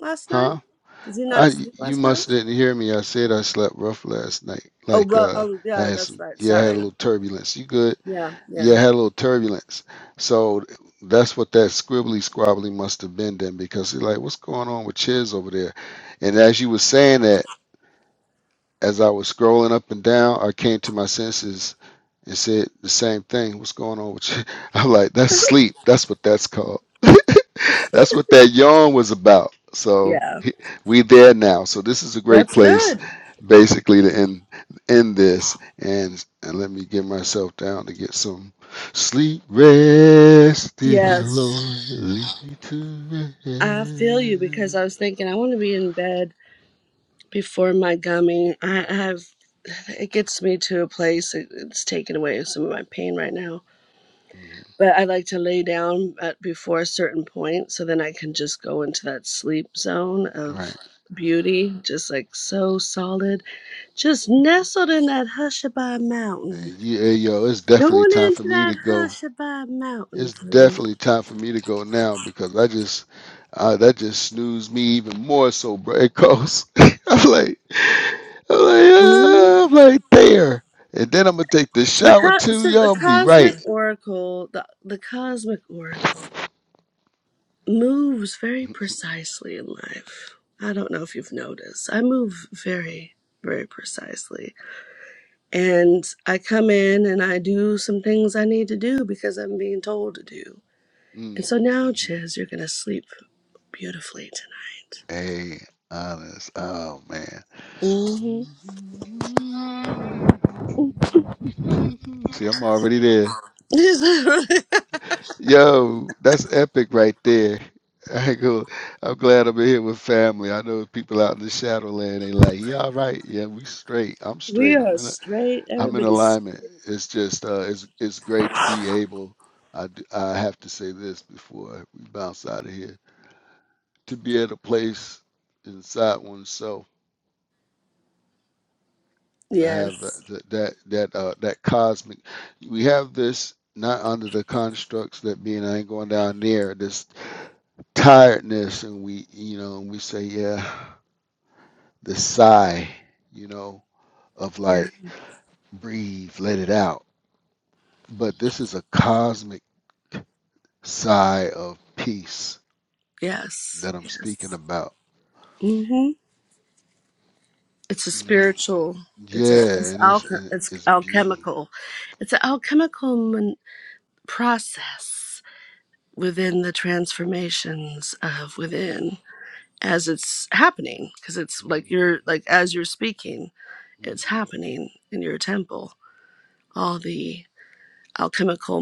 last night? huh? Did you not I sleep you last night? must didn't hear me. I said I slept rough last night. Oh, Like ro- uh, oh, I yeah, had that's some right. yeah, I had a Sorry. little turbulence. You good? Yeah, Yeah, yeah, it had a little turbulence. So that's what that scribbly squabbly must have been then because you're like, what's going on with Chiz over there? And as you were saying that, as I was scrolling up and down, I came to my senses and said the same thing. What's going on with you? I'm like, that's sleep. That's what that's called. that's what that yawn was about. So yeah. we there now. So this is a great That's place, good. basically, to end end this. And and let me get myself down to get some sleep. Rest, dear Yes, Lord, lead me to I feel you because rest. I was thinking I want to be in bed before my gummy. I I have it gets me to a place it, it's taken away some of my pain right now. Mhm. But I like to lay down at before a certain point so then I can just go into that sleep zone of Right. beauty, just like so solid, just nestled in that Hushabye mountain. Yeah, hey, yo, it's definitely Going time for into me that to go. Hushabah mountain It's for definitely time for me to go now because I just, uh, that just snoozed me even more. So, bro, it goes. I'm like, I'm like, me. ah, I'm like there, and then I'm gonna take the The shower co- too, so yo. the I'm be cosmic right. oracle, the the cosmic oracle moves very precisely in life. I don't know if you've noticed. I move very very precisely. And I come in and I do some things I need to do because I'm being told to do. Mm, And so now, hmm Chiz, you're going to sleep beautifully Hey, honest. Oh man. tonight. hmm See, I'm already there. Yo, that's epic right there. I go, I'm glad I'm in here with family. I know people out in the Shadowland, they like, yeah, all right, yeah, we straight. I'm we straight. I'm are in a, straight. I'm in Everybody's alignment. It's just, uh, it's, it's great to be able. I, d- I have to say this before we bounce out of here. To be at a place inside oneself to have Yes. that, that, that, that, uh, that cosmic. We have this not under the constructs that being I ain't going down there. This tiredness and we you know and we say yeah the sigh you know of Yeah. like breathe let it out but this is a cosmic sigh of peace Yes. that i'm speaking about hmm It's a you know spiritual. It's a yeah it's and it's alch- and it's it's beauty alchemical. It's an alchemical mon- process within the transformations of within as it's happening because it's like you're hmm like as you're speaking, hmm it's happening in your temple. All the alchemical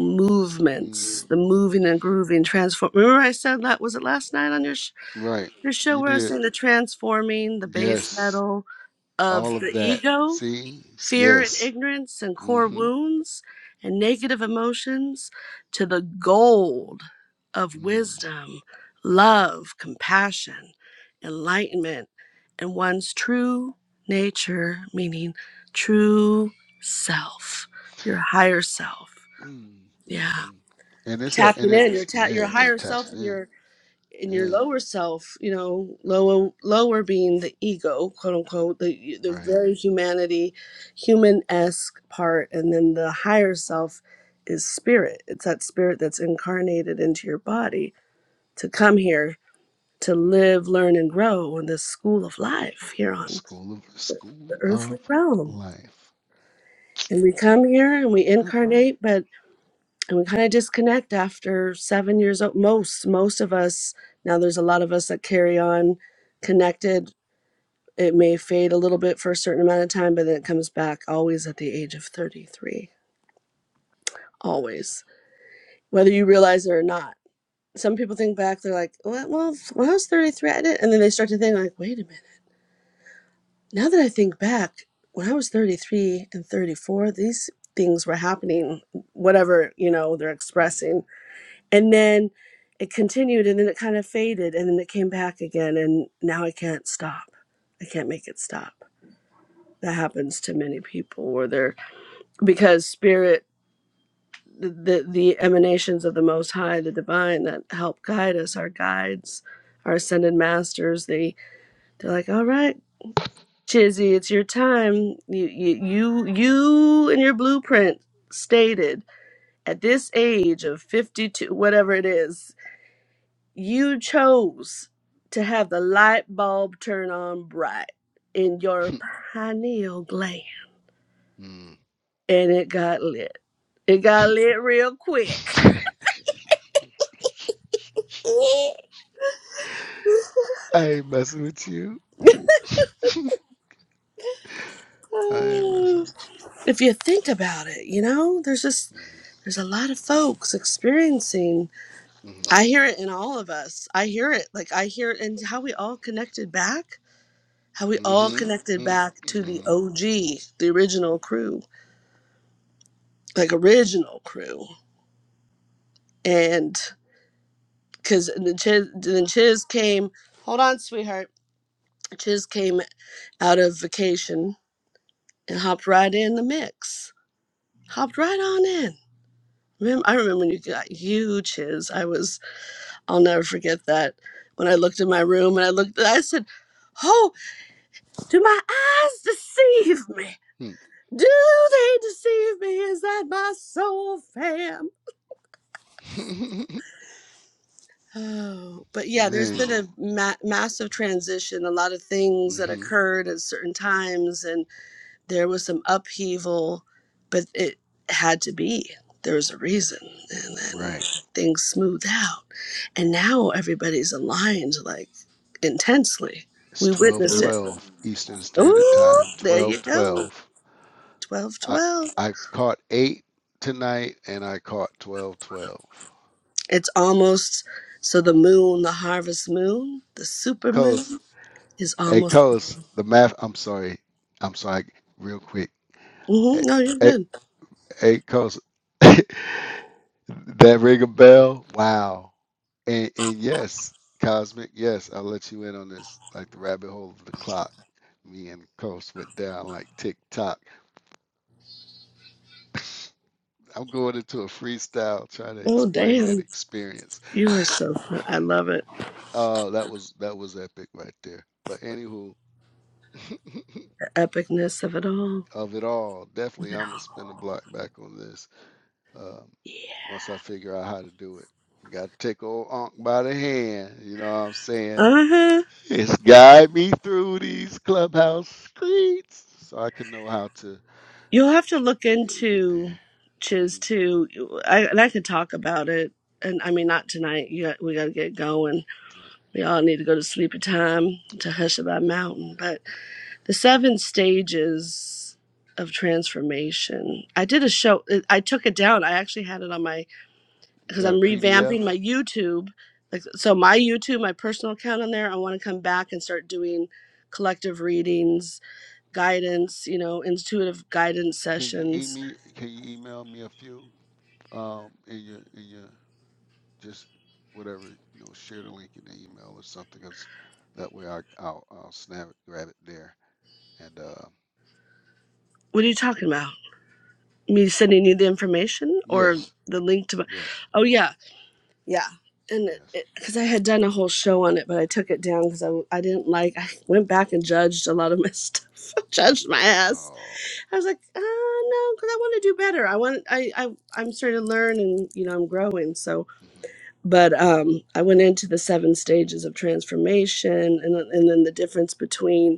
hmm movements, the moving and grooving transform. Remember I said that was it last night on your right you show you showing us did in the transforming the base yes metal of all of the that ego, see fear and yes ignorance and hmm core wounds and negative emotions to the gold of mm-hmm. wisdom, mm-hmm. love, compassion, enlightenment, and one's true nature, meaning true self, your higher self. Mm, Yeah. mm-mm. And it's a and Tapping in, your it's ta- yeah, your higher self tapping and in. your in your Yeah, lower self, you know, lower lower being the ego, quote unquote, the the right. very humanity, human esque part, and then the higher self is spirit. It's that spirit that's incarnated into your body to come here to live, learn, and grow in this school of life here on School of the School earthly of realm. Life. And we come here and we Is that right? incarnate, but and we kind of disconnect after seven years old. Most most of us now. There's a lot of us that carry on connected It may fade a little bit for a certain amount of time, but then it comes back always at the age of 33. Always. Whether you realize it or not. Some people think back, they're like, well, well when I was 33, I did. And then they start to think, like, wait a minute. Now that I think back, when I was 33 and 34, these things were happening, whatever, you know, they're expressing. Mm-hmm. And then it continued and then it kind of faded and then it came back again. And now I can't stop. I can't make it stop. That happens to many people where they're because spirit the, the the emanations of the most high the divine that help guide us our guides our ascended masters they they're like all right chizzy it's your time you you you, you in your blueprint stated at this age of 52 whatever it is you chose to have the light bulb turn on bright in your pineal gland mm. and it got lit it got lit real quick I ain't messing with you. I ain't messing with if you think about it you know there's just you. there's a lot of folks experiencing Mm-hmm. i hear it in all of us i hear it like i hear it in how we all connected back how we all Mm-hmm. connected back to the Mm-hmm. og the original crew like original crew and because then chiz, then chiz came hold on sweetheart chiz came out of vacation and hopped right in the mix hopped right on in Remem- I remember when you got you, Chiz. I was I'll never forget that. When I looked in my room and I looked, I said, Oh, do my eyes deceive me? Do they deceive me? Is that my soul fam? Mm-hmm. Oh, but yeah, there's been Man. a ma- massive transition, a lot of things that Mm-hmm. occurred at certain times. and. there was some upheaval, but it had to be. There was a reason, and then Right. things smoothed out. And now everybody's aligned like intensely. It's We twelve witnessed it. twelve Eastern Standard Ooh, Time. there Twelve you go. twelve. Twelve, I twelve. I've caught eight tonight, and I caught twelve twelve. It's almost so the moon, the harvest moon, the super Coast, moon is hey almost. Coast, the math. I'm sorry, I'm sorry. Real quick, hmm hey, no, you're hey, good. hey Coast, that ring a bell. Wow, and and yes, Cosmic, yes, I'll let you in on this. Like the rabbit hole of the clock, me and Coast went down like tick tock. I'm going into a freestyle, trying to Oh, explain an damn. experience. You are so. fun. I love it. Uh, that was that was epic right there. But anywho, The epicness of it all. of it all, definitely I'm gonna spin the block back on this. Um, Yeah. once I figure out how to do it, got to take old Unc by the hand. You know what I'm saying? Uh huh. It's guide me through these clubhouse streets so I can know how to. You'll have to look it- will get into there. Chiz Mm, too. I, and I could talk about it. And I mean, not tonight. You got, we got to get going. all right, We all need to go to sleep at time to okay. Hushabye Mountain. But the seven stages of transformation. I did a show. I took it down. I actually had it on my You because got I'm a PDF? revamping my YouTube. Like so, my YouTube, my personal account on there. I want to come back and start doing collective readings, guidance. You know, intuitive guidance Can you sessions email? Can you email me a few? Um, in your in your just whatever you know share the link in the email or something because that way I, I'll, I'll snap it grab it there and uh What are you talking about? Me sending you the information or yes the link to my? yes Oh yeah, yeah. And yes because I had done a whole show on it, but I took it down because I I w- I didn't like. I went back and judged a lot of my stuff. judged my ass. oh I was like, uh, no, because I want to do better. I want. I, I I'm starting to learn, and you know, I'm growing. So, mm-hmm, but um, I went into the seven stages of transformation, and and then the difference between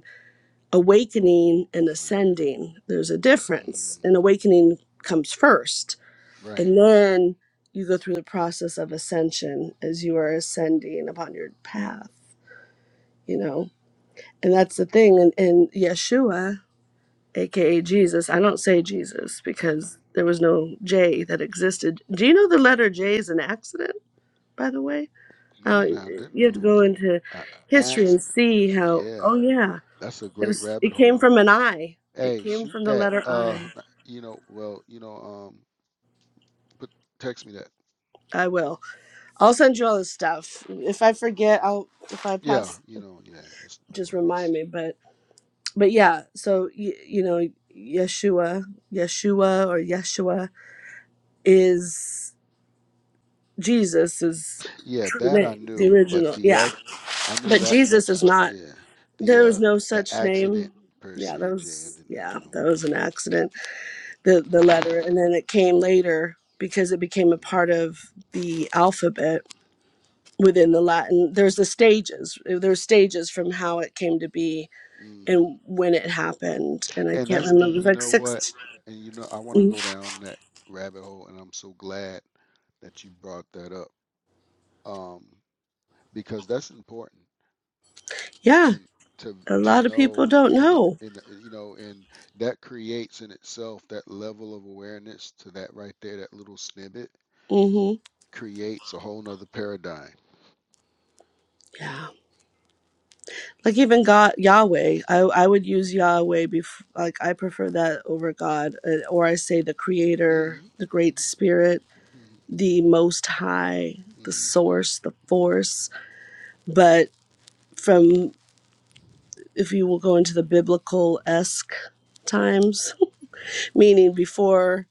awakening and right ascending, there's a mm, difference. And awakening comes first. right And then you go through the process of ascension as you are ascending upon your path, you know? And that's the thing. And, and Yeshua, AKA Jesus, I don't say mm-hmm, Jesus because mm-hmm, there was no J that existed. Do you know the letter J is an accident, by the way? hmm no Uh, now I didn't you have know to it was go an into uh, history and accident per see se how, yeah oh, yeah. that's a It great was. rabbit It came hole from an I. It hey came shoot from the that letter uh I. you know well you know um but text me that I will. I'll send you all the stuff. If I forget, I'll. If I yeah pass, you know yeah it's no just worries remind me. But but yeah. So you, you know, Yeshua, Yeshua or Yeshua is Jesus is Yeah, true that I name, the knew, but original. the Yeah. act I knew But that Jesus much, is but not. yeah, the There uh was no the such accident name. per Yeah. That se, Jay, I was. did Yeah. not know. That was an accident the the letter and then it came later because it became a part of the alphabet within the latin there's the stages uh, there's stages from how it came to be hmm hmm and when it happened and i And can't that's and remember it was you like know what? six And you know I want to go mm, down that rabbit hole, and I'm so glad that you brought that up. Um, because that's important yeah to to a to lot of people know don't and uh, know and uh, you know and that creates in itself that level of awareness to that right there, that little snippet hmm creates a whole nother paradigm yeah like even god yahweh i, I would use yahweh bef- like i prefer that over god uh, or i say the creator Mhm, the great mhm, spirit mhm, the most high the mhm, source the mhm. force but from if you will go into the biblical esque times, meaning before,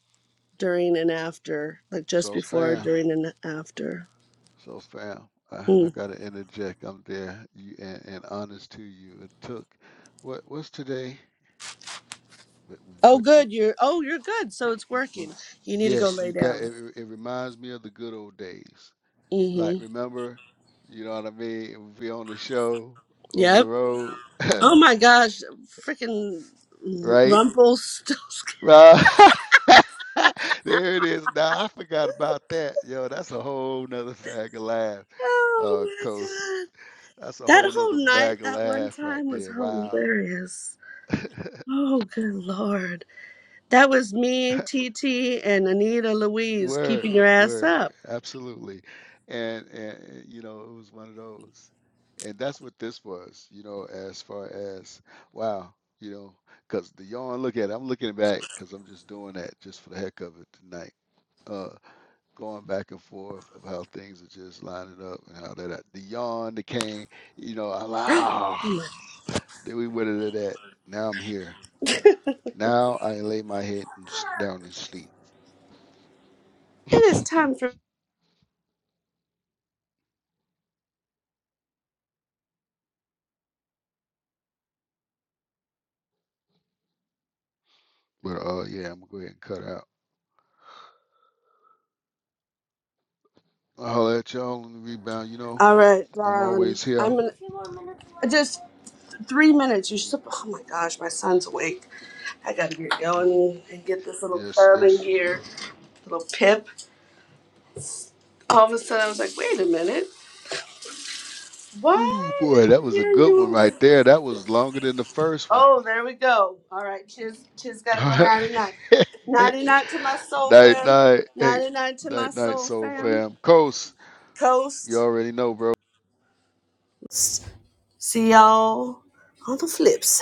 during, and after, like just So before, fam, during, and after. so fam, I, I Mm. gotta interject. I'm there, you and, and honest to you. It took what what's today? But Oh, but you, good. You're oh, you're good. So it's y- working. y- You need to go yes, lay you got. down. It, it it reminds me of the good old days. Like hmm remember, you know what I mean? We on the show over the Yep. road, Oh my gosh, freaking right? Rumpelstiltskin. Uh, there it is. Now I forgot about that. Yo, that's a whole nother bag of laugh, uh, Oh my Coast. god, That's a that whole nother whole night, bag of that one laugh right time was there. Wow. hilarious. Oh good lord. That was me, TT, and Anita Louise keeping Word, your ass word, up. absolutely. And and and, you know, it was one of those. And that's what this was, you know, as far as wow, you know, because the yarn look at it, I'm looking back because I'm just doing that just for the heck of it tonight uh, going back and forth of how things are just lining up and how that the yawn, the cane, you know, I like, ah, then we went into that. Now I'm here. Now I lay my head and down and sleep. It is time for. But uh, yeah, I'm gonna go ahead and cut out. I'll let y'all on the rebound. You know, All right, I'm Dawn. always here. I'm gonna. Just three minutes. You Mm, should. Oh my gosh, my son's awake. I gotta get oh, going and get this little yes, urban yes. gear, little pip. All of a sudden, I was like, wait a minute. Ooh, Why do boy, that I was a hear good one you right awake? there. That was longer than the first one. Oh, there we go. All right, Chiz, Chiz gotta go Alright. 99. 99 to my soul, night fam. night, hey, 99 to my night night, soul, soul fam. fam. Coast, you Coast. already know, bro. See y'all on the flip side.